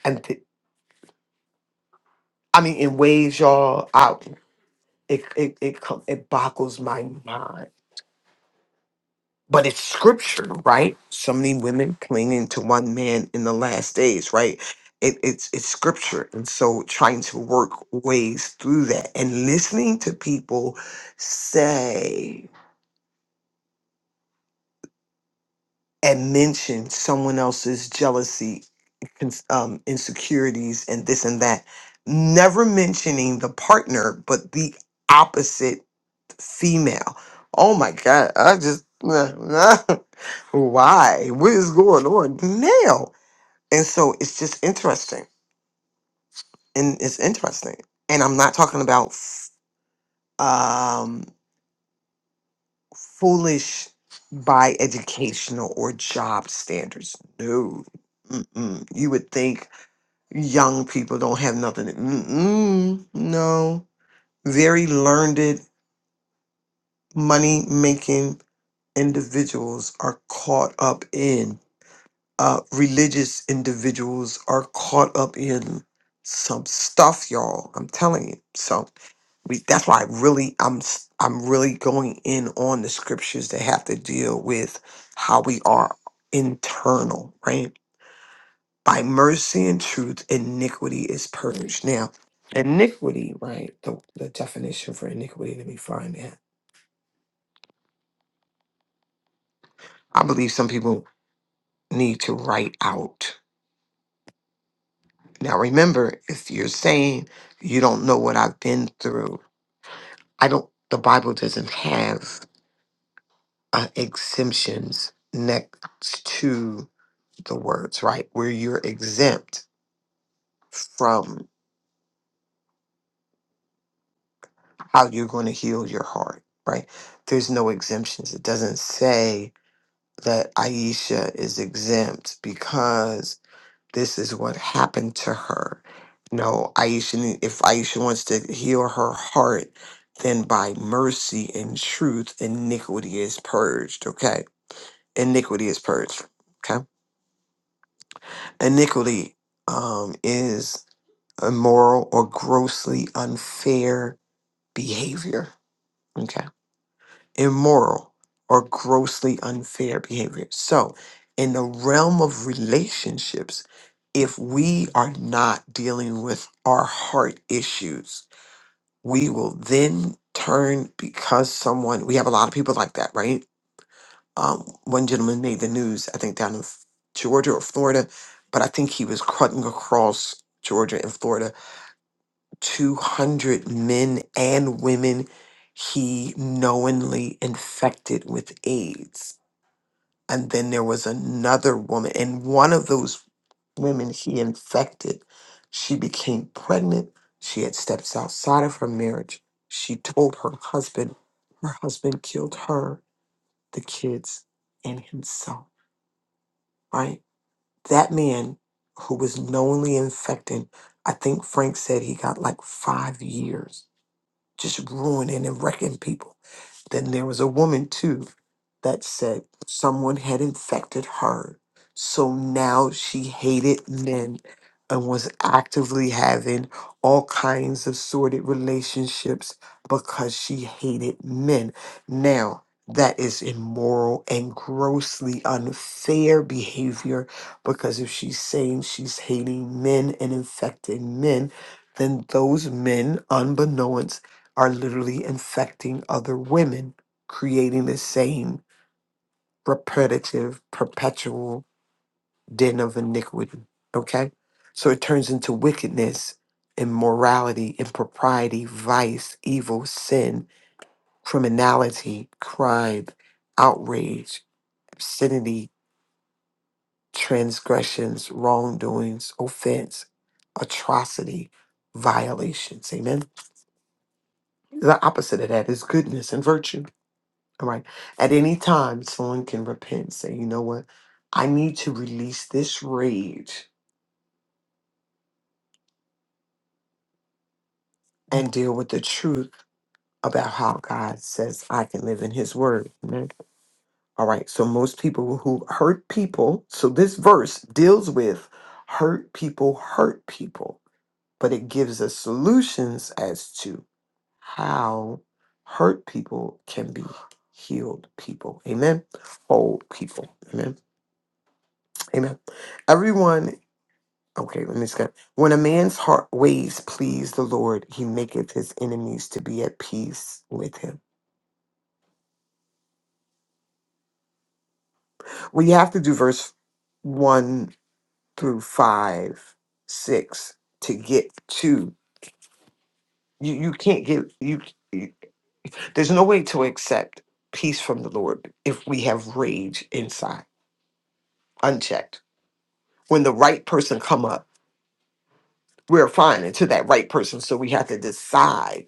B: And th- I mean, in ways, y'all, I, it, it, it, co- it boggles my mind. But it's scripture, right? So many women clinging to one man in the last days, right? It, it's it's scripture, and so trying to work ways through that, and listening to people say and mention someone else's jealousy, cons- um, insecurities, and this and that, never mentioning the partner, but the opposite female. Oh my God, I just, why? What is going on now? And so it's just interesting. And it's interesting. And I'm not talking about f- um, foolish by educational or job standards. No. Mm-mm. You would think young people don't have nothing. Mm-mm, no. Very learned, money making individuals are caught up in, uh, religious individuals are caught up in some stuff, y'all. I'm telling you. So we, that's why I really, I'm, s- I'm really going in on the scriptures that have to deal with how we are internal, right? by mercy and truth, iniquity is purged. Now, iniquity, right? The, the definition for iniquity, let me find that. I believe some people need to write out. Now, remember, if you're saying you don't know what I've been through, I don't, the Bible doesn't have uh, exemptions next to the words, right? Where you're exempt from how you're going to heal your heart, right? There's no exemptions. It doesn't say that Aisha is exempt because this is what happened to her. No, Aisha, need- if Aisha wants to heal her heart, then by mercy and truth, iniquity is purged. Okay. Iniquity is purged. Okay. Iniquity um, is immoral or grossly unfair behavior. Okay. immoral, or grossly unfair behavior. So, in the realm of relationships, if we are not dealing with our heart issues, we will then turn because someone, we have a lot of people like that, right? Um, one gentleman made the news, I think down in F- Georgia or Florida, but I think he was cutting across Georgia and Florida 200 men and women he knowingly infected with AIDS. And then there was another woman, and one of those women he infected, she became pregnant. She had steps outside of her marriage. She told her husband, her husband killed her, the kids, and himself, right? That man who was knowingly infected, I think Frank said he got like five years just ruining and wrecking people. Then there was a woman too that said someone had infected her. So now she hated men and was actively having all kinds of sordid relationships because she hated men. Now, that is immoral and grossly unfair behavior because if she's saying she's hating men and infecting men, then those men, unbeknownst are literally infecting other women, creating the same repetitive, perpetual den of iniquity. Okay? So it turns into wickedness, immorality, impropriety, vice, evil, sin, criminality, crime, outrage, obscenity, transgressions, wrongdoings, offense, atrocity, violations. Amen? The opposite of that is goodness and virtue. Right. At any time, someone can repent and say, you know what? I need to release this rage and deal with the truth about how God says I can live in his word. Amen. All right. So most people who hurt people, so this verse deals with hurt people hurt people, but it gives us solutions as to how hurt people can be healed people. Amen. Whole people. Amen. Amen. Everyone Okay, let me just skip. When a man's heart ways please the Lord, he maketh his enemies to be at peace with him. Well, you have to do verse one through five, six to get to you. You can't get you. you- There's no way to accept peace from the Lord if we have rage inside, unchecked. When the right person come up, we're fine until that right person. So we have to decide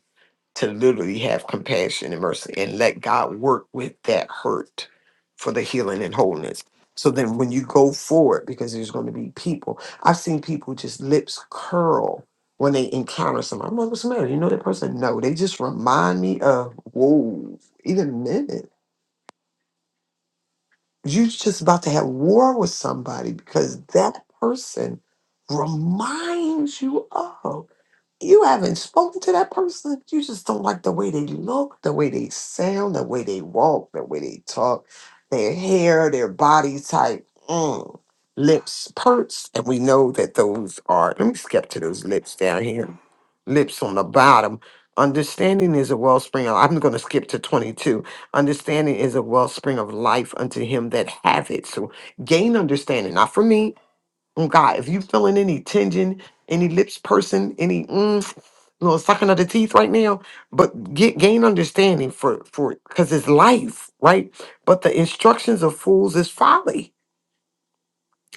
B: to literally have compassion and mercy and let God work with that hurt for the healing and wholeness. So then when you go forward, because there's going to be people, I've seen people just lips curl when they encounter somebody. I'm like, what's the matter? You know that person? No, they just remind me of, whoa, in a minute. You're just about to have war with somebody because that person reminds you of. You haven't spoken to that person. You just don't like the way they look, the way they sound, the way they walk, the way they talk, their hair, their body type, mm. lips, perts. And we know that those are, let me skip to those lips down here, lips on the bottom. Understanding is a wellspring. of- I'm going to skip to 22. Understanding is a wellspring of life unto him that have it. So gain understanding, not for me. Oh God, if you feeling any tension, any lips person, any mm, you know, sucking of the teeth right now, but get gain understanding for for because it's life, right? But the instructions of fools is folly.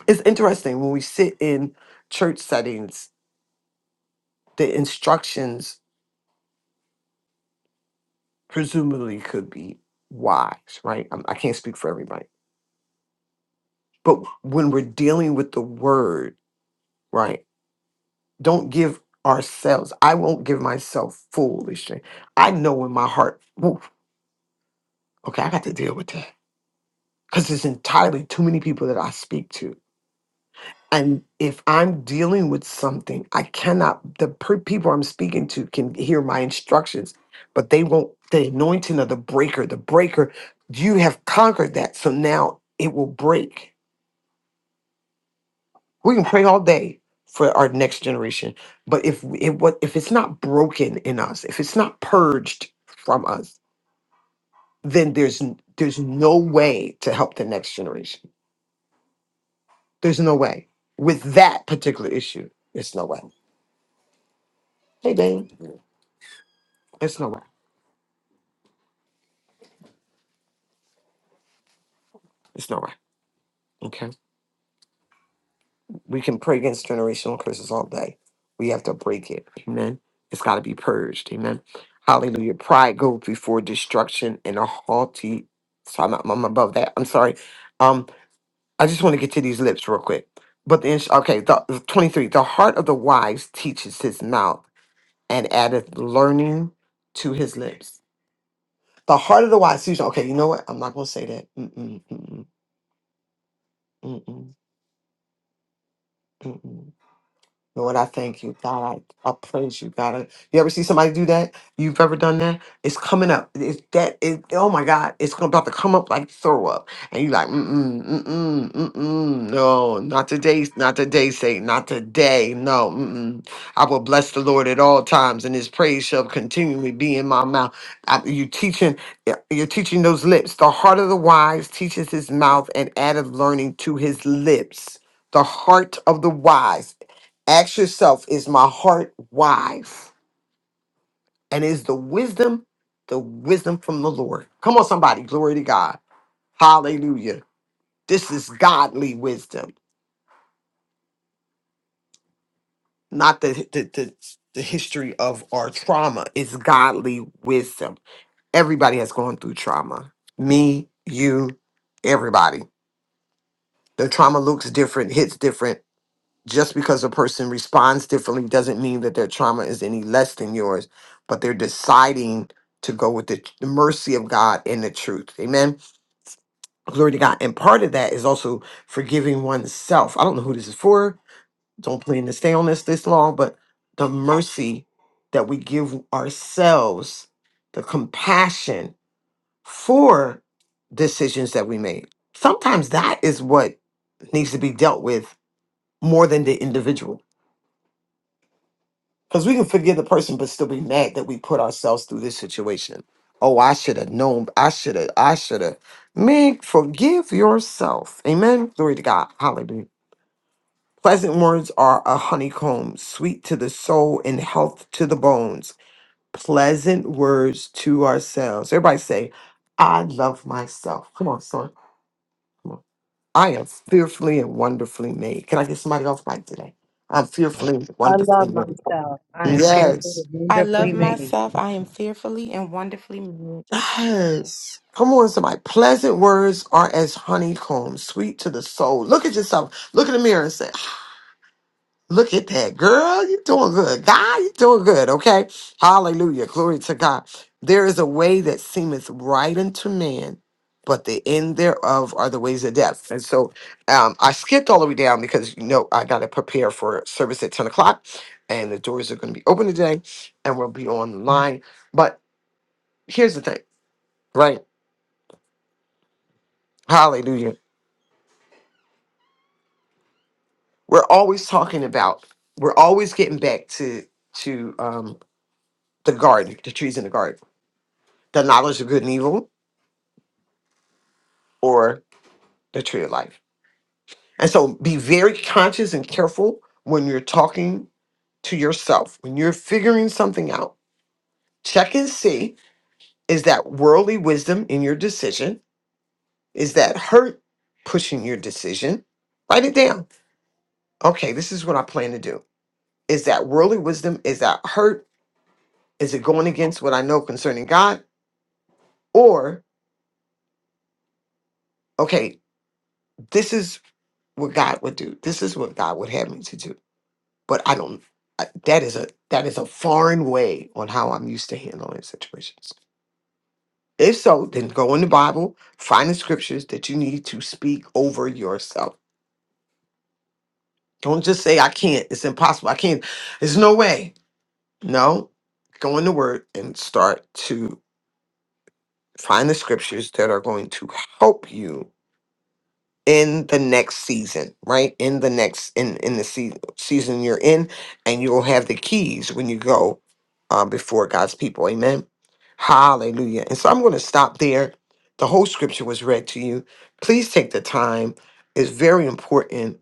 B: It's interesting when we sit in church settings, the instructions presumably could be wise, right? I'm, I can't speak for everybody, but when we're dealing with the word, right? Don't give ourselves. I won't give myself foolish. I know in my heart. "Oof, okay, I got to deal with that. because there's entirely too many people that I speak to. And if I'm dealing with something, I cannot, the per- people I'm speaking to can hear my instructions, but they won't, the anointing of the breaker, the breaker, you have conquered that. So now it will break. We can pray all day for our next generation, but if it what if it's not broken in us, if it's not purged from us, then there's n- there's no way to help the next generation. There's no way. With that particular issue, it's no way. Hey, Dane. It's no way. It's no way. Okay. We can pray against generational curses all day. We have to break it. Amen. It's got to be purged. Amen. Hallelujah. Pride goes before destruction and a haughty. So I'm, I'm above that. I'm sorry. Um, I just want to get to these lips real quick. But the ins- okay, the, the 23. The heart of the wise teaches his mouth and addeth learning to his lips. The heart of the wise. Susan. Okay, you know what? I'm not gonna say that. Mm-mm, mm-mm, mm-mm, mm-mm. Lord, I thank you, God. I, I praise you, God. I- You ever see somebody do that? You've ever done that? It's coming up. It's that. It, oh my God! It's gonna- about to come up like throw up, and you're like, mm mm mm mm mm. No, not today. Not today, Satan. Not today. No. Mm-mm. I will bless the Lord at all times, and His praise shall continually be in my mouth. I, you teaching. yeah, You're teaching those lips. The heart of the wise teaches his mouth, and added learning to his lips the heart of the wise. Ask yourself, is my heart wise? And is the wisdom the wisdom from the Lord? Come on, somebody. Glory to God. Hallelujah. This is godly wisdom, not the, the, the, the history of our trauma. It's godly wisdom. Everybody has gone through trauma. Me, you, everybody. The trauma looks different, hits different, just because a person responds differently doesn't mean that their trauma is any less than yours, but they're deciding to go with the, t- the mercy of God and the truth. Amen. Glory to God. And part of that is also forgiving oneself. I don't know who this is for. Don't plan to stay on this this long, but the mercy that we give ourselves, the compassion for decisions that we made. Sometimes that is what needs to be dealt with more than the individual Because we can forgive the person, but still be mad that we put ourselves through this situation. Oh, I should have known. I should have. I should have. Man, forgive yourself. Amen. Glory to God. Hallelujah. Pleasant words are a honeycomb, sweet to the soul and health to the bones. Pleasant words to ourselves. Everybody say, I love myself. Come on, son. Come on. I am fearfully and wonderfully made. Can I get somebody off mic today? I'm fearfully and
F: I
B: wonderfully
F: love
B: made.
F: myself. I am fearfully
B: Yes.
F: and
H: I love
F: wonderfully made.
H: myself. I am fearfully and wonderfully made.
B: Yes. Come on, somebody. Pleasant words are as honeycomb, sweet to the soul. Look at yourself. Look in the mirror and say, Look at that, girl. You're doing good. God, you're doing good. Okay. Hallelujah. Glory to God. There is a way that seemeth right unto man, but the end thereof are the ways of death. And so um, I skipped all the way down because, you know, I got to prepare for service at 10 o'clock and the doors are going to be open today and we'll be online. But here's the thing, right? Hallelujah we're always talking about we're always getting back to to um the garden the trees in the garden the knowledge of good and evil or the tree of life and so be very conscious and careful when you're talking to yourself when you're figuring something out check and see is that worldly wisdom in your decision is that hurt pushing your decision write it down okay this is what i plan to do is that worldly wisdom is that hurt is it going against what i know concerning god Or, okay, this is what God would do. This is what God would have me to do. But I don't I- that is a that is a foreign way on how I'm used to handling situations. If so, then go in the Bible, find the scriptures that you need to speak over yourself. Don't just say I can't, it's impossible. I can't. There's no way. No. Go in the word and start to find the scriptures that are going to help you in the next season, right? In the next in in the sea season you're in, and you will have the keys when you go um, before God's people. Amen. Hallelujah. And so I'm going to stop there. The whole scripture was read to you. Please take the time. It's very important.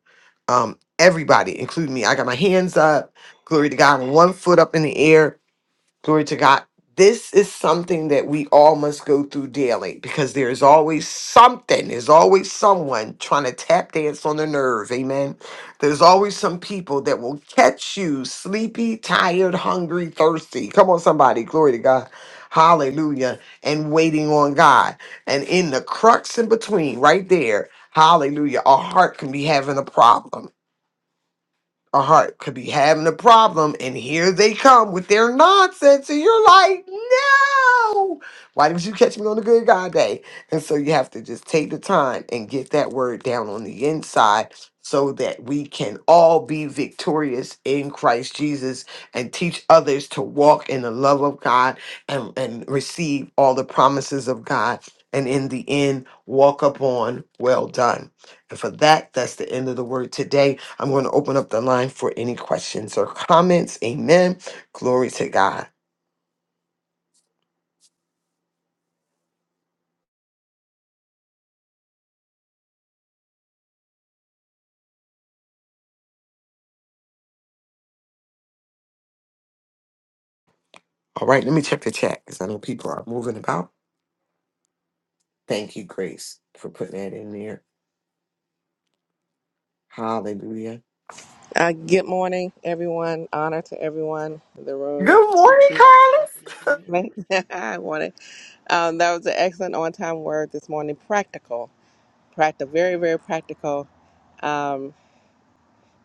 B: Um, everybody, including me, I got my hands up. Glory to God. One foot up in the air Glory to God. This is something that we all must go through daily because there is always something, there's always someone trying to tap dance on the nerve. Amen. There's always some people that will catch you sleepy, tired, hungry, thirsty. Come on, somebody. Glory to God. Hallelujah. And waiting on God. And in the crux in between, right there, hallelujah, our heart can be having a problem a heart could be having a problem, and here they come with their nonsense, and you're like, no, why didn't you catch me on a good God day? And so you have to just take the time and get that word down on the inside so that we can all be victorious in Christ Jesus and teach others to walk in the love of God and, and receive all the promises of God. And in the end, walk upon well done. And for that, that's the end of the word today. I'm going to open up the line for any questions or comments. Amen. Glory to God. All right, let me check the chat because I know people are moving about. Thank you, Grace, for putting that in there. Hallelujah.
K: Uh, good morning, everyone. Honor to everyone in the room.
B: Good morning,
K: To-
B: Carla.
K: I wanted. Um, that was an excellent on-time word this morning. Practical, practical, very, very practical um,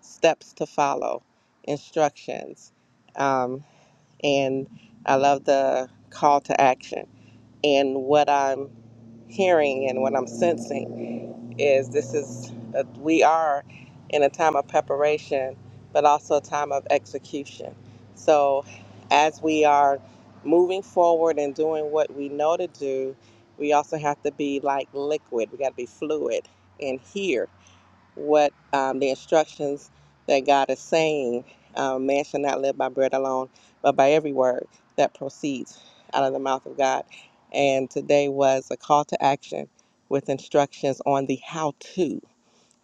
K: steps to follow, instructions, um, and I love the call to action and what I'm hearing and what I'm sensing is this is a, we are in a time of preparation but also a time of execution so as we are moving forward and doing what we know to do we also have to be like liquid we got to be fluid in here what um, the instructions that God is saying. Um, man shall not live by bread alone, but by every word that proceeds out of the mouth of God. And today was a call to action with instructions on the how to,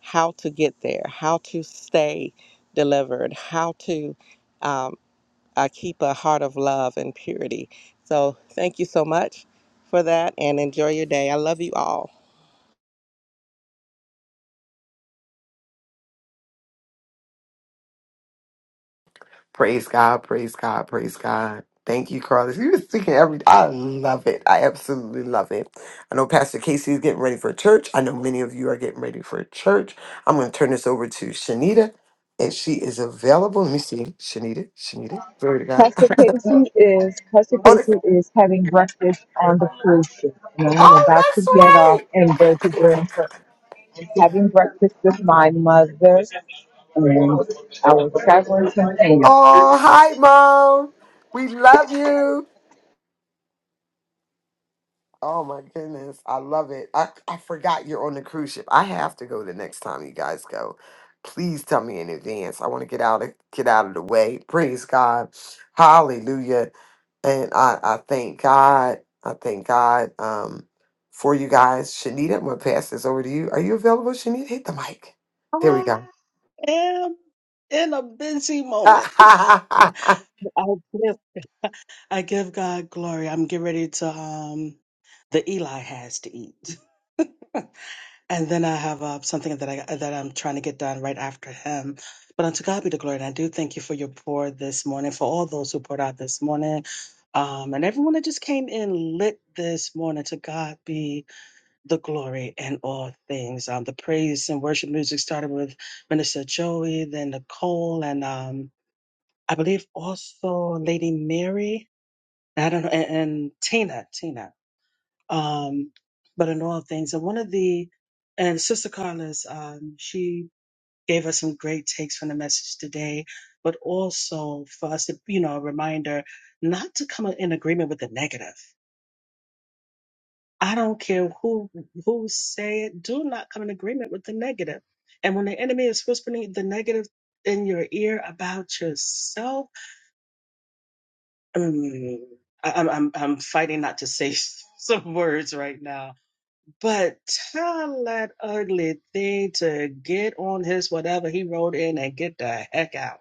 K: how to get there, how to stay delivered, how to um, uh, keep a heart of love and purity. So thank you so much for that and enjoy your day. I love you all.
B: Praise God, praise God, praise God. Thank you, Carlos. You were speaking every I love it. I absolutely love it. I know Pastor Casey is getting ready for church. I know many of you are getting ready for church. I'm gonna turn this over to Shanita. And she is available. Let me see. Shanita, Shanita. Glory to God.
J: Pastor Casey is Pastor
B: oh,
J: Casey
B: that's-
J: is having breakfast on the cruise ship, and I am
B: oh,
J: about to
B: that's
J: get off
B: right.
J: and go to Grand Turk. I'm having breakfast with my mother and our traveling companion.
B: Oh, hi, Mom. We love you. Oh my goodness. I love it. I, I forgot you're on the cruise ship. I have to go the next time you guys go. Please tell me in advance. I want to get out of get out of the way. Praise God. Hallelujah. And I, I thank God. I thank God um for you guys. Shanita, I'm gonna pass this over to you. Are you available, Shanita? Hit the mic. There we
D: I
B: go.
D: am in a busy moment. I give, I give God glory. I'm getting ready to um the Eli has to eat. and then I have uh, something that I that I'm trying to get done right after him. But unto God be the glory, and I do thank you for your pour this morning, for all those who poured out this morning, um, and everyone that just came in lit this morning. To God be the glory in all things. Um, the praise and worship music started with Minister Joey, then Nicole, and um, I believe also Lady Mary. I don't know, and, and Tina, Tina um, but in all things. And one of the, and Sister Carla's, um, she gave us some great takes from the message today, but also for us to, you know, a reminder not to come in agreement with the negative. I don't care who who say it. Do not come in agreement with the negative. And when the enemy is whispering the negative in your ear about yourself, um, I, I'm I'm I'm fighting not to say some words right now But tell that ugly thing to get on his whatever he wrote in and get the heck out.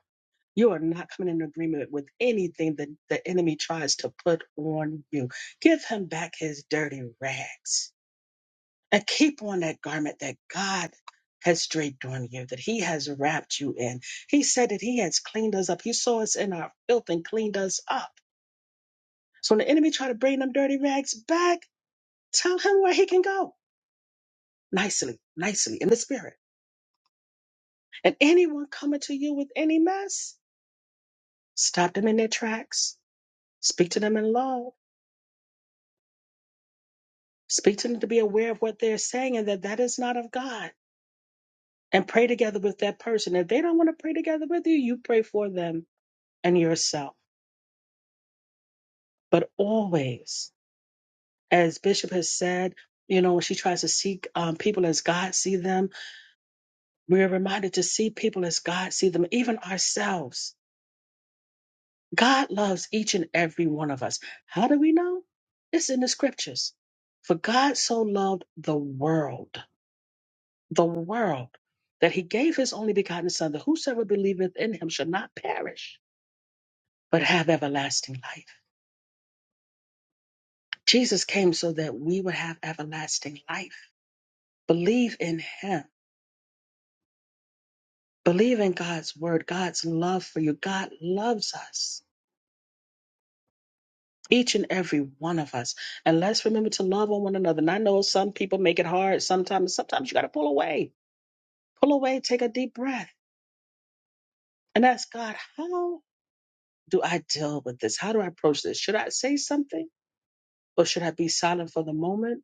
D: You are not coming in agreement with anything that the enemy tries to put on you. Give him back his dirty rags and keep on that garment that God has draped on you, that he has wrapped you in. He said that he has cleaned us up. He saw us in our filth and cleaned us up. So when the enemy try to bring them dirty rags back, tell him where he can go nicely, nicely in the spirit And anyone coming to you with any mess, stop them in their tracks. Speak to them in love. Speak to them to be aware of what they're saying and that that is not of God. And pray together with that person. If they don't want to pray together with you, you pray for them and yourself. But always, as Bishop has said, you know, when she tries to see um, people as God see them, we are reminded to see people as God see them, even ourselves God loves each and every one of us. How do we know? It's in the scriptures. For God so loved the world, the world, that he gave his only begotten Son, that whosoever believeth in him shall not perish, but have everlasting life. Jesus came so that we would have everlasting life. Believe in him. Believe in God's word, God's love for you. God loves us. each and every one of us. And let's remember to love on one another. And I know some people make it hard sometimes. Sometimes you got to pull away, pull away, take a deep breath, and ask God, how do I deal with this? How do I approach this? Should I say something or should I be silent for the moment?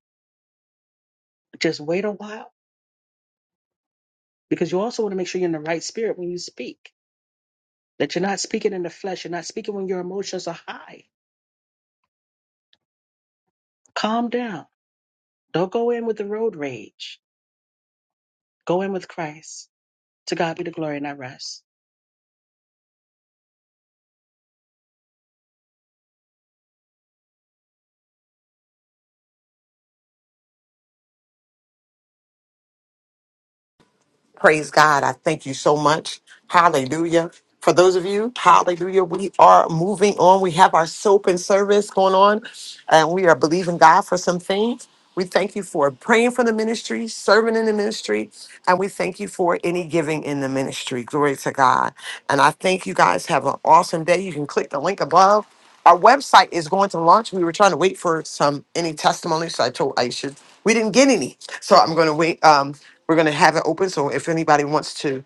D: Just wait a while because you also want to make sure you're in the right spirit when you speak, that you're not speaking in the flesh, you're not speaking when your emotions are high. Calm down. Don't go in with the road rage. Go in with Christ. To God be the glory and I rest.
B: Praise God. I thank you so much. Hallelujah. For those of you, hallelujah, we are moving on. We have our soap and service going on, and we are believing God for some things. We thank you for praying for the ministry, serving in the ministry, and we thank you for any giving in the ministry. Glory to God. And I thank you guys. Have an awesome day. You can click the link above. Our website is going to launch. We were trying to wait for some any testimonies. So I told I should. we didn't get any. So I'm going to wait. Um, we're going to have it open. So if anybody wants to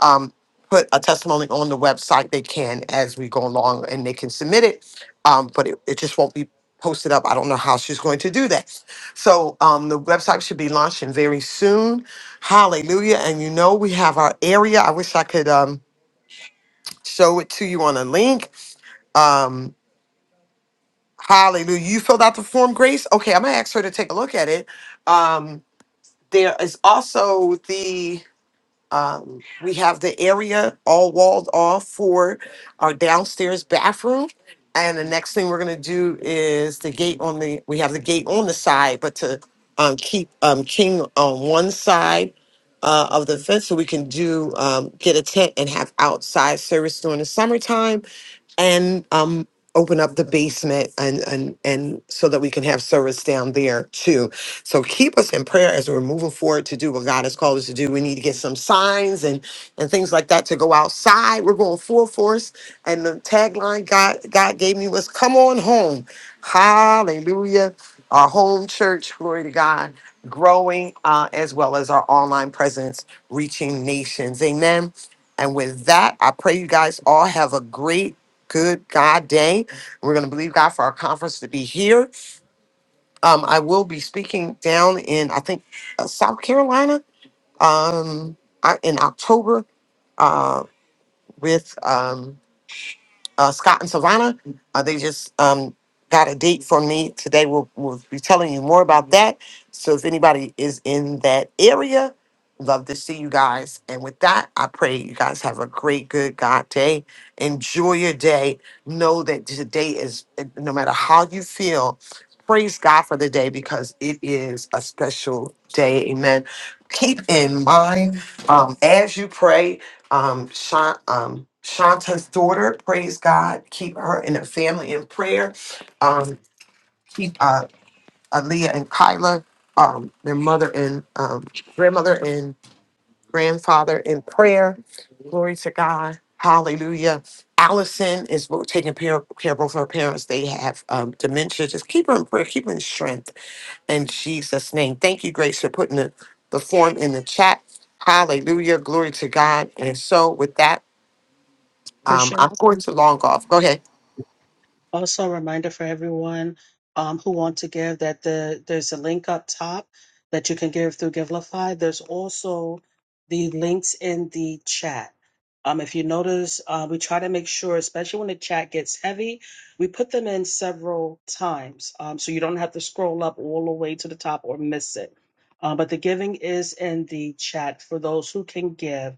B: um, put a testimony on the website, they can as we go along and they can submit it. Um, but it, it just won't be posted up. I don't know how she's going to do that. So um, the website should be launching very soon. Hallelujah. And you know, we have our area. I wish I could um, show it to you on a link. Um, Hallelujah. You filled out the form, Grace? Okay, I'm going to ask her to take a look at it. Um, there is also the um, we have the area all walled off for our downstairs bathroom. And the next thing we're gonna do is the gate on the, we have the gate on the side, but to um, keep um, King on one side uh, of the fence so we can do, um, get a tent and have outside service during the summertime and um, open up the basement and, and, and so that we can have service down there too so keep us in prayer as we're moving forward to do what God has called us to do. We need to get some signs and and things like that to go outside. We're going full force. And the tagline God God gave me was come on home. Hallelujah. Our home church, glory to God, growing uh, as well as our online presence, reaching nations. Amen. And with that, I pray you guys all have a great, good God day. We're going to believe God for our conference to be here um, I will be speaking down in, I think, uh, South Carolina um, I- in October uh, with. Um, uh, Scott and Savannah. Uh, they just um, got a date from me today. We'll, we'll be telling you more about that. So if anybody is in that area, love to see you guys. And with that, I pray you guys have a great, good God day. Enjoy your day. Know that today is, no matter how you feel, praise God for the day because it is a special day. Amen. Keep in mind um, as you pray um, Sha- um, Shanta's daughter. Praise God. Keep her and her family in prayer. Um, keep uh, Aaliyah and Kyla, um, their mother and um, grandmother and grandfather in prayer. Glory to God. Hallelujah. Allison is bo- taking care of, care of both her parents. They have um, dementia. Just keep her in prayer, keep her in strength in Jesus' name. Thank you, Grace, for putting the, the form in the chat. Hallelujah. Glory to God. And so, with that, um, I'm going to long golf. Go ahead.
D: Also, a reminder for everyone um, who want to give that the there's a link up top that you can give through Givelify. There's also the links in the chat. Um, if you notice, uh, we try to make sure, especially when the chat gets heavy, we put them in several times um, so you don't have to scroll up all the way to the top or miss it. Uh, but the giving is in the chat for those who can give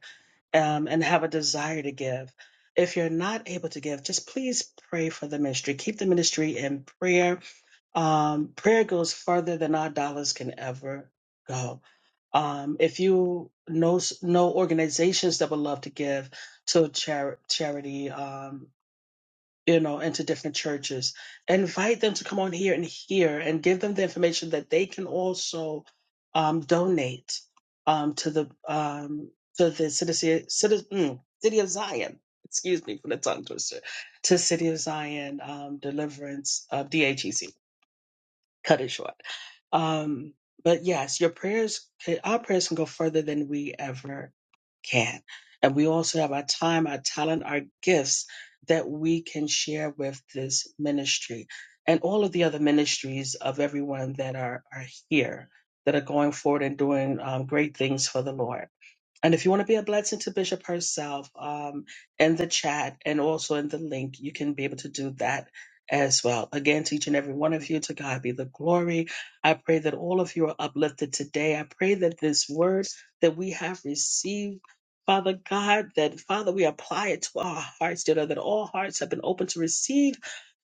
D: um, and have a desire to give. If you're not able to give, just please pray for the ministry. Keep the ministry in prayer. Um, prayer goes further than our dollars can ever go. Um, if you know know organizations that would love to give to char- charity, um, you know, into different churches. Invite them to come on here and hear and give them the information that they can also um, donate um, to the um, to the city, city, mm, city of Zion. Excuse me for the tongue twister. To City of Zion um, Deliverance of DHEC. Cut it short um, but yes, your prayers, can- our prayers can go further than we ever can. And we also have our time, our talent, our gifts that we can share with this ministry and all of the other ministries of everyone that are, are here that are going forward and doing um, great things for the Lord. And if you want to be a blessing to Bishop herself, um, in the chat and also in the link, you can be able to do that as well. Again, to each and every one of you, to God be the glory. I pray that all of you are uplifted today. I pray that this word that we have received, Father God, that Father, we apply it to our hearts, dear Lord, that all hearts have been open to receive.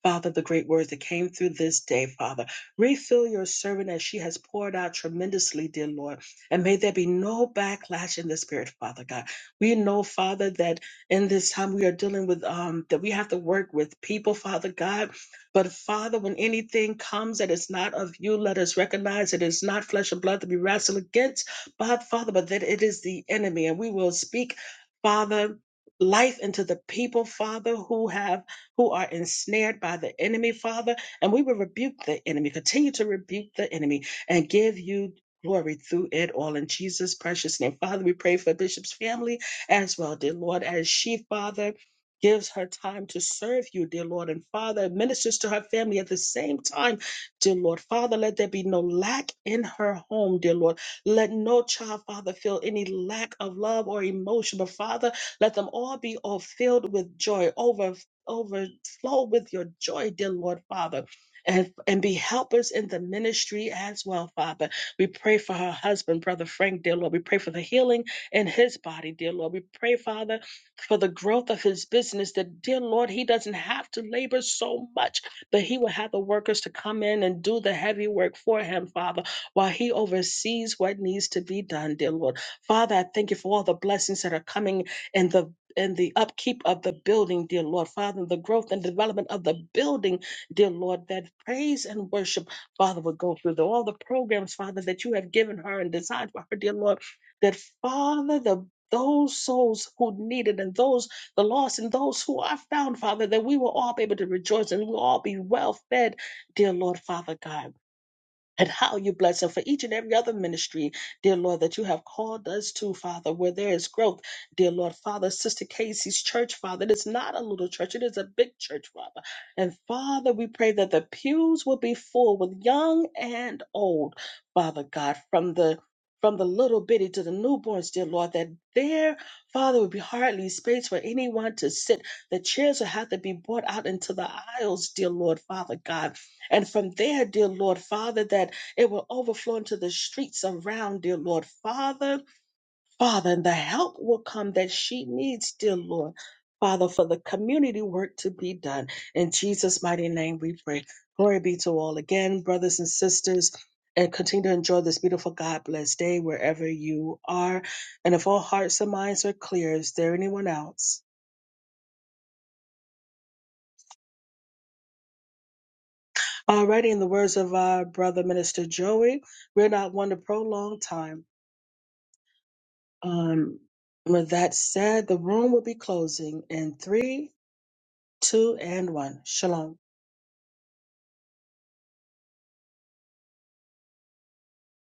D: Father, the great word that came through this day, Father. Refill your servant as she has poured out tremendously, dear Lord. And may there be no backlash in the spirit, Father God. We know, Father, that in this time we are dealing with, um, that we have to work with people, Father God. But Father, when anything comes that is not of you, let us recognize it is not flesh and blood to be wrestled against, but Father, but that it is the enemy. And we will speak, Father, life into the people, Father, who have who are ensnared by the enemy, Father. And we will rebuke the enemy, continue to rebuke the enemy and give you Glory through it all in Jesus' precious name. Father, we pray for Bishop's family as well, dear Lord, as she, Father, gives her time to serve you, dear Lord, and Father, ministers to her family at the same time, dear Lord. Father, let there be no lack in her home, dear Lord. Let no child, Father, feel any lack of love or emotion, but Father, let them all be all filled with joy, over overflow with your joy, dear Lord, Father. And, and be helpers in the ministry as well, Father. We pray for her husband, Brother Frank, dear Lord. We pray for the healing in his body, dear Lord. We pray, Father, for the growth of his business, that, dear Lord, he doesn't have to labor so much, but he will have the workers to come in and do the heavy work for him, Father, while he oversees what needs to be done, dear Lord. Father, I thank you for all the blessings that are coming in the and the upkeep of the building, dear Lord, Father, the growth and development of the building, dear Lord, that praise and worship Father, would go through the, all the programs, Father, that you have given her and designed for her, dear Lord, that Father, the those souls who need it and those the lost and those who are found, Father, that we will all be able to rejoice and we'll all be well fed, dear Lord, Father God and how you bless them for each and every other ministry, dear Lord, that you have called us to, Father, where there is growth, dear Lord, Father, Sister Casey's church, Father. It is not a little church, it is a big church, Father. And Father, we pray that the pews will be full with young and old, Father God, from the from the little bitty to the newborns, dear Lord, that there, Father, would be hardly space for anyone to sit. The chairs will have to be brought out into the aisles, dear Lord, Father God and from there, dear Lord Father, that it will overflow into the streets around, dear Lord Father. Father, and the help will come that she needs, dear Lord. Father, for the community work to be done. In Jesus' mighty name we pray. Glory be to all again, brothers and sisters, and continue to enjoy this beautiful God blessed day wherever you are. And if all hearts and minds are clear, is there anyone else? Alrighty, in the words of our brother minister Joey, we're not one to prolong time Um, with that said, the room will be closing in three, two, and one. Shalom.